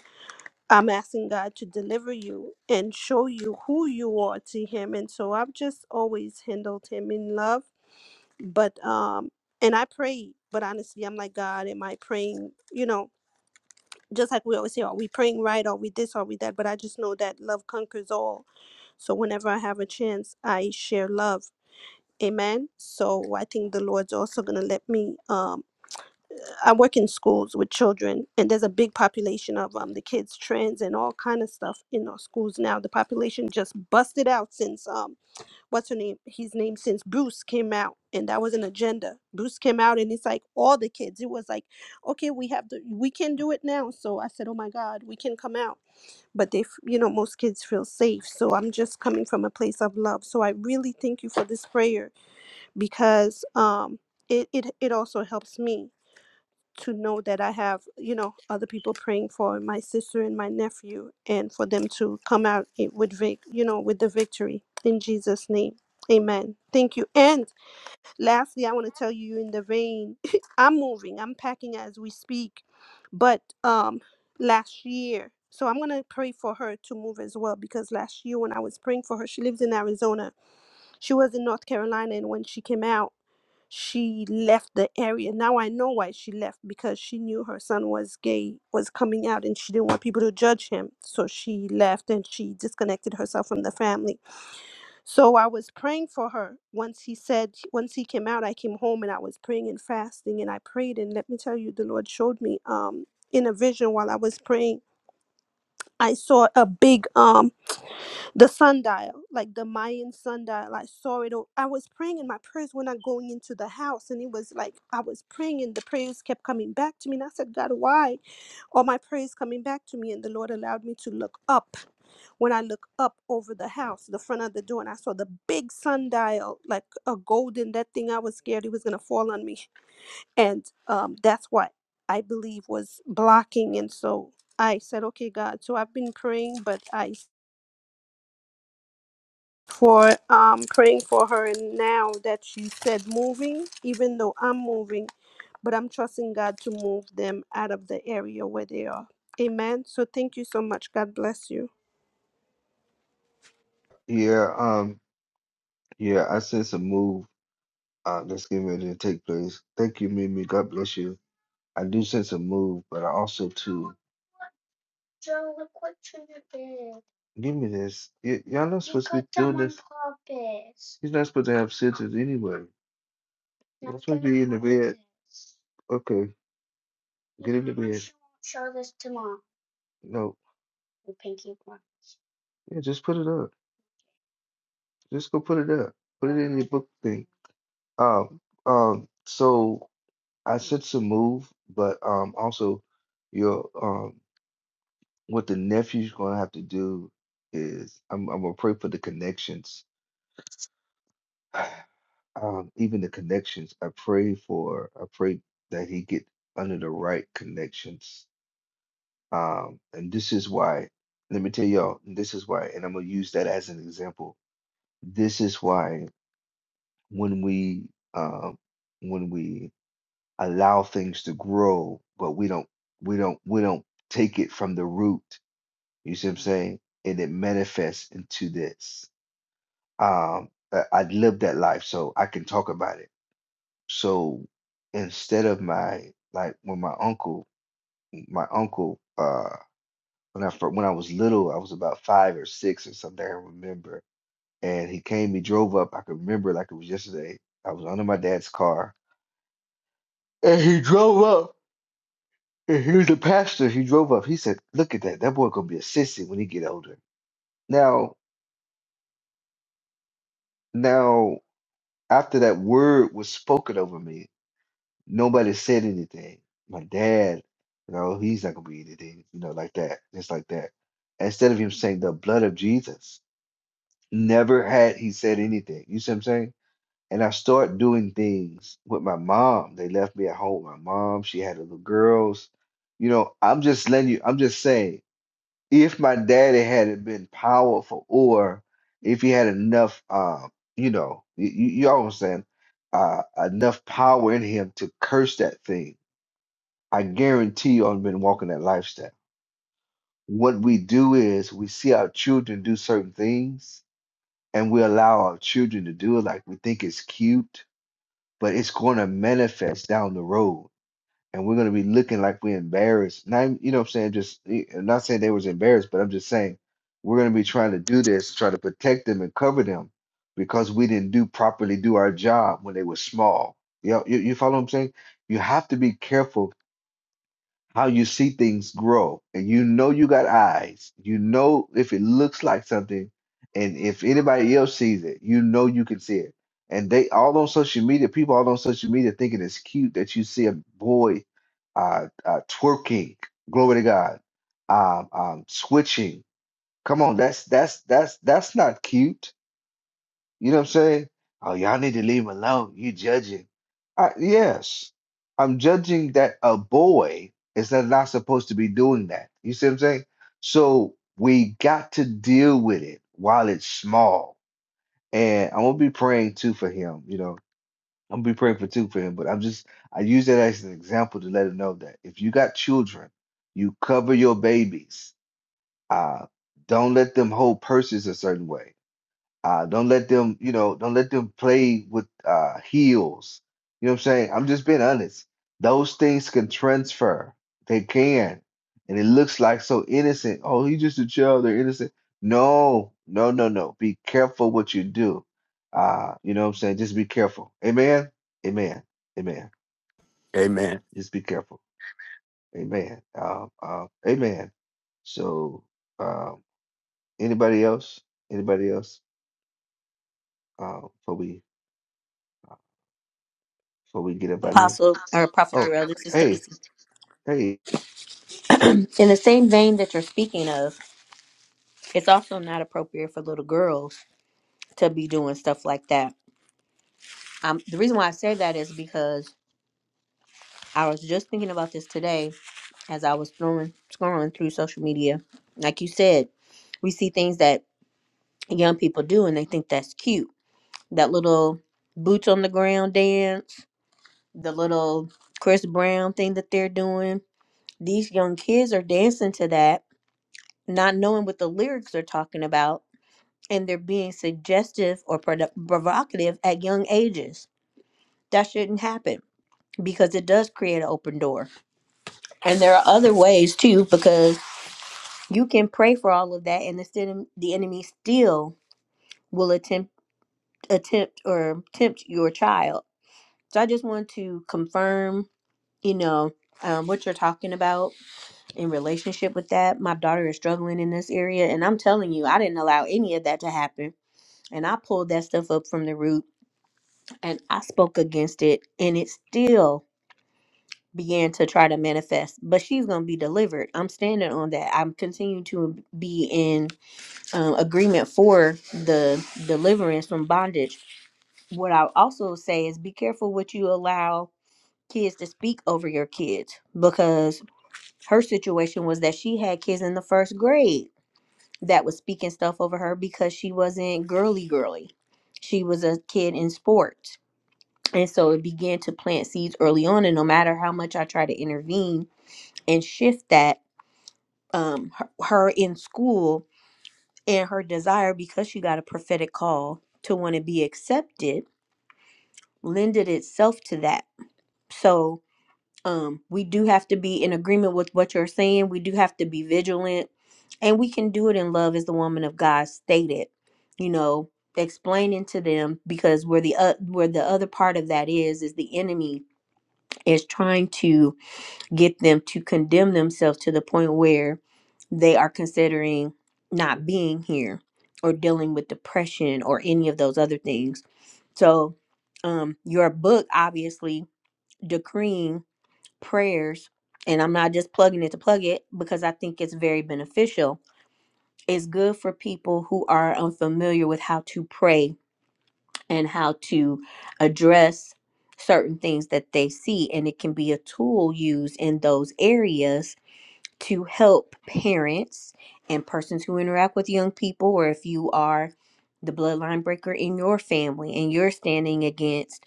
I'm asking God to deliver you and show you who you are to Him. And so I've just always handled Him in love. But, um, and I prayed, but honestly, I'm like, God, am I praying, you know, just like we always say, are we praying right? Are we this? Are we that? But I just know that love conquers all. So whenever I have a chance, I share love. Amen. So I think the Lord's also going to let me um, I work in schools with children, and there's a big population of um the kids trans and all kind of stuff in our schools now. The population just busted out since um what's her name? His name since Bruce came out, and that was an agenda. Bruce came out, and it's like all the kids. It was like, okay, we have the we can do it now. So I said, oh my God, we can come out. But they, f- you know, most kids feel safe. So I'm just coming from a place of love. So I really thank you for this prayer because um it it it also helps me to know that I have, you know, other people praying for my sister and my nephew and for them to come out i- with vic, you know, with the victory in Jesus name. Amen. Thank you. And lastly, I want to tell you in the vein. I'm moving. I'm packing as we speak. But um last year, so I'm going to pray for her to move as well because last year when I was praying for her, she lives in Arizona. She was in North Carolina and when she came out she left the area. Now I know why she left because she knew her son was gay, was coming out, and she didn't want people to judge him. So she left and she disconnected herself from the family. So I was praying for her. Once he said, once he came out, I came home and I was praying and fasting and I prayed. And let me tell you, the Lord showed me um, in a vision while I was praying. I saw a big um the sundial, like the Mayan sundial. I saw it. o- I was praying in my prayers when I'm going into the house, and it was like I was praying, and the prayers kept coming back to me. And I said, God, why are my prayers coming back to me? And the Lord allowed me to look up. When I look up over the house, the front of the door, and I saw the big sundial, like a golden. That thing, I was scared it was gonna fall on me, and um, that's what I believe was blocking. And so I said, Okay, God. So I've been praying, but I for um, praying for her and now that she said moving, even though I'm moving, but I'm trusting God to move them out of the area where they are. Amen. So thank you so much. God bless you. Yeah, um, yeah, I sense a move uh that's getting ready to take place. Thank you, Mimi. God bless you. I do sense a move, but I also too give me this. Y- y'all not supposed to be doing this. He's not supposed to have scissors anyway. You're supposed to be in the bed. Okay, get in the bed. No. Yeah, just put it up. Just go put it up. Put it in your book thing. Um, um, so I sense a move, but um, also your um, what the nephew's going to have to do is I'm I'm gonna pray for the connections, um, even the connections. I pray for I pray that he get under the right connections. Um, and this is why. Let me tell y'all, this is why, and I'm gonna use that as an example. This is why when we um, when we allow things to grow, but we don't we don't we don't take it from the root. You see what I'm saying? And it manifests into this. Um I, I lived that life, so I can talk about it. So instead of my like when my uncle my uncle uh when I fir- when I was little, I was about five or six or something, I remember. And he came, he drove up, I can remember like it was yesterday. I was under my dad's car and he drove up And here's the pastor he drove up. He said, "Look at that. That boy gonna be a sissy when he get older." Now, now, after that word was spoken over me, nobody said anything. My dad, you know, he's not gonna be anything, you know, like that, just like that. Instead of him saying the blood of Jesus, never had he said anything. You see what I'm saying? And I start doing things with my mom. They left me at home. My mom, she had little girls. You know, I'm just letting you. I'm just saying if my daddy had not been powerful or if he had enough um you know you, you all saying uh enough power in him to curse that thing i guarantee you i've been walking that lifestyle what we do is we see our children do certain things and we allow our children to do it like we think it's cute but it's going to manifest down the road and we're gonna be looking like we're embarrassed. Not even- you know what I'm saying, just eh, I'm not saying they was embarrassed, but I'm just saying we're gonna be trying to do this, try to protect them and cover them because we didn't do properly do our job when they were small. You know, you, you follow what I'm saying? You have to be careful how you see things grow and you know you got eyes you know if it looks like something and if anybody else sees it you know you can see it and they all on social media people all on social media thinking it's cute that you see a boy uh, uh twerking glory to god um, um switching come on that's that's that's that's not cute you know what I'm saying? Oh, y'all need to leave him alone. You judging. I, yes, I'm judging that a boy is not not supposed to be doing that. You see what I'm saying? So we got to deal with it while it's small. And I'm gonna be praying too for him, you know. I'm gonna be praying for too for him, but I'm just I use that as an example to let him know that if you got children, you cover your babies. Uh, don't let them hold purses a certain way uh, don't let them, you know, don't let them play with uh, heels. You know what I'm saying? I'm just being honest. Those things can transfer. They can. And it looks like so innocent. Oh, he's just a child. They're innocent. No, no, no, no. Be careful what you do. Uh, you know what I'm saying? Just be careful. Amen. Amen. Amen. Amen. Just be careful. Amen. Uh, uh, amen. So, um, anybody else? Anybody else? Uh, before we before we get up out of here. Apostle or Prophet Oh, Jarrell, this is hey, Stacy. hey. In the same vein that you're speaking of, it's also not appropriate for little girls to be doing stuff like that. Um, the reason why I say that is because I was just thinking about this today as I was throwing, scrolling through social media. Like you said, we see things that young people do and they think that's cute. That little boots on the ground dance, the little Chris Brown thing that they're doing. These young kids are dancing to that not knowing what the lyrics are talking about and they're being suggestive or produ- provocative at young ages. That shouldn't happen because it does create an open door. And there are other ways too because you can pray for all of that and the, sin- the enemy still will attempt attempt or tempt your child. So I just want to confirm, you know, um, what you're talking about in relationship with that. My daughter is struggling in this area and I'm telling you, I didn't allow any of that to happen And I pulled that stuff up from the root and I spoke against it and it still began to try to manifest. But she's going to be delivered. I'm standing on that. I'm continuing to be in um, agreement for the deliverance from bondage. What I also say is be careful what you allow kids to speak over your kids because her situation was that she had kids in the first grade that was speaking stuff over her because she wasn't girly girly. She was a kid in sports And so it began to plant seeds early on. And no matter how much I try to intervene and shift that, um, her, her in school and her desire, because she got a prophetic call to want to be accepted, lended itself to that. So um, we do have to be in agreement with what you're saying. We do have to be vigilant. And we can do it in love, as the woman of God stated, you know, explaining to them because where the, uh, where the other part of that is, is the enemy is trying to get them to condemn themselves to the point where they are considering not being here or dealing with depression or any of those other things. So, um, your book obviously decreeing prayers, and I'm not just plugging it to plug it because I think it's very beneficial. It's good for people who are unfamiliar with how to pray and how to address certain things that they see, and it can be a tool used in those areas to help parents and persons who interact with young people, or if you are the bloodline breaker in your family and you're standing against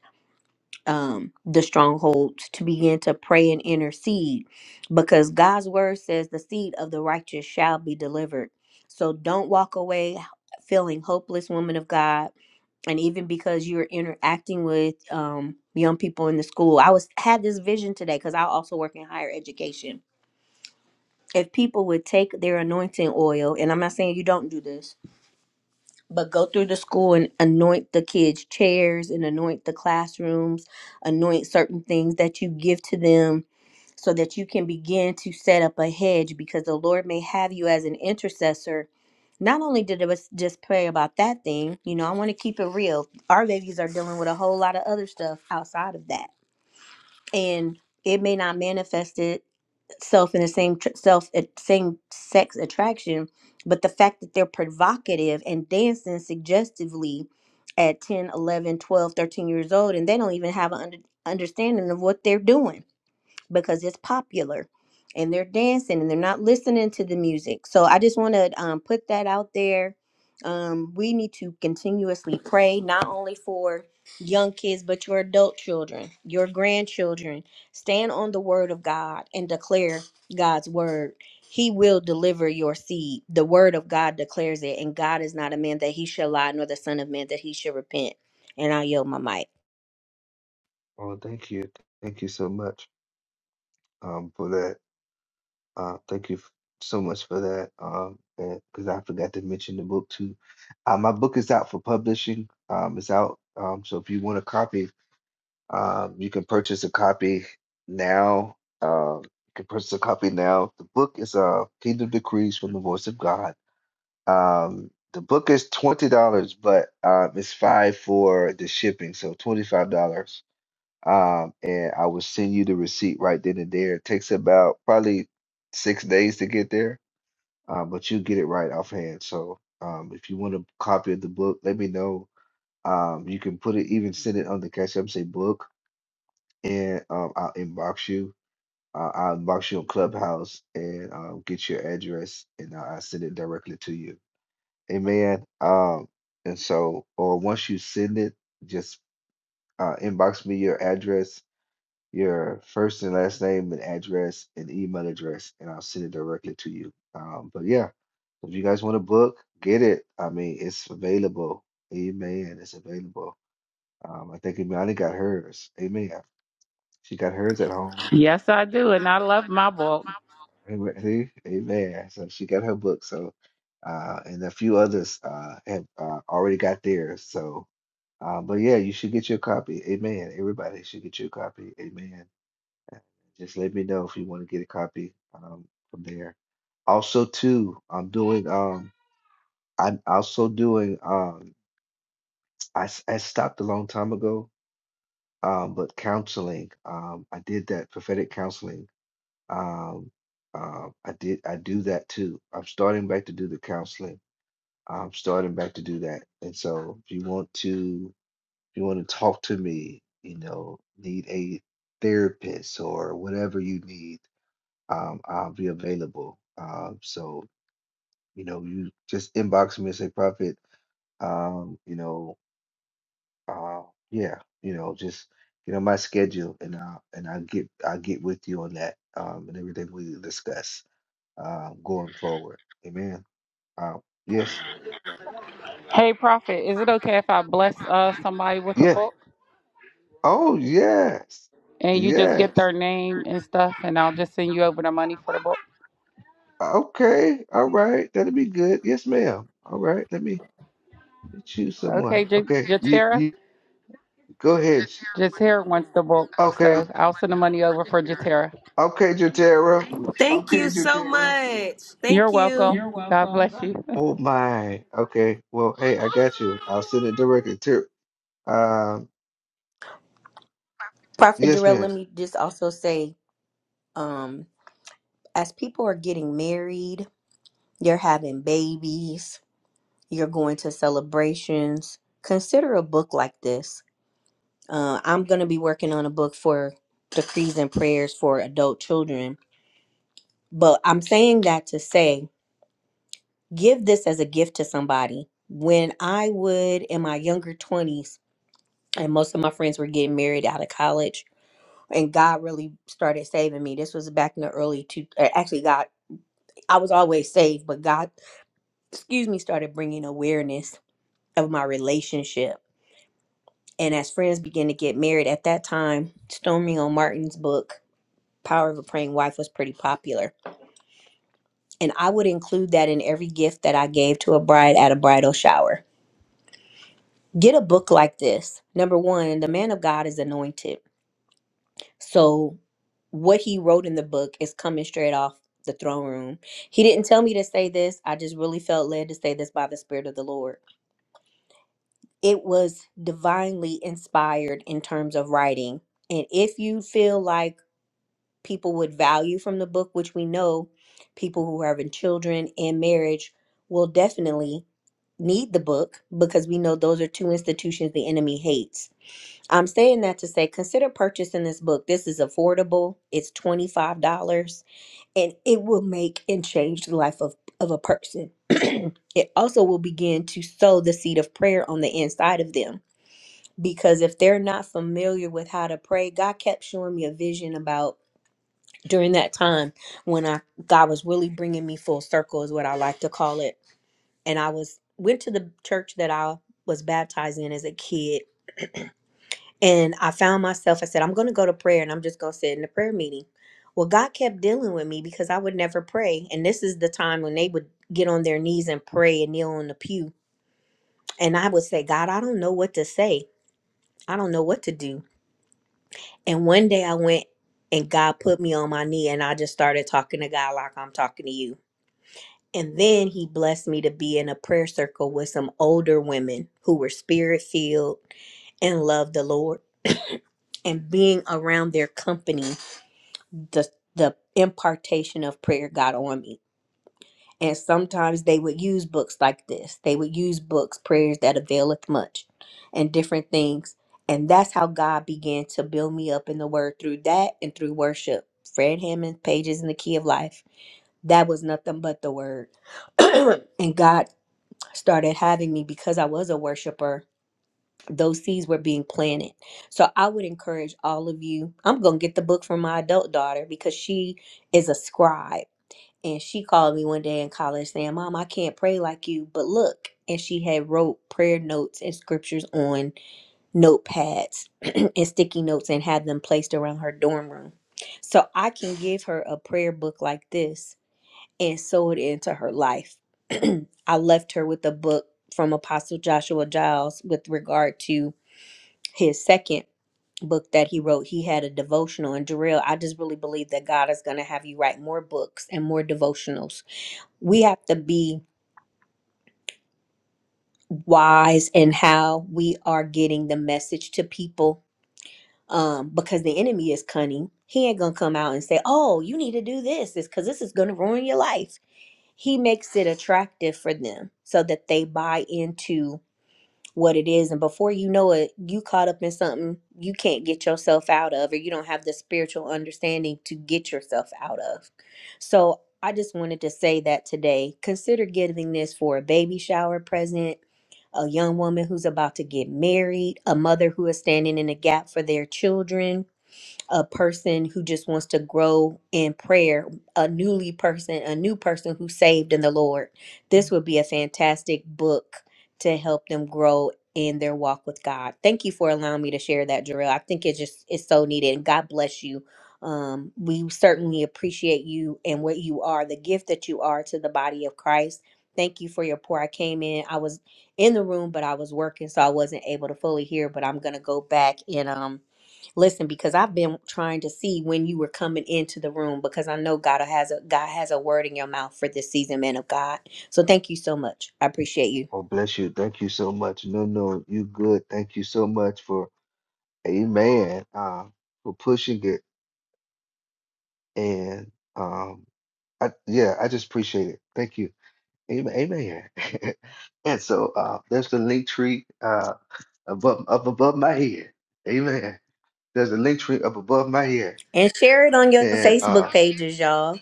um, the strongholds, to begin to pray and intercede because God's word says the seed of the righteous shall be delivered. So don't walk away feeling hopeless, woman of God. And even because you're interacting with um, young people in the school, I was had this vision today because I also work in higher education if people would take their anointing oil, and I'm not saying you don't do this, but go through the school and anoint the kids' chairs and anoint the classrooms, anoint certain things that you give to them so that you can begin to set up a hedge because the Lord may have you as an intercessor. Not only did us just pray about that thing, you know, I want to keep it real. Our babies are dealing with a whole lot of other stuff outside of that. And it may not manifest it self in the same tr- self at same sex attraction but the fact that they're provocative and dancing suggestively at 10, 11, 12, 13 years old and they don't even have an under, understanding of what they're doing because it's popular and they're dancing and they're not listening to the music. So I just want to um, put that out there. Um, we need to continuously pray, not only for young kids, but your adult children, your grandchildren. Stand on the word of God and declare God's word. He will deliver your seed. The word of God declares it, and God is not a man that he shall lie, nor the son of man that he should repent. And I yield my mic. Well, thank you. Thank you so much um, for that. Uh, thank you f- so much for that. Um, and because I forgot to mention the book too. Uh, my book is out for publishing. Um, it's out. Um, so if you want a copy, um, you can purchase a copy now. Um, you can purchase a copy now. The book is uh, Kingdom Decrees from the Voice of God. Um, the book is twenty dollars, but um, it's five for the shipping, so twenty five dollars um, and I will send you the receipt right then and there. It takes about probably six days to get there, um, but you get it right offhand. So um, if you want a copy of the book, let me know. Um, you can put it, even send it on the Cash App, say book, and um, I'll inbox you. Uh, I'll inbox you on Clubhouse and um, get your address, and I'll I'll send it directly to you. Amen. Um, and so, or once you send it, just uh, inbox me your address your first and last name and address and email address, and I'll send it directly to you. Um, but yeah, if you guys want to book, get it. I mean, it's available. Amen. It's available. Um, I think Imani got hers. Amen. She got hers at home. Yes, I do, and I love my book. Amen. See? Amen. So she got her book. So, uh, and a few others uh, have uh, already got theirs. So, uh, but yeah, you should get your copy. Amen. Everybody should get your copy. Amen. Just let me know if you want to get a copy um, from there. Also, too, I'm doing. Um, I'm also doing. Um, I s- I stopped a long time ago. Um, but counseling. Um, I did that prophetic counseling. Um, uh, I did. I do that too. I'm starting back to do the counseling. I'm starting back to do that. And so, if you want to, if you want to talk to me, you know, need a therapist or whatever you need um, I'll be available. Um, so, you know, you just inbox me and say, Prophet, um, you know, uh, yeah, you know, just you know my schedule, and I and I get I get with you on that um, and everything we discuss uh, going forward. Amen. Uh, yes. Hey Prophet, is it okay if I bless uh somebody with a Yeah. book? Oh, yes. And you just Yes. get their name and stuff and I'll just send you over the money for the book. Okay. All right. That'll be good. Yes, ma'am. All right. Let me Let you someone. Okay, J- Okay, you Jatera. you go ahead. Jatera wants the book, Okay, so I'll send the money over for Jatera. okay, Jatera. Thank you so much. You're Thank you. welcome. You're God welcome. bless you. Oh my. Okay. Well, hey, I got you. I'll send it directly to. Um. Prophet Yes, Jarrell, let ma'am. me just also say, um, as people are getting married, you're having babies, you're going to celebrations, consider a book like this. Uh, I'm going to be working on a book for decrees and prayers for adult children, but I'm saying that to say give this as a gift to somebody. When I would in my younger 20s, and most of my friends were getting married out of college, and God really started saving me. This was back in the early two. uh, Actually, God, I was always saved, but God excuse me, started bringing awareness of my relationship. And as friends began to get married at that time, Stormy O. Martin's book, Power of a Praying Wife, was pretty popular. And I would include that in every gift that I gave to a bride at a bridal shower. Get a book like this. Number one, the man of God is anointed. So what he wrote in the book is coming straight off the throne room. He didn't tell me to say this. I just really felt led to say this by the Spirit of the Lord it was divinely inspired in terms of writing. And if you feel like people would value from the book, which we know people who are having children and marriage will definitely need the book because we know those are two institutions the enemy hates. I'm saying that to say consider purchasing this book. This is affordable. It's $25 and it will make and change the life of, of a person. it also will begin to sow the seed of prayer on the inside of them because if they're not familiar with how to pray, God kept showing me a vision about during that time when I God was really bringing me full circle is what I like to call it. And I was went to the church that I was baptized in as a kid and I found myself I said I'm going to go to prayer and I'm just going to sit in the prayer meeting. Well, God kept dealing with me because I would never pray. And this is the time when they would get on their knees and pray and kneel on the pew. And I would say, God, I don't know what to say. I don't know what to do. And one day I went and God put me on my knee and I just started talking to God like I'm talking to you. And then he blessed me to be in a prayer circle with some older women who were spirit filled and loved the Lord. And being around their company, the the impartation of prayer got on me. And sometimes they would use books like this. They would use books, prayers that availeth much, and different things. And that's how God began to build me up in the word through that and through worship. Fred Hammond, Pages in the Key of Life. That was nothing but the word. and God started having me because I was a worshiper. Those seeds were being planted. So I would encourage all of you. I'm going to get the book from my adult daughter because she is a scribe and she called me one day in college saying, "Mom, I can't pray like you, but look." And she had wrote prayer notes and scriptures on notepads and sticky notes and had them placed around her dorm room. So I can give her a prayer book like this and sew it into her life. I left her with a book from Apostle Joshua Giles with regard to his second book that he wrote. He had a devotional. And Jarrell, I just really believe that God is going to have you write more books and more devotionals we have to be wise in how we are getting the message to people um because the enemy is cunning he ain't gonna come out and say oh you need to do this this because this is gonna ruin your life he makes it attractive for them so that they buy into what it is and before you know it you caught up in something you can't get yourself out of or you don't have the spiritual understanding to get yourself out of so i just wanted to say that today consider giving this for a baby shower present a young woman who's about to get married a mother who is standing in a gap for their children a person who just wants to grow in prayer, a newly person, a new person who's saved in the Lord. This would be a fantastic book to help them grow in their walk with God. Thank you for allowing me to share that, Jarrell. I think it just is so needed. And God bless you. Um, we certainly appreciate you and what you are, the gift that you are to the body of Christ. Thank you for your pour. I came in, I was in the room, but I was working, so I wasn't able to fully hear. But I'm gonna go back and um listen because i've been trying to see when you were coming into the room because i know god has a god has a word in your mouth for this season man of god so thank you so much i appreciate you Oh, bless you. Thank you so much. No, no, you good. Thank you so much for, Amen. Uh, for pushing it and um I, yeah, I just appreciate it. Thank you. Amen. Amen. And so uh, there's the link tree. Uh. above up above my head. Amen. There's a link tree up above my head. and share it on your And facebook uh pages y'all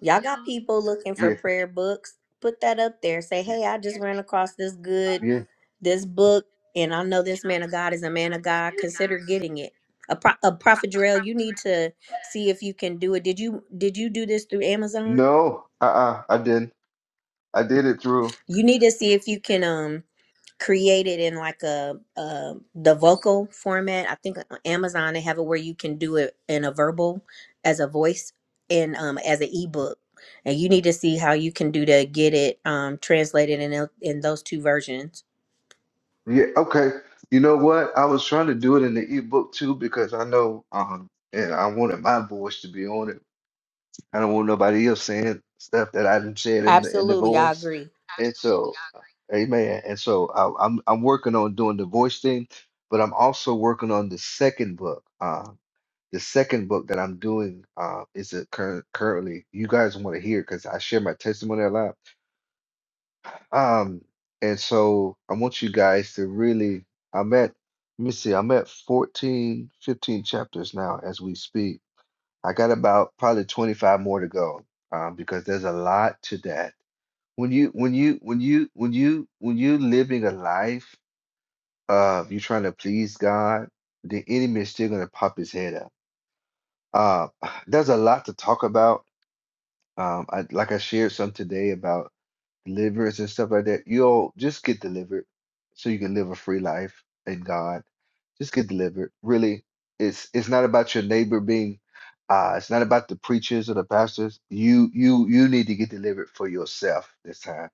y'all got people looking for yeah, prayer books put that up there say hey i just ran across this good yeah. this book and i know this man of god is a man of god consider getting it a, pro- a prophet Jarrell, you need to see if you can do it did you did you do this through amazon No, uh-uh, I didn't. I did it through. you need to see if you can um. created in like a, uh the vocal format. I think on Amazon they have it where you can do it in a verbal as a voice and um as an ebook. And you need to see how you can do to get it um translated in el- in those two versions. Yeah, okay. You know what? I was trying to do it in the ebook too because I know um and I wanted my voice to be on it. I don't want nobody else saying stuff that I didn't say it in the in the Absolutely, I voice. agree. And so, amen. And so I, I'm I'm working on doing the voice thing, but I'm also working on the second book. Uh, the second book that I'm doing uh, is a current currently. You guys want to hear because I share my testimony a lot. Um, and so I want you guys to really. I'm at. Let me see. I'm at 14, 15 chapters now as we speak I got about probably 25 more to go um, because there's a lot to that. When you when you when you when you when you living a life of you trying to please God, the enemy is still gonna pop his head up. Uh, there's a lot to talk about. Um, I, like I shared some today about deliverance and stuff like that. You'll just get delivered so you can live a free life in God. Just get delivered. Really, it's it's not about your neighbor being uh it's not about the preachers or the pastors. You you you need to get delivered for yourself this time.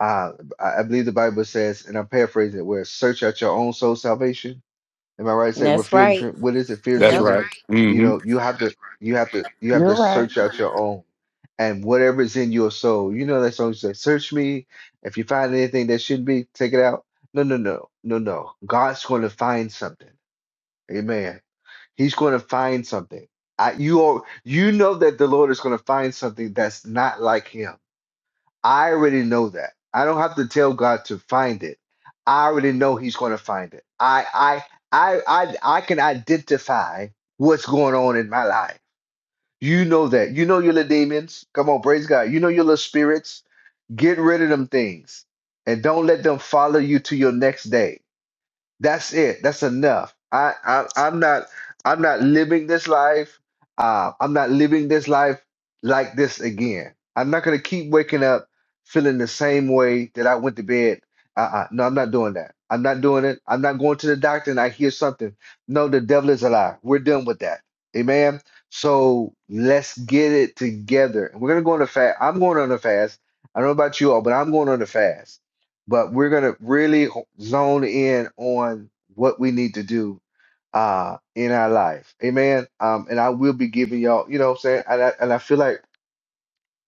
Uh I, I believe the Bible says, and I'm paraphrasing it, where search out your own soul salvation Am I right to say we're That's feeling right. trim what is it, fear and That's That's Yep. trembling? right. right. You hmm know, you have to you have to you have You're to right. search out your own. And whatever is in your soul, you know that song says, Search me. If you find anything that shouldn't be, take it out. No, no, no, no, no. God's gonna find something. Amen. He's gonna find something. I, you are you know that the Lord is gonna find something that's not like him. I already know that. I don't have to tell God to find it. I already know He's going to find it. I I I I I can identify what's going on in my life. You know that. You know your little demons. Come on, praise God. You know your little spirits. Get rid of them things and don't let them follow you to your next day that's it. That's enough. I, I I'm not I'm not living this life. Uh, I'm not living this life like this again. I'm not gonna keep waking up feeling the same way that I went to bed. Uh-uh. No, I'm not doing that. I'm not doing it. I'm not going to the doctor and I hear something. No, the devil is a lie. We're done with that. Amen. So let's get it together. We're gonna go on a fast. I'm going on a fast. I don't know about you all, but I'm going on a fast but we're going to really zone in on what we need to do uh in our life amen um and i will be giving y'all you know what i'm saying and I, and I feel like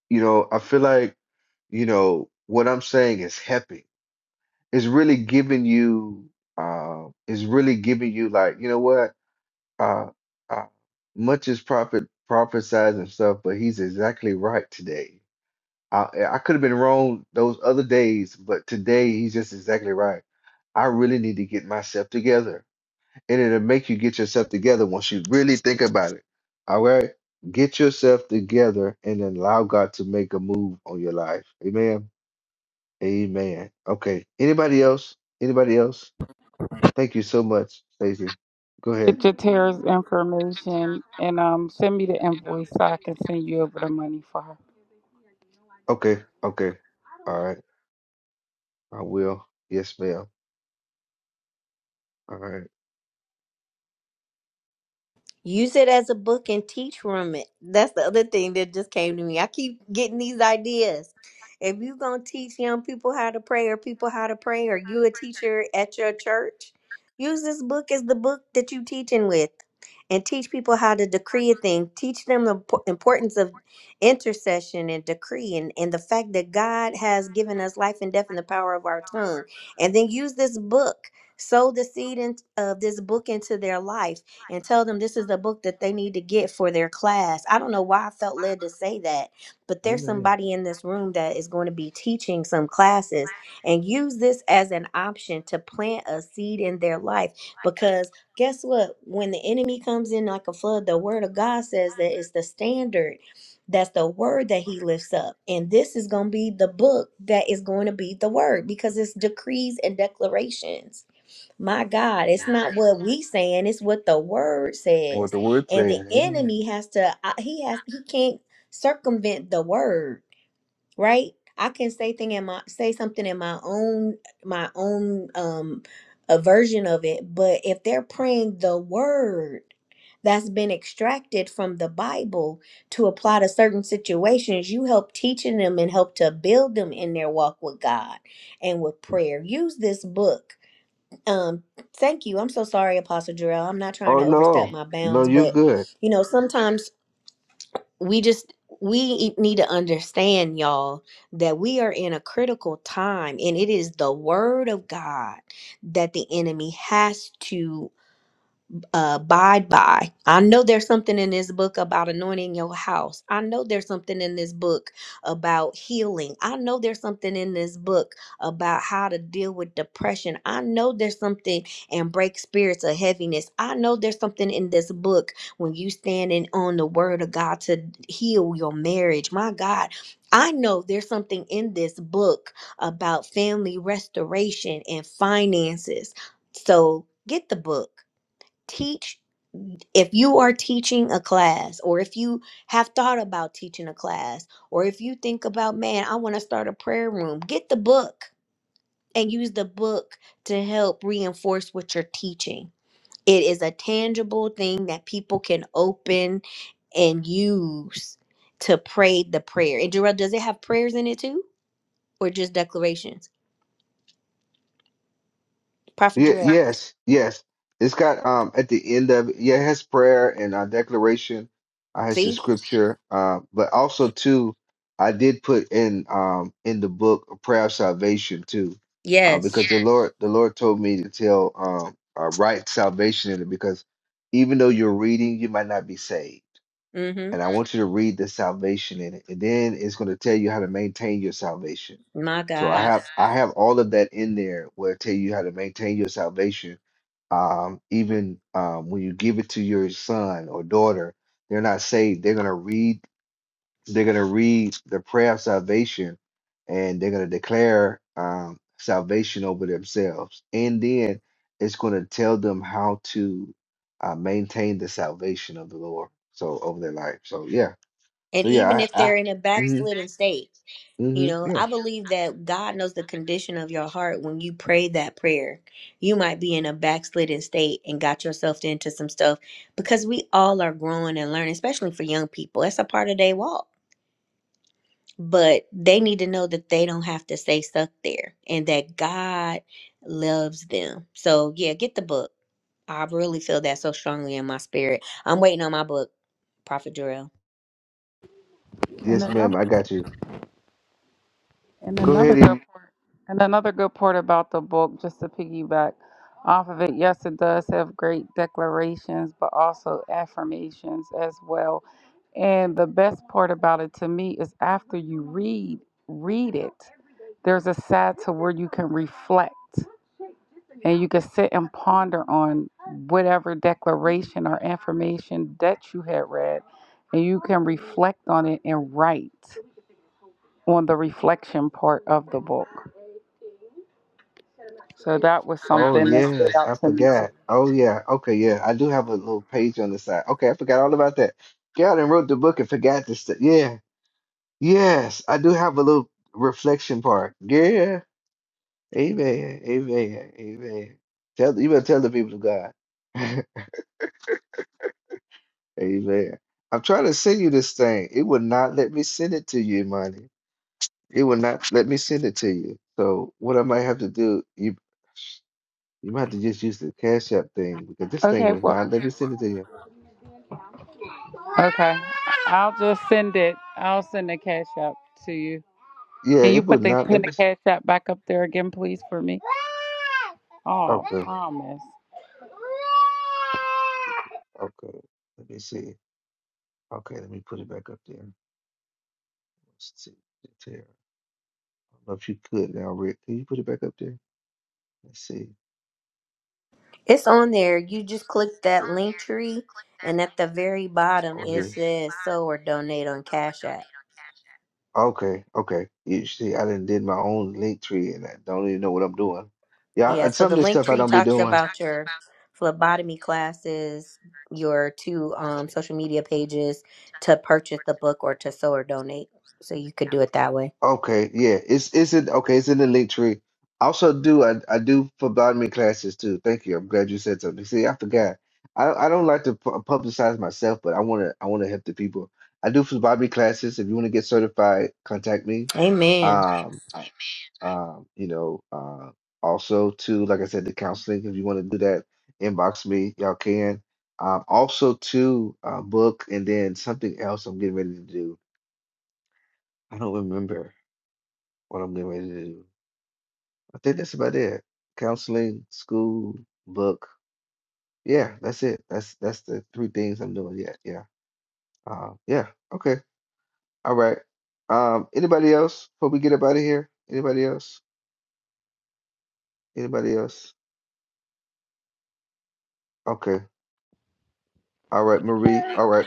you know i feel like you know what i'm saying is helping it's really giving you uh is really giving you like you know what uh, uh much is prophet prophesies and stuff but he's exactly right today I, I could have been wrong those other days, but today he's just exactly right. I really need to get myself together. And it'll make you get yourself together once you really think about it. All right? Get yourself together and then allow God to make a move on your life. Amen. Amen. Okay. Anybody else? Anybody else? Thank you so much, Stacey. Go Get ahead. Jatera's information and um send me the invoice so I can send you over the money for her. Okay. Okay. All right. I will. Yes, ma'am. All right. Use it as a book and teach from it. That's the other thing that just came to me. I keep getting these ideas. If you're going to teach young people how to pray or people how to pray, or you a teacher at your church, use this book as the book that you are teaching with and teach people how to decree a thing. Teach them the impo- importance of intercession and decree and, and the fact that God has given us life and death in the power of our tongue. And then use this book sow the seed in, of this book into their life and tell them this is the book that they need to get for their class. I don't know why I felt led to say that, but there's Amen. somebody in this room that is going to be teaching some classes and use this as an option to plant a seed in their life because guess what? When the enemy comes in like a flood, the word of God says that it's the standard. That's the word that he lifts up. And this is going to be the book that is going to be the word because it's decrees and declarations. My God, it's Amen. not what we saying, it's what the word says. With the word And the saying, Amen. enemy has to uh, he has he can't circumvent the word, right? I can say thing in my say something in my own my own um a version of it, but if they're praying the word that's been extracted from the Bible to apply to certain situations, you help teaching them and help to build them in their walk with God and with prayer. Use this book um, thank you. I'm so sorry, Apostle Jarrell. I'm not trying Oh to overstep no, my no, bounds, you're but good. you know, sometimes we just we need to understand, y'all, that we are in a critical time, and it is the word of God that the enemy has to abide by. I know there's something in this book about anointing your house. I know there's something in this book about healing. I know there's something in this book about how to deal with depression. I know there's something and break spirits of heaviness. I know there's something in this book when you standing on the word of God to heal your marriage. My God, I know there's something in this book about family restoration and finances. So get the book teach if you are teaching a class or if you have thought about teaching a class or if you think about man i want to start a prayer room get the book and use the book to help reinforce what you're teaching it is a tangible thing that people can open and use to pray the prayer and Jarrell, does it have prayers in it too or just declarations prophet Ye- Jarrell, yes, yes. It's got um at the end of it, yeah, it has prayer and uh, declaration. I has the see scripture, um, but also too, I did put in um in the book a prayer of salvation too, uh, yes because the Lord the Lord told me to tell um uh, write salvation in it because even though you're reading, you might not be saved. mm-hmm and I want you to read the salvation in it, and then it's going to tell you how to maintain your salvation. my So I god have I have all of that in there where it tell you how to maintain your salvation. Um, even um, when you give it to your son or daughter, they're not saved. They're going to read. They're going to read the prayer of salvation, and they're going to declare um, salvation over themselves. And then it's going to tell them how to uh, maintain the salvation of the Lord. So over their life. So yeah and so even yeah, if I, I they're in a mhm, backslidden state mm You mhm, know, yeah. I believe that God knows the condition of your heart when you pray that prayer. You might be in a backslidden state and got yourself into some stuff because we all are growing and learning, especially for young people. That's a part of their walk. But they need to know that they don't have to stay stuck there and that God loves them. So, yeah, get the book. I really feel that so strongly in my spirit. I'm waiting on my book, Prophet Jarrell. And Yes, ma'am, another I got you. and Go another ahead good and part and another good part about the book, just to piggyback off of it, yes it does have great declarations but also affirmations as well. And the best part about it to me is after you read read it, there's a side to where you can reflect and you can sit and ponder on whatever declaration or affirmation that you had read and you can reflect on it and write on the reflection part of the book so that was Oh something that stood yes, out I to me too forgot. Oh yeah, okay, yeah. I do have a little page on the side. Okay, I forgot all about that. Galen wrote the book and forgot this stuff. Yeah. Yes, I do have a little reflection part. Yeah. Amen. Amen. Amen. Tell you better tell the people of God. Amen. I'm trying to send you this thing. It would not let me send it to you, money. It will not let me send it to you. So what I might have to do, you you might have to just use the Cash App thing because this thing okay was well not let me send it to you. okay i'll just send it i'll send the cash app to you Yeah, can you it would put the not pin let the me. s- cash app back up there again please for me oh Okay, promise okay. Let me see. Okay, let me put it back up there. Let's see. Tara, I don't know if you could now, Rick. Can you put it back up there? Let's see. It's on there. You just click that link tree, and at the very bottom Oh, it yes. says "sow or donate on Cash App." Okay, okay. You see, I didn't did my own link tree, and I don't even know what I'm doing. Yeah, Yeah, and so some of the this link stuff I tree don't be talks doing. about your phlebotomy classes, your two um, Okay. social media pages to purchase the book or to sow or donate. So you could do it that way. Okay, yeah, it's it's in okay, it's in the link tree. Also, do I I do for botany classes too? Thank you. I'm glad you said something. See, I forgot. I I don't like to pu- publicize myself, but I wanna I wanna help the people. I do for botany classes. If you wanna get certified, contact me. Amen. Um. Um, you know, uh, also too, like I said, the counseling. If you want to do that, inbox me. Y'all can. Um, also too, uh, book and then something else I'm getting ready to do. I don't remember what I'm getting ready to do. I think that's about it. Counseling, school, book. Yeah, that's it. That's that's the three things I'm doing. Yeah, yeah. Uh, yeah. Okay. All right. Um, anybody else before we get up out of here? Anybody else? Anybody else? Okay. All right, Marie. All right.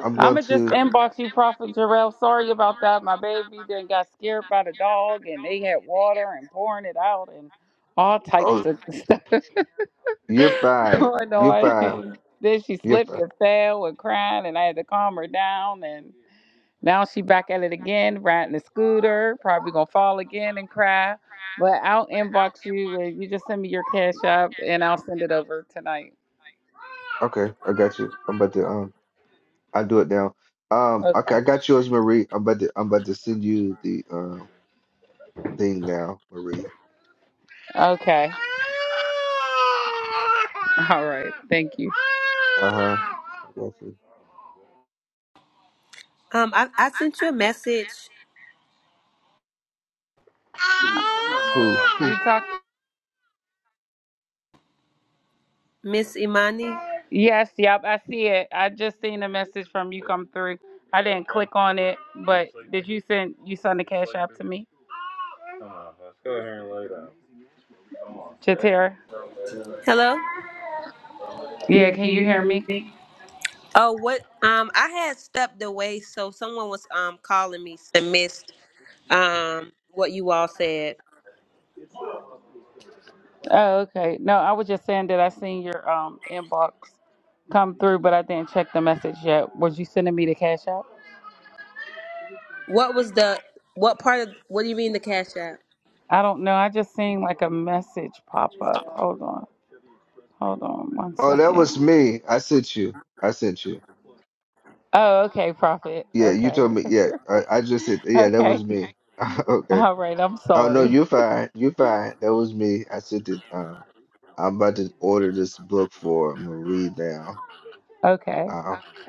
I'm going I'ma just to. inbox you, Prophet Jarrell. Sorry about that. My baby then got scared by the dog and they had water and pouring it out and all types Oh, of stuff you're fine. going You're fine. on. then she You're slipped fine. and fell and crying and I had to calm her down and now she back at it again, riding the scooter, probably gonna fall again and cry. But I'll inbox you and you just send me your cash app and I'll send it over tonight. Okay, I got you. I'm about to um i do it now. Um Okay. okay, I got yours, Marie. I'm about to I'm about to send you the um thing now, Marie. Okay. All right. Thank you. Uh-huh. I got you. Um, I, I sent you a message, Who who You talk. Miss Imani. Yes. Yep. I see it. I just seen a message from you come through. I didn't click on it, but did you send you send the cash app to me, Jatera? Hello. Yeah. Yeah, Can can you you hear hear me? me? Oh, what? Um, I had stepped away, so someone was um calling me and missed um what you all said. Oh, okay. No, I was just saying that I seen your um inbox come through, but I didn't check the message yet. Was you sending me the cash app? What was the what part of what do you mean the cash app? I don't know. I just seen like a message pop up. Hold on. Hold on one Oh that second. was me. I sent you. I sent you. Oh, okay, Prophet. Yeah, you Okay. told me yeah, I, I just said yeah, that was okay. me. Okay. All right. I'm Oh no, sorry. you fine. You fine. That was me. I sent it. Um. I'm about to order this book for Marie now. Okay. I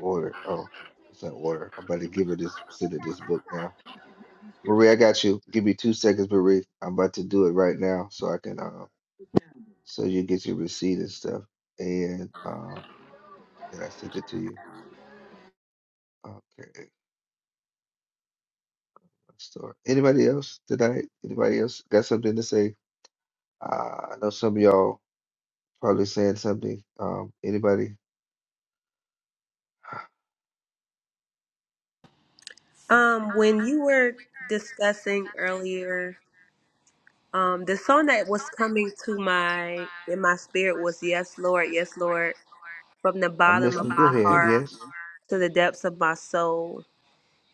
order. Oh, it's an order. I'm about to give her this, send her this book now. Marie, I got you. Give me two seconds, Marie. I'm about to do it right now so I can, uh, so you get your receipt and stuff. And um, then I sent it to you. Okay, let's start. Anybody else tonight? Anybody else got something to say? Uh, I know some of y'all probably saying something. Um, anybody? I'm Um, when you were discussing earlier Um, the song that was coming to my in my spirit was "Yes, Lord, Yes, Lord," from the bottom of listening. Go my ahead. heart Yes. to the depths of my soul.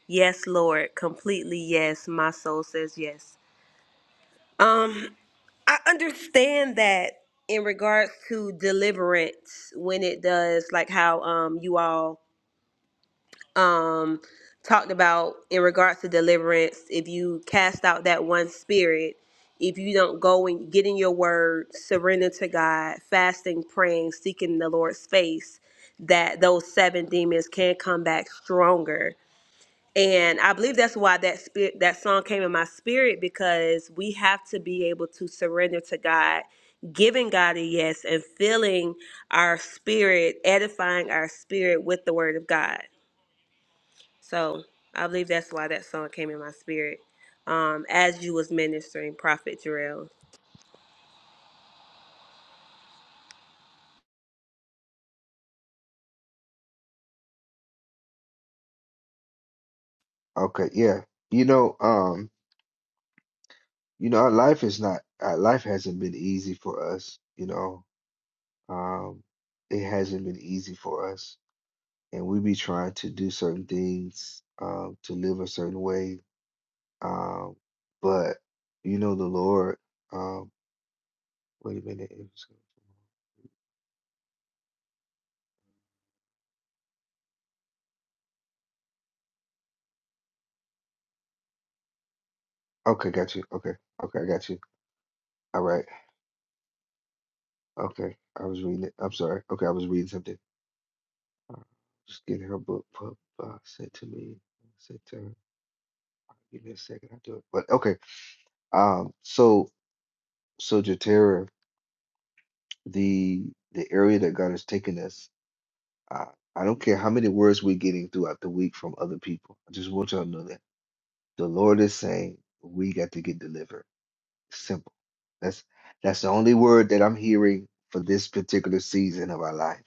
Yes, Lord, completely yes. My soul says yes. Um, I understand that in regards to deliverance, when it does, like how um you all um talked about in regards to deliverance if you cast out that one spirit if you don't go and get in your word surrender to god fasting praying seeking the lord's face that those seven demons can come back stronger and i believe that's why that spirit that song came in my spirit because we have to be able to surrender to god giving god a yes and filling our spirit edifying our spirit with the word of god so I believe that's why that song came in my spirit. Um, as you was ministering, Prophet Jarrell. Okay, yeah. You know, um, you know, our life is not, our life hasn't been easy for us, you know. Um, it hasn't been easy for us. And we be trying to do certain things, um, to live a certain way. Um, but you know the Lord, um, wait a minute. it was- Okay, got you. Okay, okay, I got you. All right. Okay, I was reading it. I'm sorry. Okay, I was reading something. Uh, Just getting her book pub- uh, sent to me. Sent to her. Give me a second, I'll do it. But okay. Um, so so Jatera, the the area that God has taken us, uh, I don't care how many words we're getting throughout the week from other people. I just want y'all to know that the Lord is saying we got to get delivered. Simple. That's that's the only word that I'm hearing for this particular season of our life.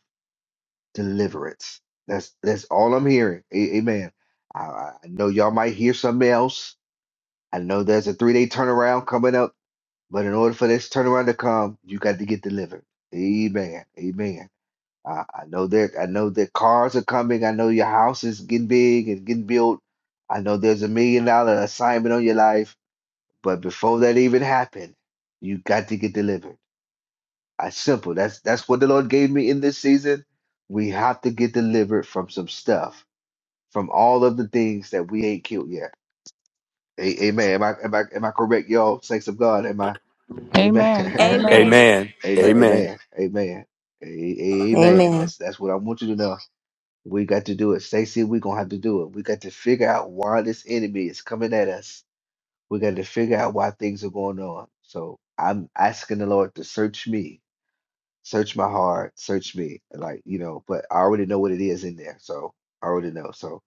Deliverance. That's that's all I'm hearing. A- amen. I, I I know y'all might hear something else. I know there's a three day turnaround coming up But in order for this turnaround to come, you got to get delivered. Amen. Amen. I, I know that I know that cars are coming. I know your house is getting big and getting built. I know there's a million dollar assignment on your life. But before that even happened, you got to get delivered. I simple. That's that's what the Lord gave me in this season. We have to get delivered from some stuff, from all of the things that we ain't killed yet. A- amen. Am I am I am I correct, y'all? Saints of God. Am I? Amen. Amen. Amen. Amen. Amen. Amen. A- Amen. Amen. A- a- Amen. Amen. That's that's what I want you to know. We got to do it. Stacy, we're gonna have to do it. We got to figure out why this enemy is coming at us. We got to figure out why things are going on. So I'm asking the Lord to search me, search my heart, search me. Like, you know, but I already know what it is in there. So I already know. So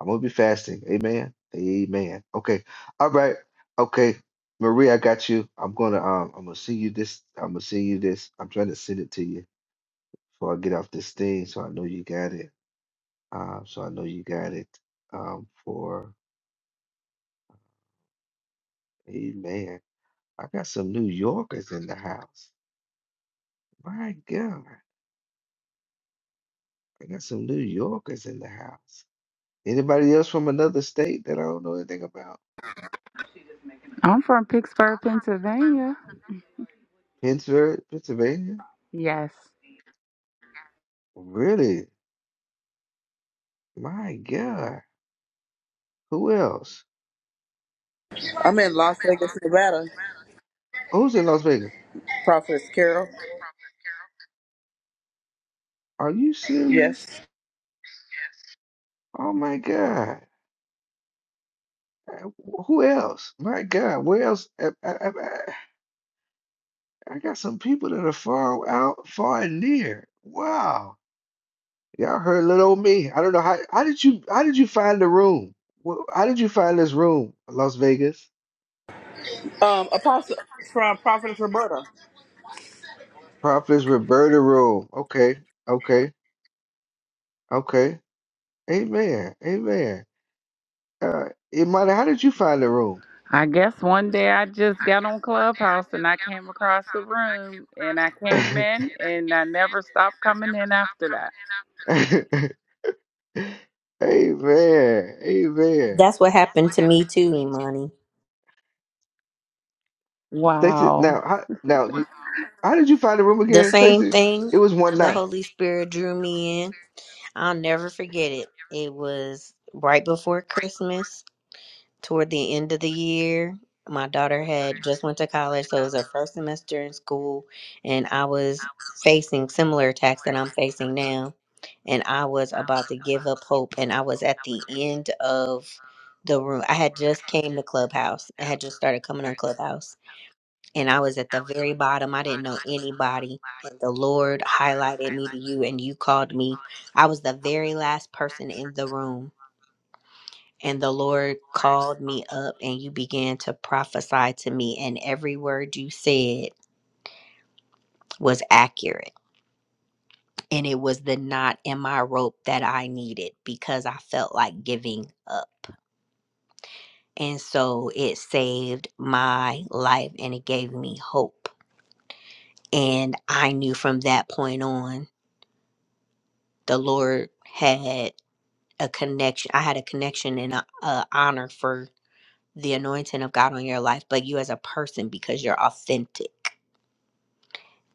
I'm gonna be fasting. Amen. Amen. Okay. All right. Okay. Marie, I got you. I'm gonna um I'm gonna send you this. I'm gonna send you this. I'm trying to send it to you. So I get off this thing, so I know you got it. Uh, so I know you got it um, for Amen. I got some New Yorkers in the house. My God, I got some New Yorkers in the house. Anybody else from another state that I don't know anything about? I'm from Pittsburgh, Pennsylvania. Pittsburgh, Pennsylvania? Yes. Really? My God. Who else? I'm in Las Vegas, Nevada, Who's in Las Vegas? Prophetess Carol. Are you serious? Yes. Oh my God. Uh, wh- Who else? My God. Where else? I, I got some people that are far out, far and near. Wow. Y'all heard little old me. I don't know how how did you how did you find the room? Wh- How did you find this room? Las Vegas. Um, Apostle from Prophetess Roberta. Prophetess Roberta room. Okay. Okay. Okay. Amen. Amen. Uh Imani, how did you find the room? I guess one day I just got on Clubhouse and I came across the room and I came in And and I never stopped coming in after that. came in and I never stopped coming in after that. Amen. Amen. That's what happened to me too, Imani. Stacey, Wow. now, how, now, you, how did you find the room The again, same Stacey? thing. It was one The night. Holy Spirit drew me in. I'll never forget it. It was right before Christmas toward the end of the year. My daughter had just went to college, so it was her first semester in school, and I was facing similar attacks that I'm facing now. And I was about to give up hope, and I was at the end of the room. I had just came to Clubhouse. I had just started coming on Clubhouse, and I was at the very bottom. I didn't know anybody. And the Lord highlighted me to you, and you called me. I was the very last person in the room and the Lord called me up, and you began to prophesy to me, and every word you said was accurate. And it was the knot in my rope that I needed because I felt like giving up. And so it saved my life and it gave me hope. And I knew from that point on, the Lord had a connection. I had a connection and a, a honor for the anointing of God on your life, but you as a person because you're authentic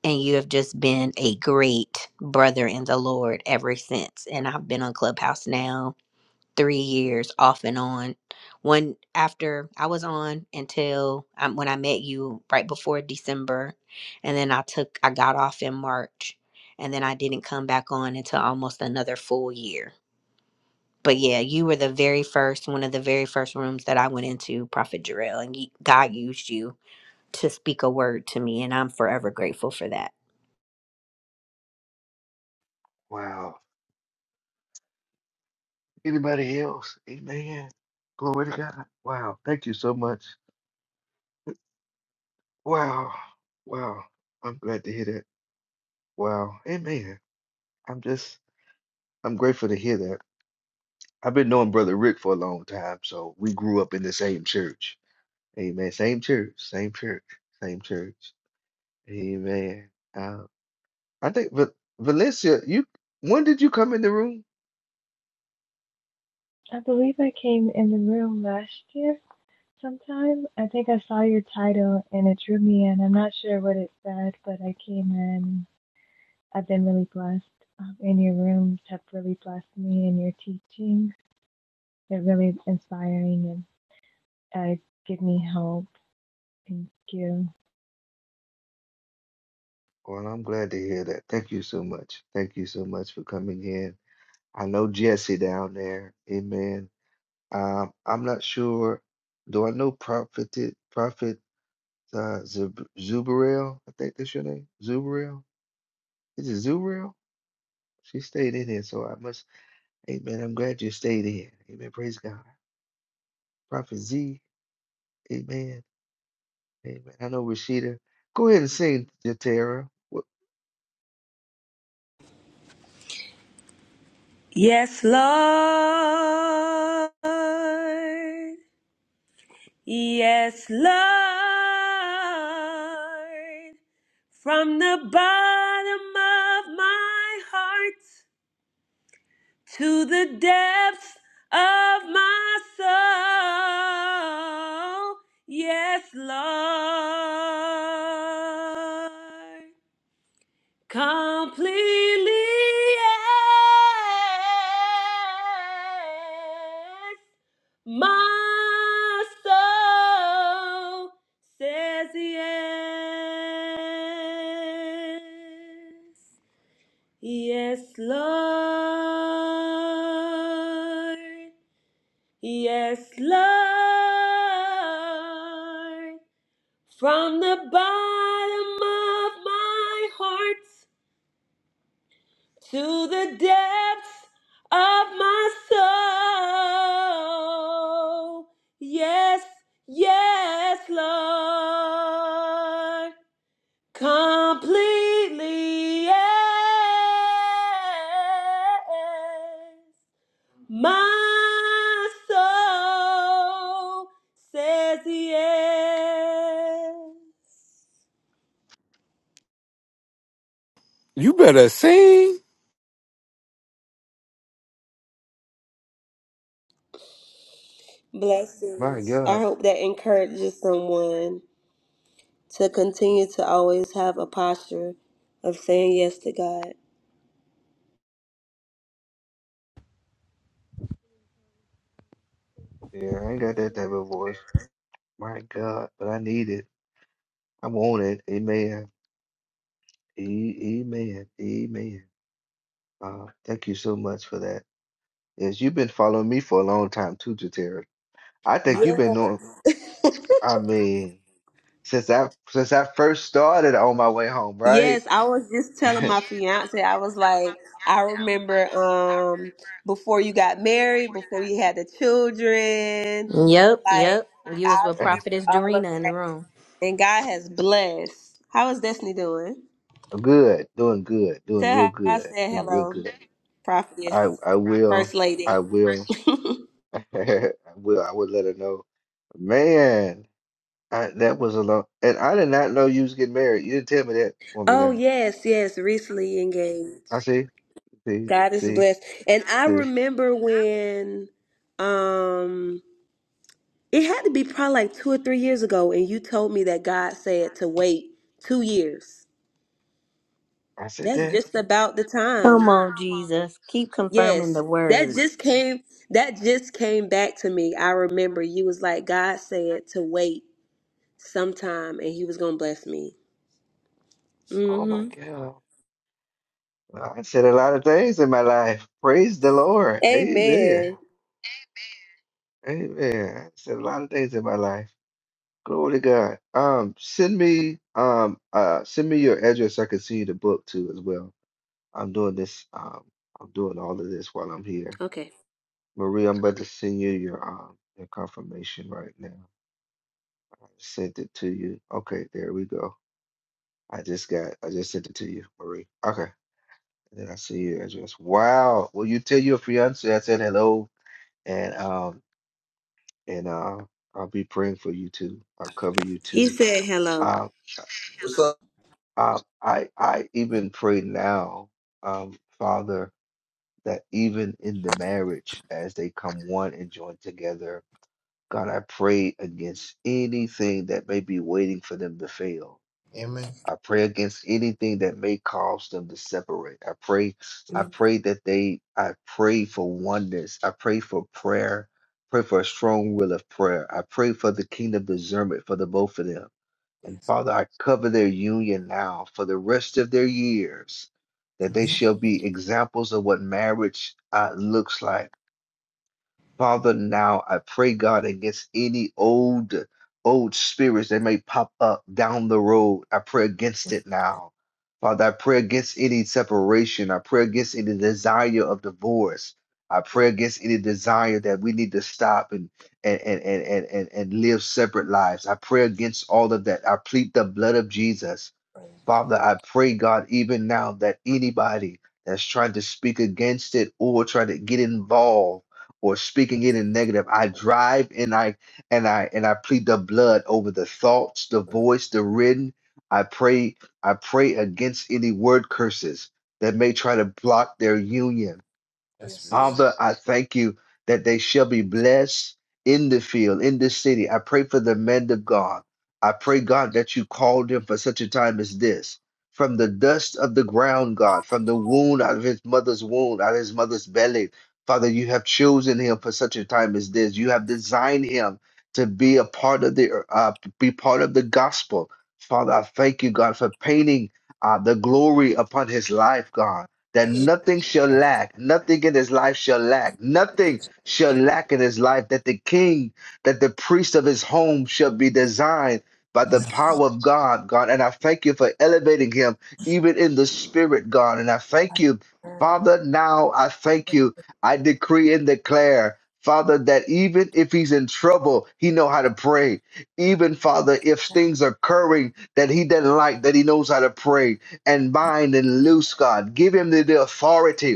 and you have just been a great brother in the Lord ever since. And I've been on Clubhouse now three years off and on. One after I was on until um, when I met you right before December, and then I took I got off in March, and then I didn't come back on until almost another full year. But yeah, you were the very first one of the very first rooms that I went into, Prophet Jarrell, and you, God used you to speak a word to me, and I'm forever grateful for that. Wow. Anybody else? Amen. Glory to God. Wow. Thank you so much. Wow. Wow. I'm glad to hear that. Wow. Amen. I'm just, I'm grateful to hear that. I've been knowing Brother Rick for a long time, so we grew up in the same church. Amen. Same church, same church, same church. Amen. Uh, I think Va- Valencia, you, when did you come in the room? I believe I came in the room last year sometime. I think I saw your title, and it drew me in. I'm not sure what it said, but I came in. I've been really blessed. Um, and your rooms have really blessed me, and your teachings. They're really inspiring and. uh, give me help. Thank you. Well, I'm glad to hear that. Thank you so much. Thank you so much for coming in. I know Jesse down there. Amen. Um, I'm not sure. Do I know Prophet Prophet uh, Zub- Zubarel? I think that's your name. Zubarel. Is it Zubarel? She stayed in here, so I must. Amen. I'm glad you stayed in. Amen. Praise God. Prophet Z. Amen. Amen. I know Rashida. Go ahead and sing, Jatera. Wh- Yes, Lord. Yes, Lord. From the bottom of my heart. to the depths of my soul. Yes, Lord, completely. Yes, my soul says yes. Yes, Lord. Yes, Lord. From the bottom of my heart to the depths of my soul. Yes, yes, Lord. completely yes. My soul says yes. You better sing. My Blessings. I God. hope that encourages someone to continue to always have a posture of saying yes to God. Yeah, I ain't got that type of voice. My God, but I need it. I want it. Amen. A- Amen. Amen. Uh, thank you so much for that. Yes, you've been following me for a long time too, Jatera. I Yes. think you've been knowing. I mean, since I since I first started on my way home, right? Yes, I was just telling my fiance, I was like, I remember um before you got married, before you had the children, Yep, like yep. You I was with Yes, remember Prophetess all of Dorina in the that. room. And God has blessed. How is Destiny doing? Good, doing good, doing Tell real her I good, said doing real hello, good. I prophetess, I will, first I lady. will, I will. I would let her know, man. I, that was a lot, and I did not know you was getting married. You didn't tell me that. Oh my Oh God! yes, yes, recently I engaged. see, see, God is see. blessed. And I see. remember when um It had to be probably like two or three years ago, and you told me that God said to wait two years. I said That's that. just about the Come time. on, Jesus. Keep confirming the Yes, that word. just came. That just came back to me. I remember you was like, God said to wait sometime, and He was gonna bless me. Oh my Mm-hmm. God! Well, I said a lot of things in my life. Praise the Lord. Amen. Amen. Amen. I said a lot of things in my life. Glory to God. Um, send me um uh send me your address so I can see the book too as well. I'm doing this um I'm doing all of this while I'm here. Okay. Marie, I'm about to send you your um your confirmation right now. I just sent it to you. Okay, there we go. I just got I just sent it to you, Marie. Okay. And then I see your address. Wow. Will you tell your fiance I said hello and um and uh I'll be praying for you too. I'll cover you too. Um What's up? um I I even pray now, um, Father, that even in the marriage as they come one and join together God, I pray against anything that may be waiting for them to fail. I pray against anything that may cause them to separate. I pray, I pray that they, I pray for oneness. I pray for prayer. Pray for a strong will of prayer. I pray for the kingdom discernment for the both of them. And Father, I cover their union now for the rest of their years, that they shall be examples of what marriage uh, looks like Father, now I pray, God, against any old, old spirits that may pop up down the road. I pray against it now. Father, I pray against any separation. I pray against any desire of divorce. I pray against any desire that we need to stop and and and and and, and, and live separate lives. I pray against all of that. I plead the blood of Jesus. Father, I pray, God, even now that anybody that's trying to speak against it or trying to get involved or speaking it in negative, I drive and I and I and I plead the blood over the thoughts, the voice, the written. I pray, I pray against any word curses that may try to block their union. Father, I thank you that they shall be blessed in the field, in the city. I pray for the men of God. I pray, God, that you called him for such a time as this. From the dust of the ground, God, from the wound out of his mother's wound, out of his mother's belly. Father, you have chosen him for such a time as this. You have designed him to be a part of the uh, be part of the gospel. Father, I thank you, God, for painting uh, the glory upon his life, God that nothing shall lack, nothing in his life shall lack, nothing shall lack in his life, that the king, that the priest of his home shall be designed by the power of God, God. And I thank you for elevating him, even in the spirit, God. And I thank you, Father, now I thank you. I decree and declare. Father, that even if he's in trouble, he know how to pray. Even Father, if things are occurring that he doesn't like, that he knows how to pray and bind and loose, God. Give him the, the authority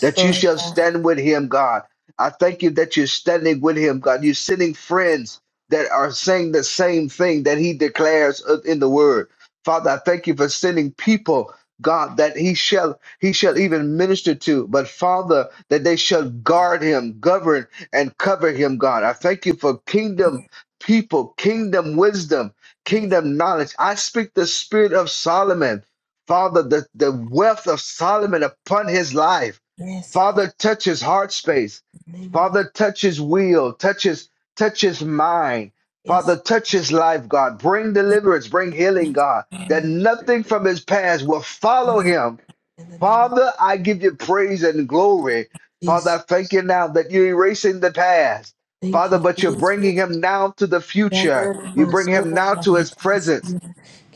that you shall stand with him, God. I thank you that you're standing with him, God. You're sending friends that are saying the same thing that he declares uh, in the word. Father, I thank you for sending people, God, that he shall he shall even minister to, but Father, that they shall guard him, govern and cover him, God. I thank you for kingdom people, kingdom wisdom, kingdom knowledge. I speak the spirit of Solomon, Father, the, the wealth of Solomon upon his life. Yes, God, Father, touch his heart space. in the name of Father, touch his will. Touch his, touch his mind. yes, Father, touch his life, God. Bring deliverance. Bring healing, God. God. Yes, That nothing from his past will follow him. In the name of Father, I give you praise and glory. Father, Jesus. I thank you now that you're erasing the past. Thank Father, you, but you're Jesus. bringing him now to the Yes, future. You bring Jesus. him now to Thank his presence.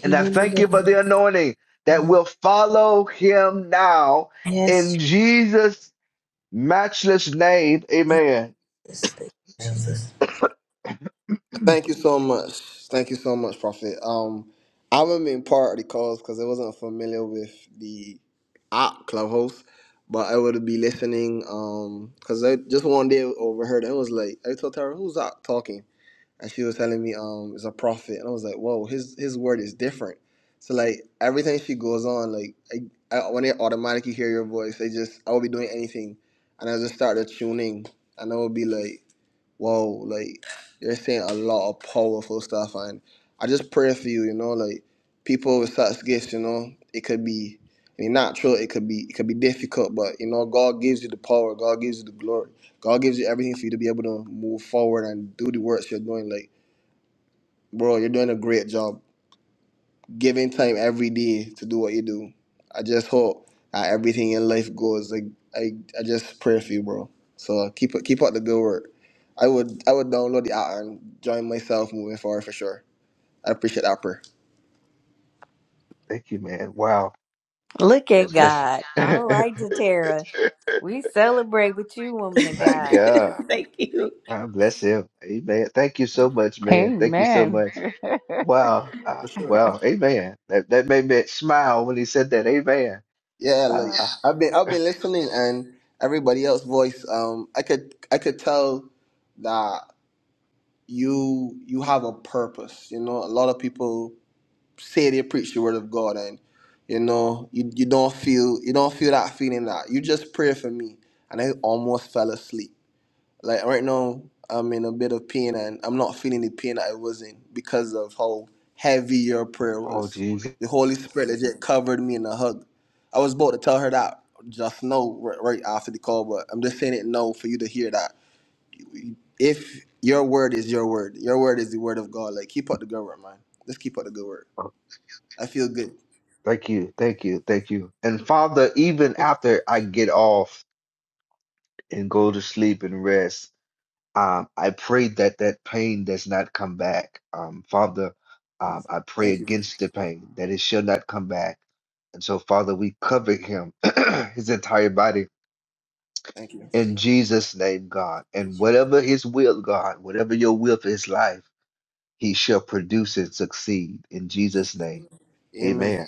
And I you, thank you for the anointing that will follow him now in Jesus' Matchless name. Amen. Jesus. Thank you so much. Thank you so much, Prophet. Um, I remember in part of the calls because I wasn't familiar with the app Clubhouse, but I would be listening. Um, because I just one day overheard and was like, I told Tara, who's that talking? and she was telling me um is a prophet and i was like whoa his his word is different so like everything she goes on like I, I, when they automatically hear your voice they just i will be doing anything and i just started tuning and i would be like whoa like you're saying a lot of powerful stuff and i just pray for you you know like people with such gifts you know it could be I mean, natural it could be it could be difficult but you know god gives you the power god gives you the glory god gives you everything for you to be able to move forward and do the works you're doing like Bro, you're doing a great job. Giving time every day to do what you do. I just hope that everything in life goes. Like I, I just pray for you, bro. So keep it, keep up the good work. I would, I would download the app and join myself moving forward for sure. I appreciate that prayer. Thank you, man. Wow. Look at God bless God. you. All right, Zatara. We celebrate with you, woman of My God. God. Thank you. God bless him. Amen. Thank you so much, man. Thank you so Amen. much. Wow. Uh, For sure. wow. Amen. That that made me smile when he said that. Amen. Yeah, Uh, like I've been, I've been listening and everybody else's voice. Um, I could, I could tell that you, you have a purpose. You know, a lot of people say they preach the word of God and you know you, you don't feel you don't feel that feeling that you just pray for me and I almost fell asleep. Like right now I'm in a bit of pain and I'm not feeling the pain I was in because of how heavy your prayer oh, was. Jesus. The Holy Spirit legit covered me in a hug. I was about to tell her that just now right, right after the call, but I'm just saying it now for you to hear that. If your word is your word, your word is the word of God. Like keep up the good work, man. Just keep up the good work. Oh, I feel good. Thank you. Thank you. Thank you. And Father, even after I get off and go to sleep and rest, Um, I pray that that pain does not come back. Um, Father, um, Jesus. I pray Thank you. against the pain, that it shall not come back. And so, Father, we cover him, his entire body, Thank you. Yes. in Jesus' name, God. And whatever his will, God, whatever your will for his life, he shall produce and succeed in Jesus' name. Amen. Amen.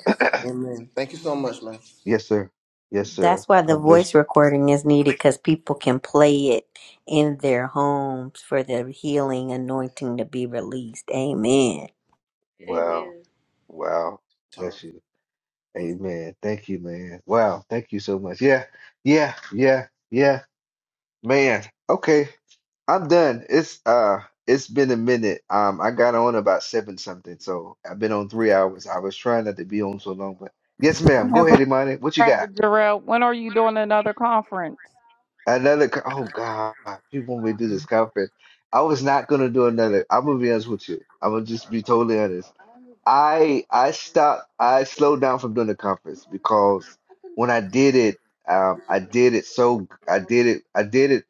Amen. Thank you so much, man. yes, sir. Yes, sir. That's why the God bless voice recording is needed because people can play it in their homes for the healing anointing to be released. Amen. you. Wow. Wow. Tara. Bless you. Amen. Thank you, man. Wow. Thank you so much. Yeah. Yeah. Yeah. Yeah. Man. Okay. I'm done. It's uh it's been a minute. Um I got on about seven something, so I've been on three hours. I was trying not to be on so long, but yes, ma'am. I Go ahead, Imani. What you got? Prophet Jarrell, when are you doing another conference? Another co- oh God, people want me to do this conference. I was not gonna do another. I'm gonna be honest with you. I'm gonna just be totally honest. I I stopped. I slowed down from doing the conference because when I did it, um, I did it so I did it I did it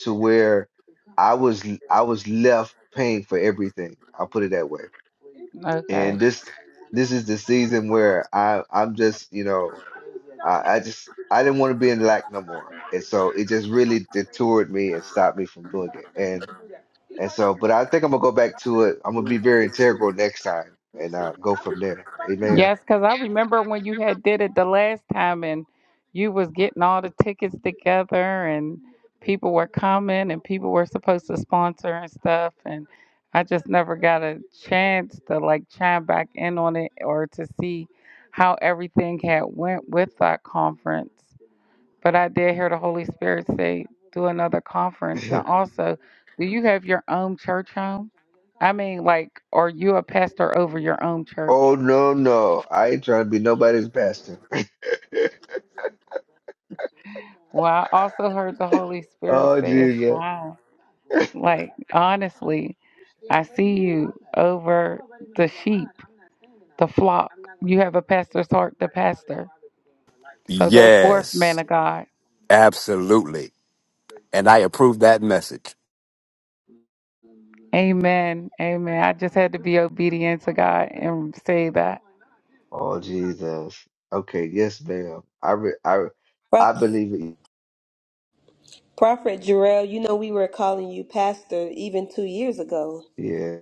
to where I was I was left paying for everything. I'll put it that way. Okay. And this this is the season where I I'm just you know I, I just I didn't want to be in lack no more, and so it just really detoured me and stopped me from doing it. And and so, but I think I'm gonna go back to it. I'm gonna be very integral next time and uh, go from there. Amen. Yes, because I remember when you had did it the last time and you was getting all the tickets together and people were coming and people were supposed to sponsor and stuff and I just never got a chance to like chime back in on it or to see how everything had went with that conference. But I did hear the Holy Spirit say, do another conference. And also, do you have your own church home? I mean, like, are you a pastor over your own Oh church? no, no. I ain't trying to be nobody's pastor. Well, I also heard the Holy Spirit Oh say it's Jesus. time. Like, honestly, I see you over the sheep, the flock. You have a pastor's heart to pastor. So go forth, man Yes, of God. absolutely. And I approve that message. Amen. Amen. I just had to be obedient to God and say that. Oh Jesus. Okay, yes, ma'am. I re I Pro- I believe it. Prophet Jarrell, you know we were calling you pastor even two years ago. Yeah.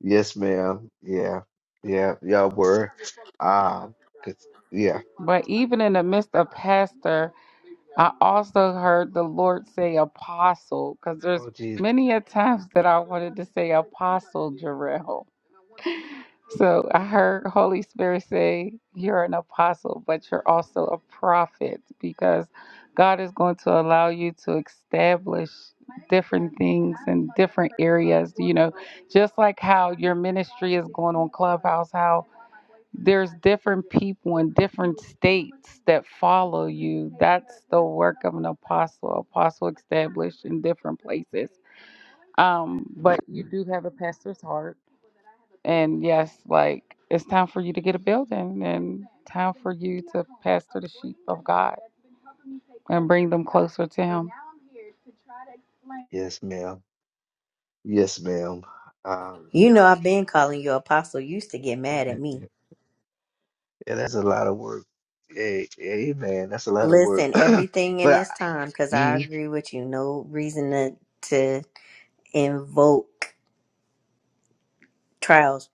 Yes, ma'am. Yeah. Yeah. Y'all were. Um, 'cause- yeah. But even in the midst of pastor, I also heard the Lord say apostle because there's Oh Jesus. many a times that I wanted to say apostle Jarrell. So I heard Holy Spirit say you're an apostle, but you're also a prophet because God is going to allow you to establish different things in different areas. You know, just like how your ministry is going on Clubhouse, how there's different people in different states that follow you. That's the work of an apostle. Apostle established in different places. Um, but you do have a pastor's heart. And yes, like it's time for you to get a building and time for you to pastor the sheep of God and bring them closer to Him. Yes, ma'am. Yes, ma'am. Um You know, I've been calling you apostle. You used to get mad at yeah, me. that's a lot of work. Hey, hey man, that's a lot of work. Listen, everything in But I, this time because I mm-hmm. agree with you. No reason to. invoke trials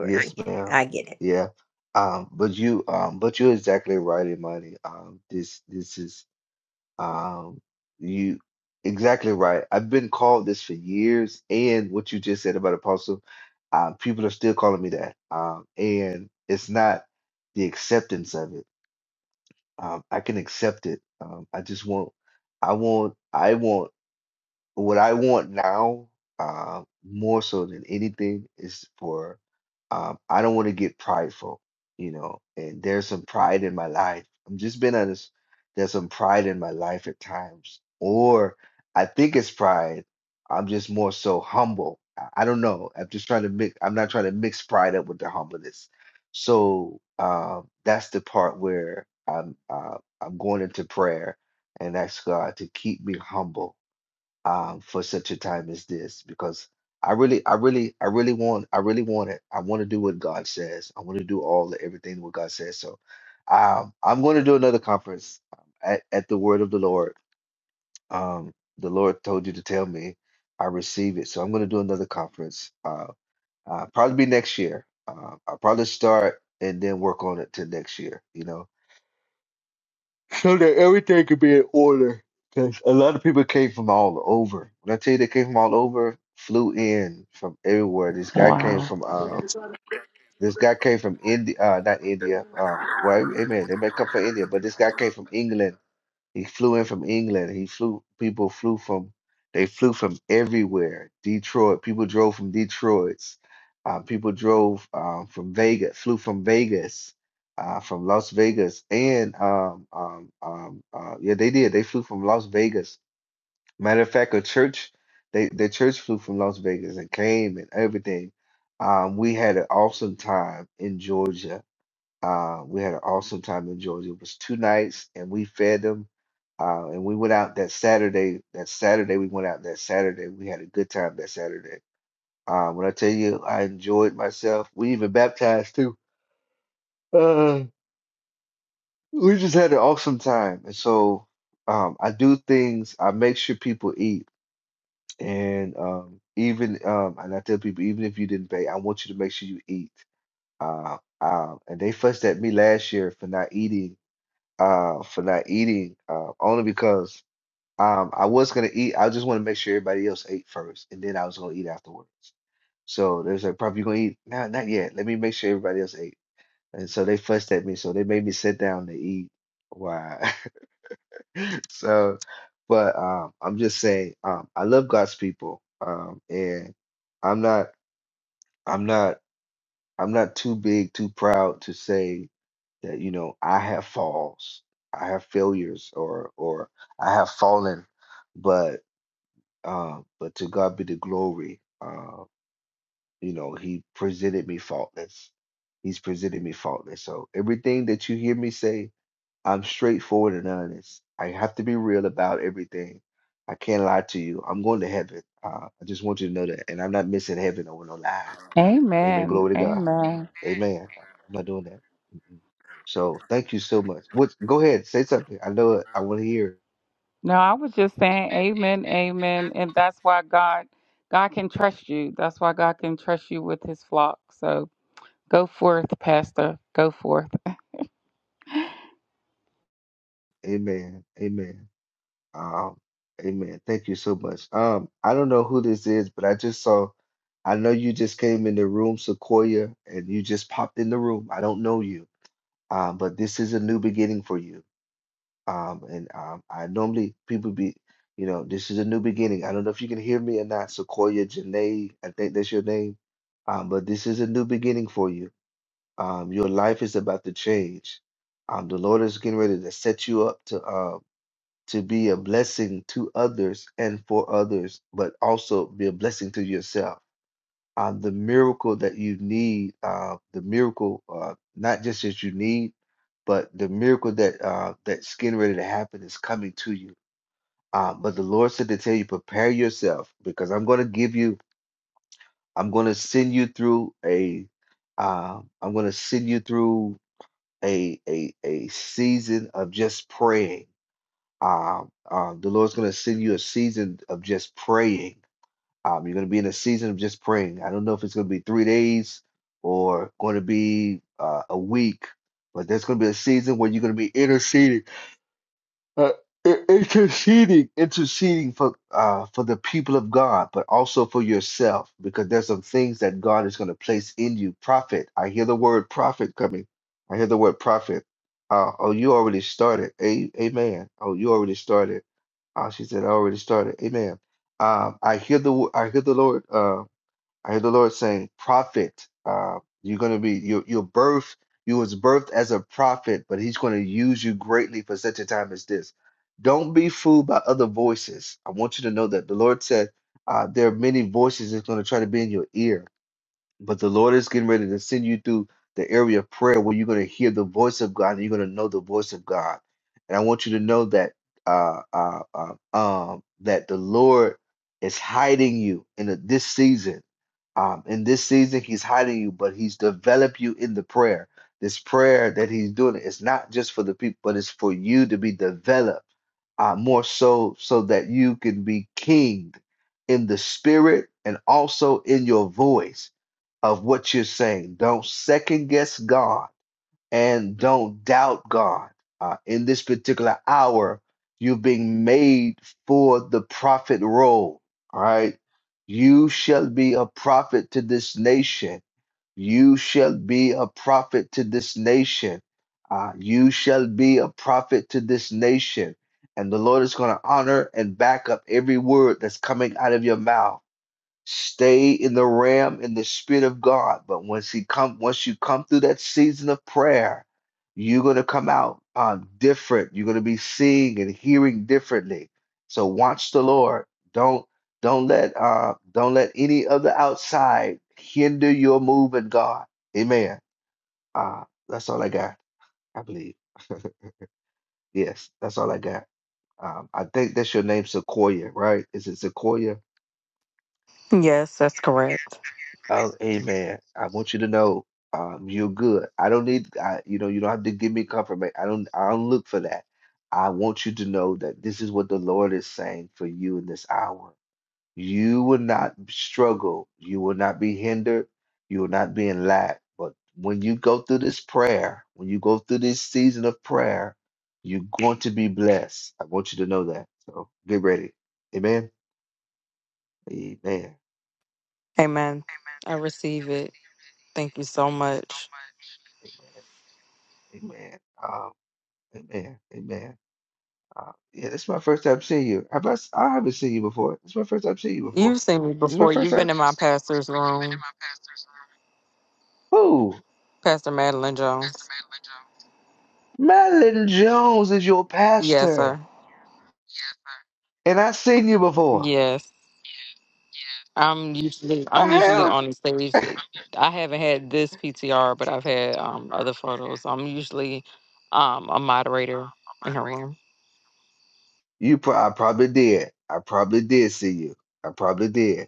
Yes, ma'am. I get it. Yeah. Um, but you um but you're exactly right, Imani. Um this this is um you exactly right. I've been called this for years and what you just said about apostle, uh, people are still calling me that. Um and it's not the acceptance of it. Um I can accept it. Um I just want I want I want what I want now, uh, more so than anything, is for um, I don't want to get prideful, you know. And there's some pride in my life. I'm just being honest. There's some pride in my life at times, or I think it's pride. I'm just more so humble. I I don't know. I'm just trying to mix. I'm not trying to mix pride up with the humbleness. So um, that's the part where I'm uh, I'm going into prayer and ask God to keep me humble um, for such a time as this because I really, I really, I really want, I really want it. I want to do what God says. I want to do all the everything what God says. So, um, I'm going to do another conference um, at at the word of the Lord. Um, the Lord told you to tell me. I receive it. So I'm going to do another conference. Uh, uh, probably be next year. Uh, I'll probably start and then work on it till next year. You know so that everything could be in order. Because a lot of people came from all over. When I tell you they came from all over, flew in from everywhere. This guy came Wow. from um, this guy came from India, uh, not India. Uh, well, amen. They may come from India, but this guy came from England. He flew in from England. He flew, people flew from, they flew from everywhere. Detroit, people drove from Detroit. Uh, people drove um, from Vegas, flew from Vegas, uh, from Las Vegas. And um, um, um, uh, yeah, they did. They flew from Las Vegas. Matter of fact, a church, they, the church flew from Las Vegas and came and everything. Um, we had an awesome time in Georgia uh, we had an awesome time in Georgia. It was two nights, and we fed them. Uh, and we went out that Saturday. That Saturday, we went out that Saturday. We had a good time that Saturday. Uh, when I tell you, I enjoyed myself. We even baptized too. Uh, we just had an awesome time. And so um, I do things. I make sure people eat, and um, even um, and I tell people, even if you didn't pay, I want you to make sure you eat. Uh, uh, and they fussed at me last year for not eating uh for not eating uh, only because um I was gonna eat. I just want to make sure everybody else ate first, and then I was gonna eat afterwards. So they was like, "Probably you gonna eat? No, not yet. Let me make sure everybody else ate." And so they fussed at me, so they made me sit down to eat. Why? So, but um, I'm just saying, um, I love God's people, um, and I'm not. I'm not. I'm not too big, too proud to say that, you know, I have falls, I have failures or or I have fallen, but uh, but to God be the glory. Uh, you know, he presented me faultless. He's presented me faultless. So everything that you hear me say, I'm straightforward and honest. I have to be real about everything. I can't lie to you. I'm going to heaven. Uh, I just want you to know that. And I'm not missing heaven over no lie. Amen. Amen. Glory to God. Amen. Amen. I'm not doing that. Mm-mm. So thank you so much. What? Go ahead, say something. I know it. I want to hear. No, I was just saying amen, amen. And that's why God God can trust you. That's why God can trust you with his flock. So go forth, Pastor. Go forth. it. Amen. Amen. Um. Amen. Thank you so much. Um. I don't know who this is, but I just saw. I know you just came in the room, Sequoia, and you just popped in the room. I don't know you. Um. But this is a new beginning for you. Um, and um, I normally people be, you know, this is a new beginning. I don't know if you can hear me or not, Sequoia Janae, I think that's your name. Um, but this is a new beginning for you. Um, your life is about to change. Um, the Lord is getting ready to set you up to uh, to be a blessing to others and for others, but also be a blessing to yourself um, the miracle that you need, uh, the miracle, uh, not just that you need, but the miracle that uh, that's getting ready to happen is coming to you. Um, but the Lord said to tell you, prepare yourself because I'm going to give you, I'm going to send you through a, uh, I'm going to send you through a a a season of just praying. Um, uh, the Lord's going to send you a season of just praying um, you're going to be in a season of just praying. I don't know if it's going to be three days or going to be uh, a week, but there's going to be a season where you're going to be interceding, uh, i- interceding, interceding for uh, for the people of God, but also for yourself, because there's some things that God is going to place in you. Prophet, I hear the word prophet coming. I hear the word prophet. Uh, oh, you already started. A- amen. Oh, you already started. Uh, she said, I already started. Amen. Um, I hear the wo- I hear the Lord. Uh, I hear the Lord saying, "Prophet, uh, you're going to be your your birth. You was birthed as a prophet, but He's going to use you greatly for such a time as this. Don't be fooled by other voices. I want you to know that the Lord said uh, there are many voices that's going to try to be in your ear. But the Lord is getting ready to send you through the area of prayer where you're going to hear the voice of God and you're going to know the voice of God. And I want you to know that uh, uh, uh, um, that the Lord is hiding you in a, this season. Um, in this season, He's hiding you, but He's developed you in the prayer. This prayer that He's doing is not just for the people, but it's for you to be developed uh, more so so that you can be kinged in the spirit and also in your voice of what you're saying. Don't second guess God and don't doubt God. Uh, in this particular hour, you're being made for the prophet role. All right. You shall be a prophet to this nation. You shall be a prophet to this nation. Uh, you shall be a prophet to this nation. And the Lord is going to honor and back up every word that's coming out of your mouth. Stay in the realm in the spirit of God. But once he come, once you come through that season of prayer, you're gonna come out um, different. You're gonna be seeing and hearing differently. So watch the Lord. Don't don't let uh, don't let any other outside hinder your move in God. Amen. Uh, that's all I got. I believe. Yes, that's all I got. Um, I think that's your name, Sequoia, right? Is it Sequoia? Yes, that's correct. Oh, amen. I want you to know, um, you're good. I don't need, I, you know, you don't have to give me confirmation. I don't, I don't look for that. I want you to know that this is what the Lord is saying for you in this hour. You will not struggle. You will not be hindered. You will not be in lack. But when you go through this prayer, when you go through this season of prayer, you're going to be blessed. I want you to know that. So get ready. Amen. Amen. Amen. I receive it. Thank you so much. Amen. Amen. Um, amen. Amen. Uh, yeah, this is my first time seeing you. I've not, I haven't seen you before. This is my first time seeing you before. You've seen me This is my before. first You've time. been in my pastor's room, Who? Pastor Madeline Jones. Madeline Jones is your Yes, pastor, sir. and I've seen you before. Yes. I'm usually I I'm usually have. on the stage. I haven't had this PTR, but I've had um, other photos. I'm usually um, a moderator in her room. You, pro- I probably did. I probably did see you. I probably did.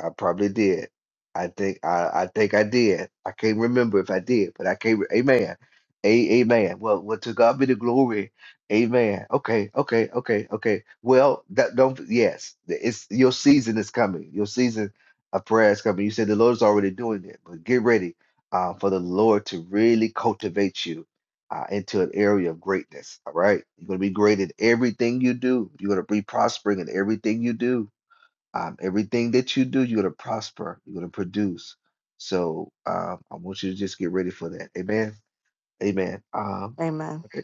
I probably did. I think I, I think I did. I can't remember if I did, but I can't. re- Amen. A, amen. Well, well, to God be the glory. Amen. Okay, okay, okay, okay. Well, that don't. Yes, it's your season is coming. Your season of prayer is coming. You said the Lord is already doing it, but get ready uh, for the Lord to really cultivate you uh, into an area of greatness. All right, you're gonna be great in everything you do. You're gonna be prospering in everything you do um, everything that you do, you're going to prosper, you're going to produce. So um, I want you to just get ready for that. Amen. Amen. Um, Amen. okay,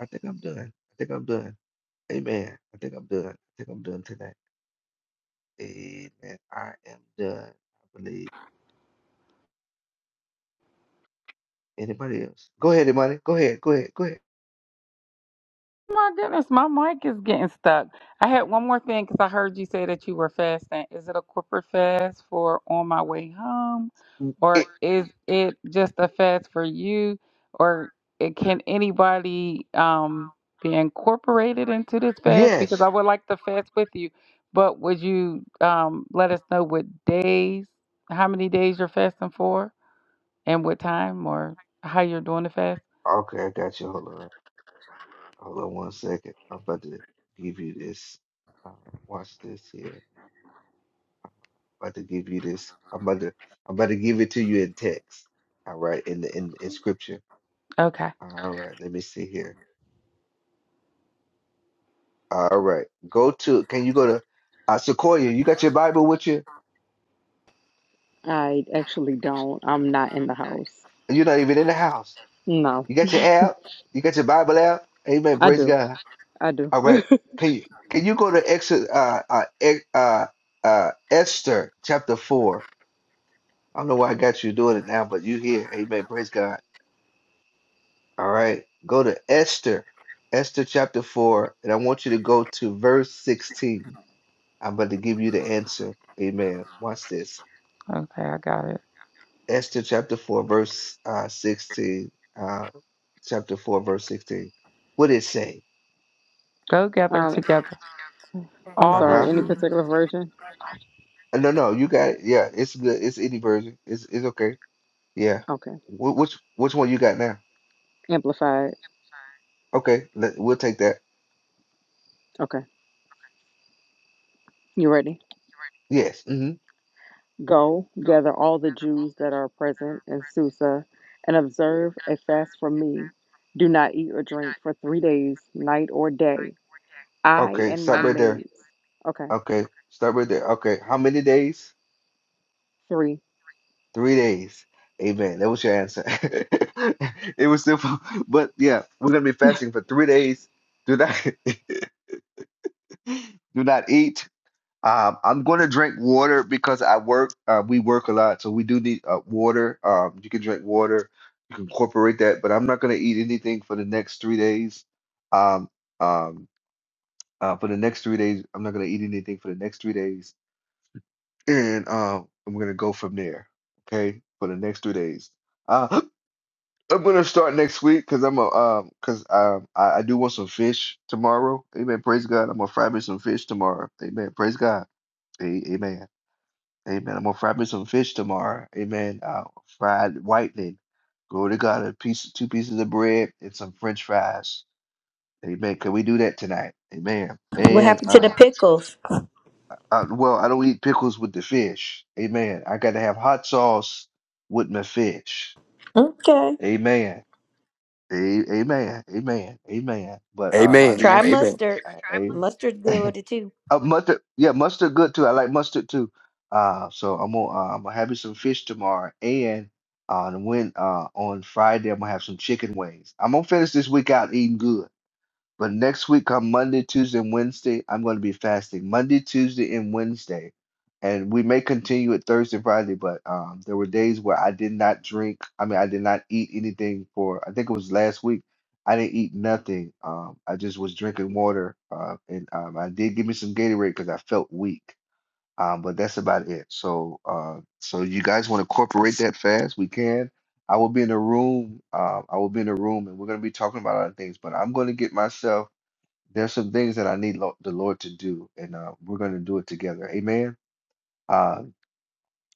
I think I'm done. I think I'm done. Amen. I think I'm done. I think I'm done tonight. Amen. I am done. I believe. Anybody else? Go ahead, Imani. Go ahead. Go ahead. Go ahead. my goodness, my mic is getting stuck. I had one more thing because I heard you say that you were fasting. Is it a corporate fast for on my way home, Mm, or it- is it just a fast for you, or it, can anybody um, be incorporated into this fast? Because yes. I would like to fast with you, but would you um, let us know what days, how many days you're fasting for, and what time, or how you're doing the fast? Okay, I got you. Hold on. Hold on one second. I'm about to give you this. Uh, watch this here. about to give you this. I'm about to I'm about to give it to you in text. All right, in the in, in scripture. Okay, All right, let me see here. All right. Go to can you go to uh Sequoia, you got your Bible with you? I actually don't. I'm not in the house. And You're not even in the house. No, You got your app, you got your Bible app. Amen. I Praise do. God. I do. All right. Can you can you go to Ex uh uh, Ex- uh uh Esther chapter four? I don't know why I got you doing it now, but you here. Amen. Praise God. All right. Go to Esther, Esther chapter 4, and I want you to go to verse 16. I'm about to give you the answer. Amen. Watch this. okay, I got it. Esther chapter 4, verse uh, 16. Uh, chapter 4, verse 16. What it say? Go gather Um, together. I'm All Uh-huh. the sorry. Uh huh. Any truth. particular version? No, no, you got it. Yeah, it's good. It's any version. It's it's okay. Yeah. Okay. Wh- which which one you got now? Amplified. Okay, let, we'll take that. Okay. You ready? Yes. Mm-hmm. Go, gather all the Jews that are present in Susa, and observe a fast for me. Do not eat or drink for three days, night or day. I Okay, and stop my right there. maids. Okay. Okay, stop right there. Okay, how many days? Three. Three days. Amen. That was your answer. It was simple. But yeah, we're gonna be fasting for three days. Do not do not eat. Um, I'm gonna drink water because I work. Uh, we work a lot, so we do need uh, water. Um, you can drink water. You can incorporate that, but I'm not gonna eat anything for the next three days. Um, um, uh, for the next three days, I'm not gonna eat anything for the next three days, and um, I'm gonna go from there. Okay, for the next three days. Uh, I'm gonna start next week because I'm a um because um I, I do want some fish tomorrow. Amen. Praise God. I'm gonna fry me some fish tomorrow. Amen. Praise God. A- Amen. Amen. I'm gonna fry me some fish tomorrow. Amen. Uh, fried whitening. Glory to God. A piece, two pieces of bread and some French fries. Amen. Can we do that tonight? Amen. What And happened to the uh, pickles? uh, well, I don't eat pickles with the fish. Amen. I gotta have hot sauce with my fish. Okay. Amen. A- Amen, amen, amen. But um, I Amen. do Try want Amen. mustard. a- Mustard's good with it too. uh, mustard. Yeah, mustard good too. I like mustard too. Uh, so I'm gonna uh, I'm gonna have you some fish tomorrow, and uh, when uh on Friday I'm gonna have some chicken wings. I'm gonna finish this week out eating good. But next week, on Monday, Tuesday, and Wednesday, I'm going to be fasting. Monday, Tuesday, and Wednesday. And we may continue it Thursday, Friday, but um, there were days where I did not drink. I mean, I did not eat anything for, I think it was last week. I didn't eat nothing. Um, I just was drinking water. Uh, and um, I did give me some Gatorade because I felt weak. Um, but that's about it. So, uh, so you guys want to incorporate that fast? We can. I will be in a room. Uh, I will be in a room, and we're going to be talking about other things. But I'm going to get myself there's some things that I need lo the Lord to do, and uh, we're going to do it together. Amen. Uh,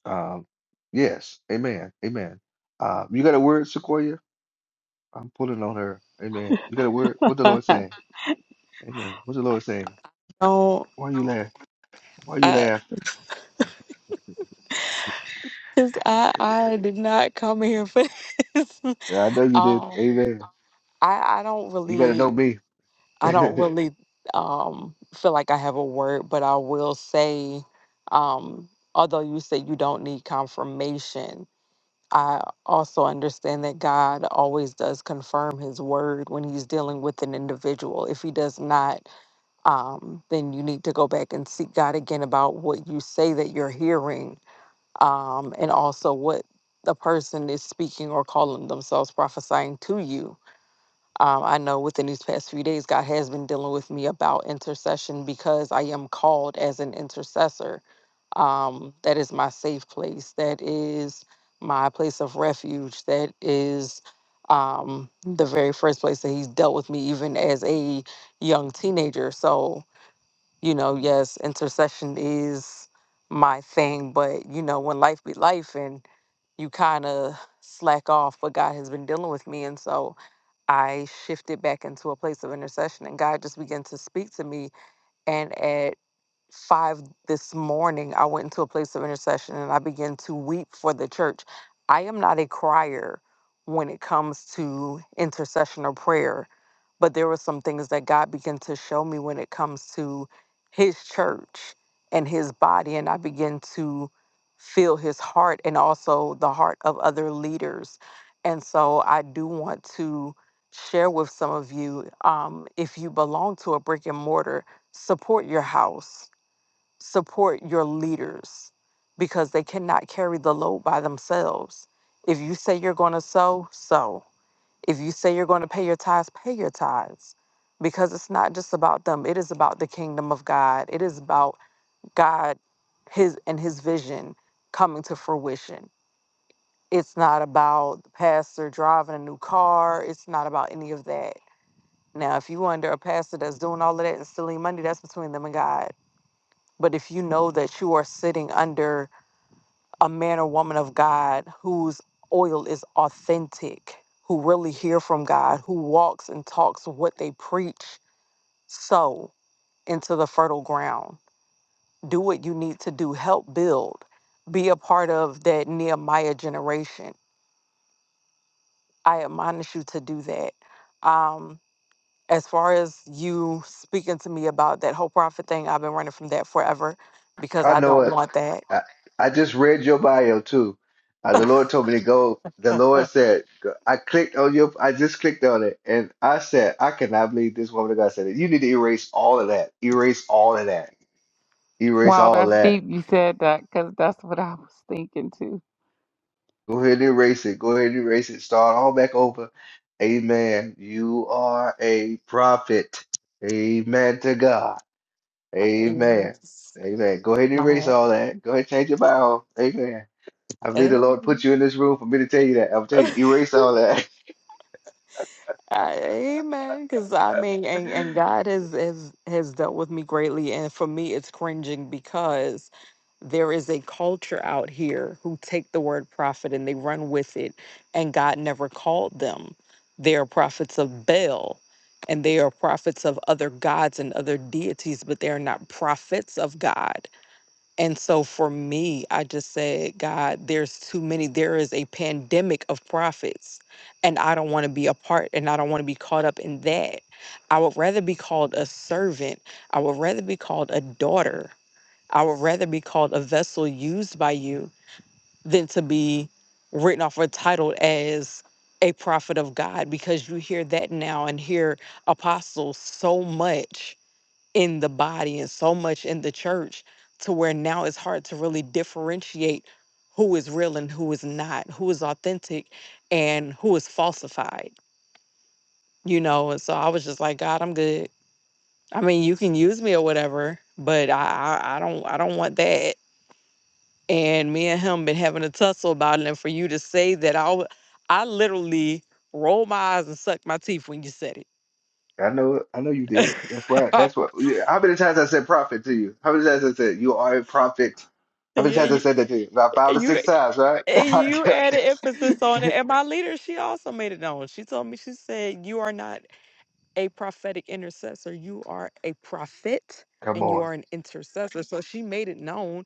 um, yes. Amen. Amen. Uh, you got a word, Sequoia? I'm pulling on her. Amen. You got a word? What the Lord saying? Amen. What's the Lord saying? No, Why you laugh? Why you I, laugh? cause I I did not come here for this. Yeah, I know you did. Um, Amen. I I don't You got to know really. me. I don't really um, feel like I have a word, but I will say, um, although you say you don't need confirmation, I also understand that God always does confirm His word when He's dealing with an individual. If He does not, um, then you need to go back and seek God again about what you say that you're hearing um, and also what the person is speaking or calling themselves prophesying to you um, I know within these past few days, God has been dealing with me about intercession because I am called as an intercessor. Um, that is my safe place. That is my place of refuge. That is um, the very first place that He's dealt with me, even as a young teenager. So, you know, yes, intercession is my thing, but, you know, when life be life and you kind of slack off, but God has been dealing with me. And so, I shifted back into a place of intercession and God just began to speak to me. And five this morning, I went into a place of intercession and I began to weep for the church. I am not a crier when it comes to intercession or prayer, but there were some things that God began to show me when it comes to His church and His body. And I began to feel His heart and also the heart of other leaders. And so I do want to share with some of you um, if you belong to a brick and mortar, support your house support your leaders because they cannot carry the load by themselves. If you say you're going to sow, sow. If you say you're going to pay your tithes, pay your tithes because it's not just about them. It is about the kingdom of God. It is about God his and his vision coming to fruition. It's not about the pastor driving a new car. It's not about any of that. Now, if you under a pastor that's doing all of that and stealing money, that's between them and God. But if you know that you are sitting under a man or woman of God whose oil is authentic, who really hear from God, who walks and talks what they preach, sow into the fertile ground. Do what you need to do, help build, be a part of that Nehemiah generation. I admonish you to do that. Um, as far as you speaking to me about that whole prophet thing, I've been running from that forever because I I know don't it. want that. I, I just read your bio too. Uh, the Lord told me to go. The Lord said, go- I clicked on your, I just clicked on it and I said, I cannot believe this woman of God said it. You need to erase all of that. Erase all of that. Erase Wow, all of that's that. deep. You said that because that's what I was thinking too. Go ahead and erase it. Go ahead and erase it. Start all back over. Amen. You are a prophet. Amen to God. I, Amen. yes, Amen. Go ahead and erase my all that. Go ahead and change your bio. Amen. I believe the Lord put amen. you in this room for me to tell you that. I'll tell you, erase all that. Uh, amen. Because I mean, and, and I God has, has has dealt with me greatly, and for me, it's cringing because there is a culture out here who take the word prophet and they run with it, and God never called them. They are prophets of Baal, and they are prophets of other gods and other deities, but they are not prophets of God. And so for me, I just said, God, there's too many. There is a pandemic of prophets, and I don't want to be a part and I don't want to be caught up in that. I would rather be called a servant. I would rather be called a daughter. I would rather be called a vessel used by you than to be written off or titled as a prophet of God because you hear that now and hear apostles so much in the body and so much in the church to where now it's hard to really differentiate who is real and who is not, who is authentic and who is falsified, you know? And so I was just like, God, I'm good. I mean, you can use me or whatever, but I, I, I don't, I don't want that. And me and him been having a tussle about it. And for you to say that, I, w- I literally rolled my eyes and sucked my teeth when you said know, I know you it. did. That's why. That's what. yeah, How many times I said prophet to you? How many times I said you are a prophet? How many times I yeah, said that to you? About five or You six times, right? I you added kept- emphasis on it. And my leader, she also made it known. She told me, she said, You are not a prophetic intercessor, you are a prophet Come and you on. are an intercessor. So she made it known.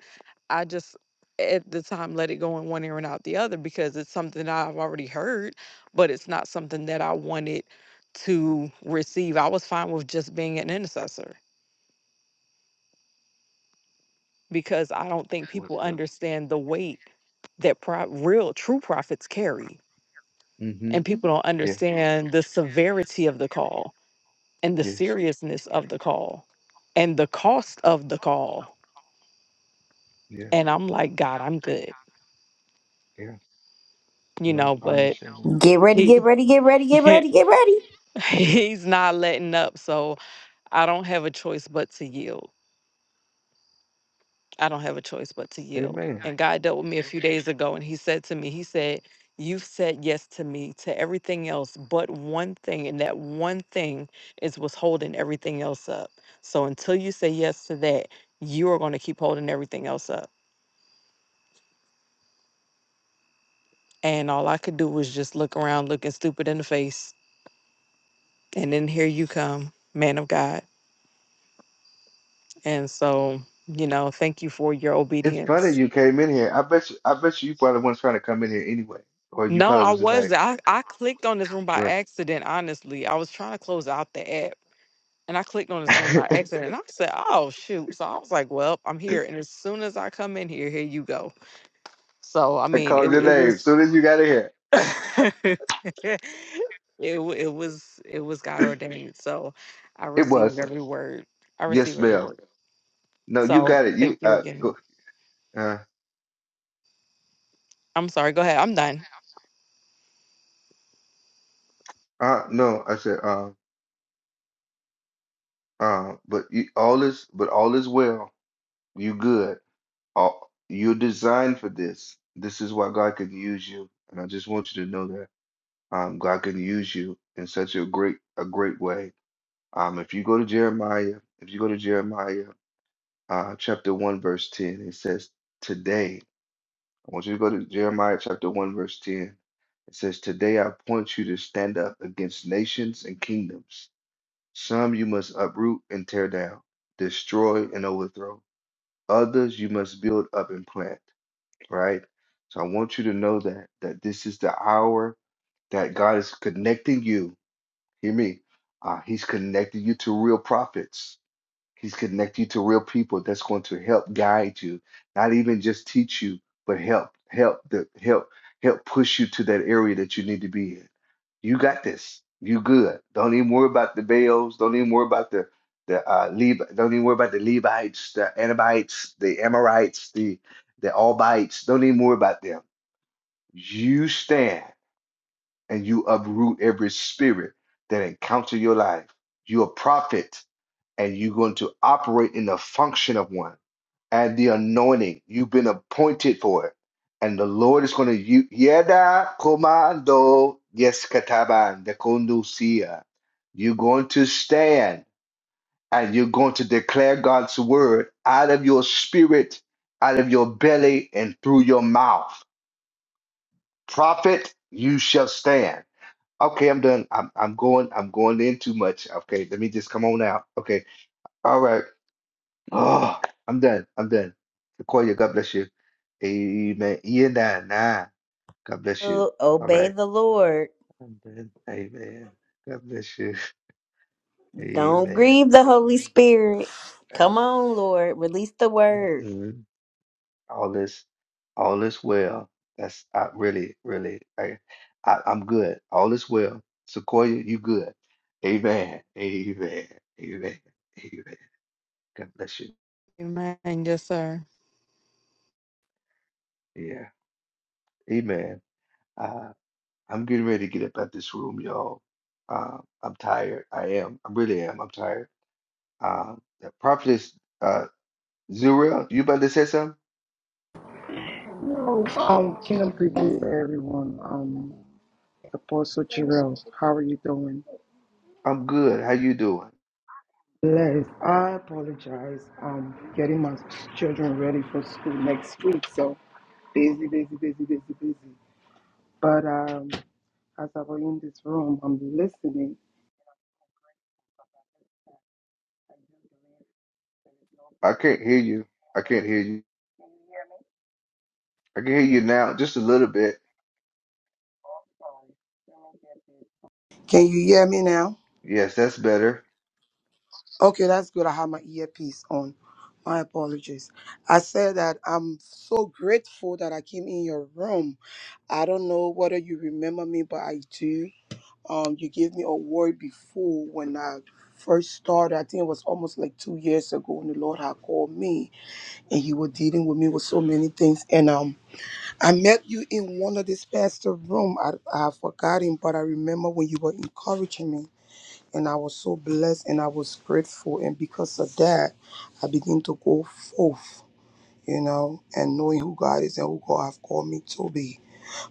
I just at the time let it go in one ear and out the other because it's something that I've already heard, but it's not something that I wanted to receive. I was fine with just being an intercessor because I don't think Well, people Yeah. understand the weight that pro- real true prophets carry Mm-hmm. and people don't Yeah. understand the severity of the call and the Yes. seriousness of the call and the cost of the call Yeah. and i'm like god i'm good Yeah. you No, know I but understand Get ready, get he, ready, get ready, get ready, get ready. he's not letting up so i don't have a choice but to yield I don't have a choice but to that. yield. Amen. And God dealt with me a few days ago and he said to me, he said, you've said yes to me to everything else but one thing and that one thing is what's holding everything else up. So until you say yes to that, you are going to keep holding everything else up. And all I could do was just look around looking stupid in the face and then here you come, man of God. And so, you know, thank you for your It's obedience. funny you came in here. I bet you, I bet you, you probably weren't trying to come in here anyway, or you No, probably I was just was. like, I, I clicked on this room by "Man, accident, honestly. I was trying to close out the app and I clicked on this room by I accident and I said, oh, shoot. So I was like, well, I'm here. And as soon as I come in here, here you go. So, I mean, it, called your it name as was. soon as you got in here." It, w- it was it was God ordained, so I It received was every word. I yes, received every ma'am. word. No, you So got it. You thank you uh again. go uh I'm sorry. Go ahead. I'm done. uh no. I said um uh, but you, all is but all is well. You good. All, you're designed for this. This is why God can use you, and I just want you to know that um God can use you in such a great a great way Um, if you go to Jeremiah, if you go to Jeremiah uh, chapter 1, verse 10, it says, Today, I want you to go to Jeremiah chapter 1, verse 10. It says, Today I appoint you to stand up against nations and kingdoms. Some you must uproot and tear down, destroy and overthrow. Others you must build up and plant, right? So I want you to know that that this is the hour that God is connecting you. Hear me. Uh, he's connecting you to real prophets. He's connecting you to real people that's going to help guide you, not even just teach you, but help, help the help, help push you to that area that you need to be in. You got this. You good. Don't even worry about the Baals. Don't even worry about the the uh, Levi. Don't even worry about the Levites, the Anabites, the Amorites, the the Albites. Don't even worry about them. You stand and you uproot every spirit that encounter your life. You're a prophet and you're going to operate in the function of one and the anointing. You've been appointed for it. And the Lord is going to use Yeda Komando Yeskataban de Kondusia. You're going to stand and you're going to declare God's word out of your spirit, out of your belly, and through your mouth. Prophet, you shall stand. Okay, I'm done. I'm, I'm going. I'm going in too much. Okay, let me just come on out. Okay, all right. Oh, I'm done. I'm done. Sequoia, God bless you. Amen. Ian, nah, nah. God bless you. Oh, All Obey right. the Lord. I'm done. Amen. God bless you. Don't Amen. grieve the Holy Amen. Spirit. God, Come on, nah. Lord. Release the word. Mm-mm. All this, all is well. That's I really, really. I, I, I'm good. All is well. Sequoia, you good. Amen. Amen. Amen. Amen. God bless you. Amen. Yes, sir. Yeah. Amen. Ah. I'm getting ready to get up out this room, y'all. Um, I'm tired. I am. I really am. I'm tired. Um, prophetess, uh, Zuriel, you about to say something? Um, Kingdom greetings to everyone. Um, Apostle Jarrell, how are you doing? I'm good. How you doing? Blessed. I apologize. Um, getting my children ready for school next week, so busy, busy, busy, busy, busy. But um, as I was in this room, I'm listening. I can't hear you. I can't hear you. I can hear you now, just a little bit. Can you hear me now? Yes, that's better. Okay, that's good. I have my earpiece on. My apologies. I said that I'm so grateful that I came in your room. I don't know whether you remember me, but I do. Um, you gave me a word before when I first started. I think it was almost like two years ago when the Lord had called me and He was dealing with me with so many things. And um, I met you in one of this pastor room. I I have forgotten, but I remember when you were encouraging me and I was so blessed and I was grateful. And because of that, I began to go forth, you know, and knowing who God is and who God have called me to be.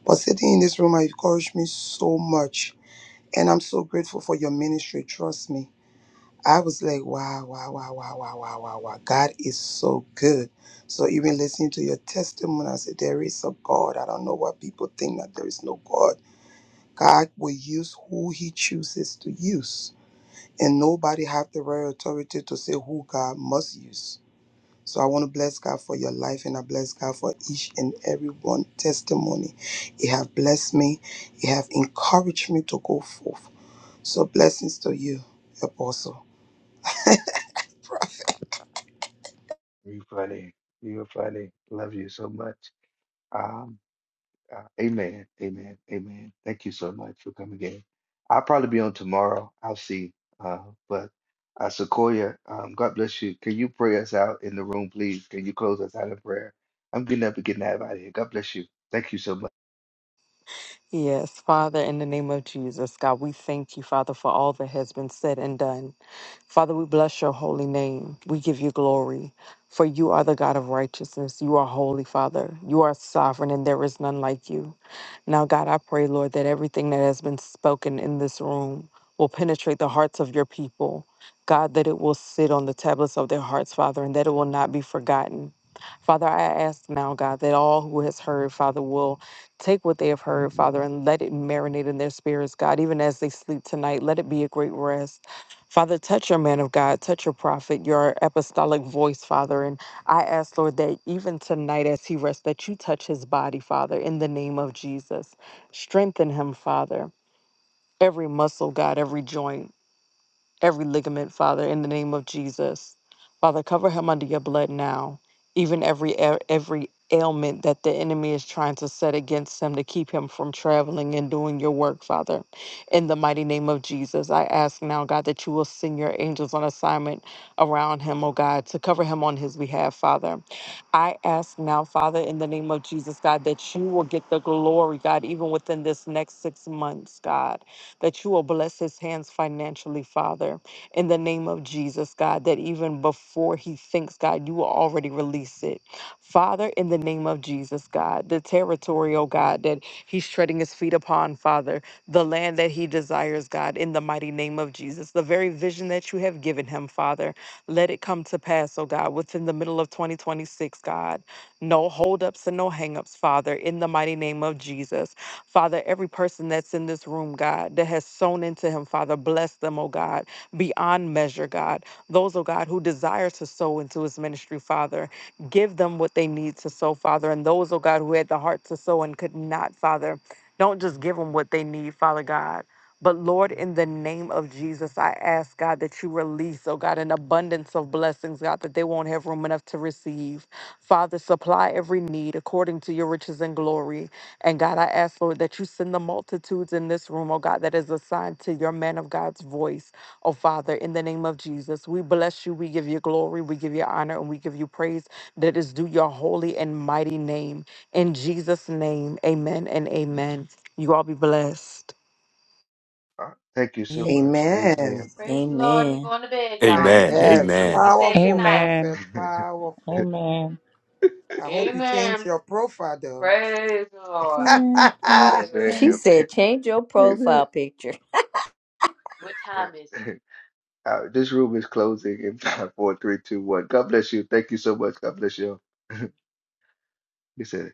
But sitting in this room, I encouraged me so much. And I'm so grateful for your ministry. Trust me. I was like, wow, wow, wow, wow, wow, wow, wow, wow. God is so good. So even listening to your testimony, I said, there is a God. I don't know why people think that there is no God. God will use who he chooses to use and nobody have the right authority to say who God must use. So I want to bless God for your life, and I bless God for each and every one testimony. It have blessed me. It have encouraged me to go forth. So blessings to you, Apostle. You funny. You're funny. Love you so much. Um, Uh, amen. Amen. Amen. Thank you so much for coming in. I'll probably be on tomorrow. I'll see. Uh, but uh, Sequoia, um, God bless you. Can you pray us out in the room, please? Can you close us out in prayer? I'm getting up and getting out of here. God bless you. Thank you so much. Yes, Father, in the name of Jesus, God, we thank you, Father, for all that has been said and done. Father, we bless your holy name. We give you glory, for you are the God of righteousness. You are holy, Father. You are sovereign, and there is none like you. Now, God, I pray, Lord, that everything that has been spoken in this room will penetrate the hearts of your people. God, that it will sit on the tablets of their hearts, Father, and that it will not be forgotten. Father, I ask now, God, that all who has heard, Father, will Take what they have heard, Father, and let it marinate in their spirits, God, even as they sleep tonight. Let it be a great rest. Father, touch your man of God, touch your prophet, your apostolic voice, Father. And I ask, Lord, that even tonight as he rests, that you touch his body, Father, in the name of Jesus. Strengthen him, Father. Every muscle, God, every joint every ligament, Father, in the name of Jesus. Father, cover him under your blood now. Even every every ailment that the enemy is trying to set against him to keep him from traveling and doing your work, Father. In the mighty name of Jesus, I ask now, God, that you will send your angels on assignment around him, oh God, to cover him on his behalf, Father. I ask now, Father, in the name of Jesus, God, that you will get the glory, God, even within this next six months, God that you will bless his hands financially, Father, in the name of Jesus, God, that even before he thinks, God, you will already release it. Father, in the name of Jesus, God, the territory, oh God, that he's treading his feet upon, Father, the land that he desires, God, in the mighty name of Jesus, the very vision that you have given him, Father, let it come to pass, oh God, within the middle of 2026, God. No holdups and no hangups, Father, in the mighty name of Jesus. Father, every person that's in this room, God, that has sown into him, Father, bless them, oh God, beyond measure, God. Those, oh God, who desire to sow into his ministry, Father, give them what they need to sow, Father. And those, oh God, who had the heart to sow and could not, Father, don't just give them what they need, Father God. But Lord, in the name of Jesus, I ask God that you release, oh God, an abundance of blessings, God, that they won't have room enough to receive. Father, supply every need according to your riches and glory. And God, I ask, Lord, that you send the multitudes in this room, oh God, that is assigned to your man of God's voice, oh Father, in the name of Jesus. We bless you. We give you glory. We give you honor and we give you praise that is due your holy and mighty name. In Jesus' name, amen and amen. You all be blessed. Uh, thank you so Amen. much. Amen. Amen. Amen. Amen. Amen. Yes, Amen. powerful Amen. prophet, powerful. Amen. I hope you change your profile though. Amen. Praise She God. Amen. said, change your profile Amen. picture. it? Uh, this room is closing in five, four, three, two, one. God bless you. Thank you so much. God bless you. He said.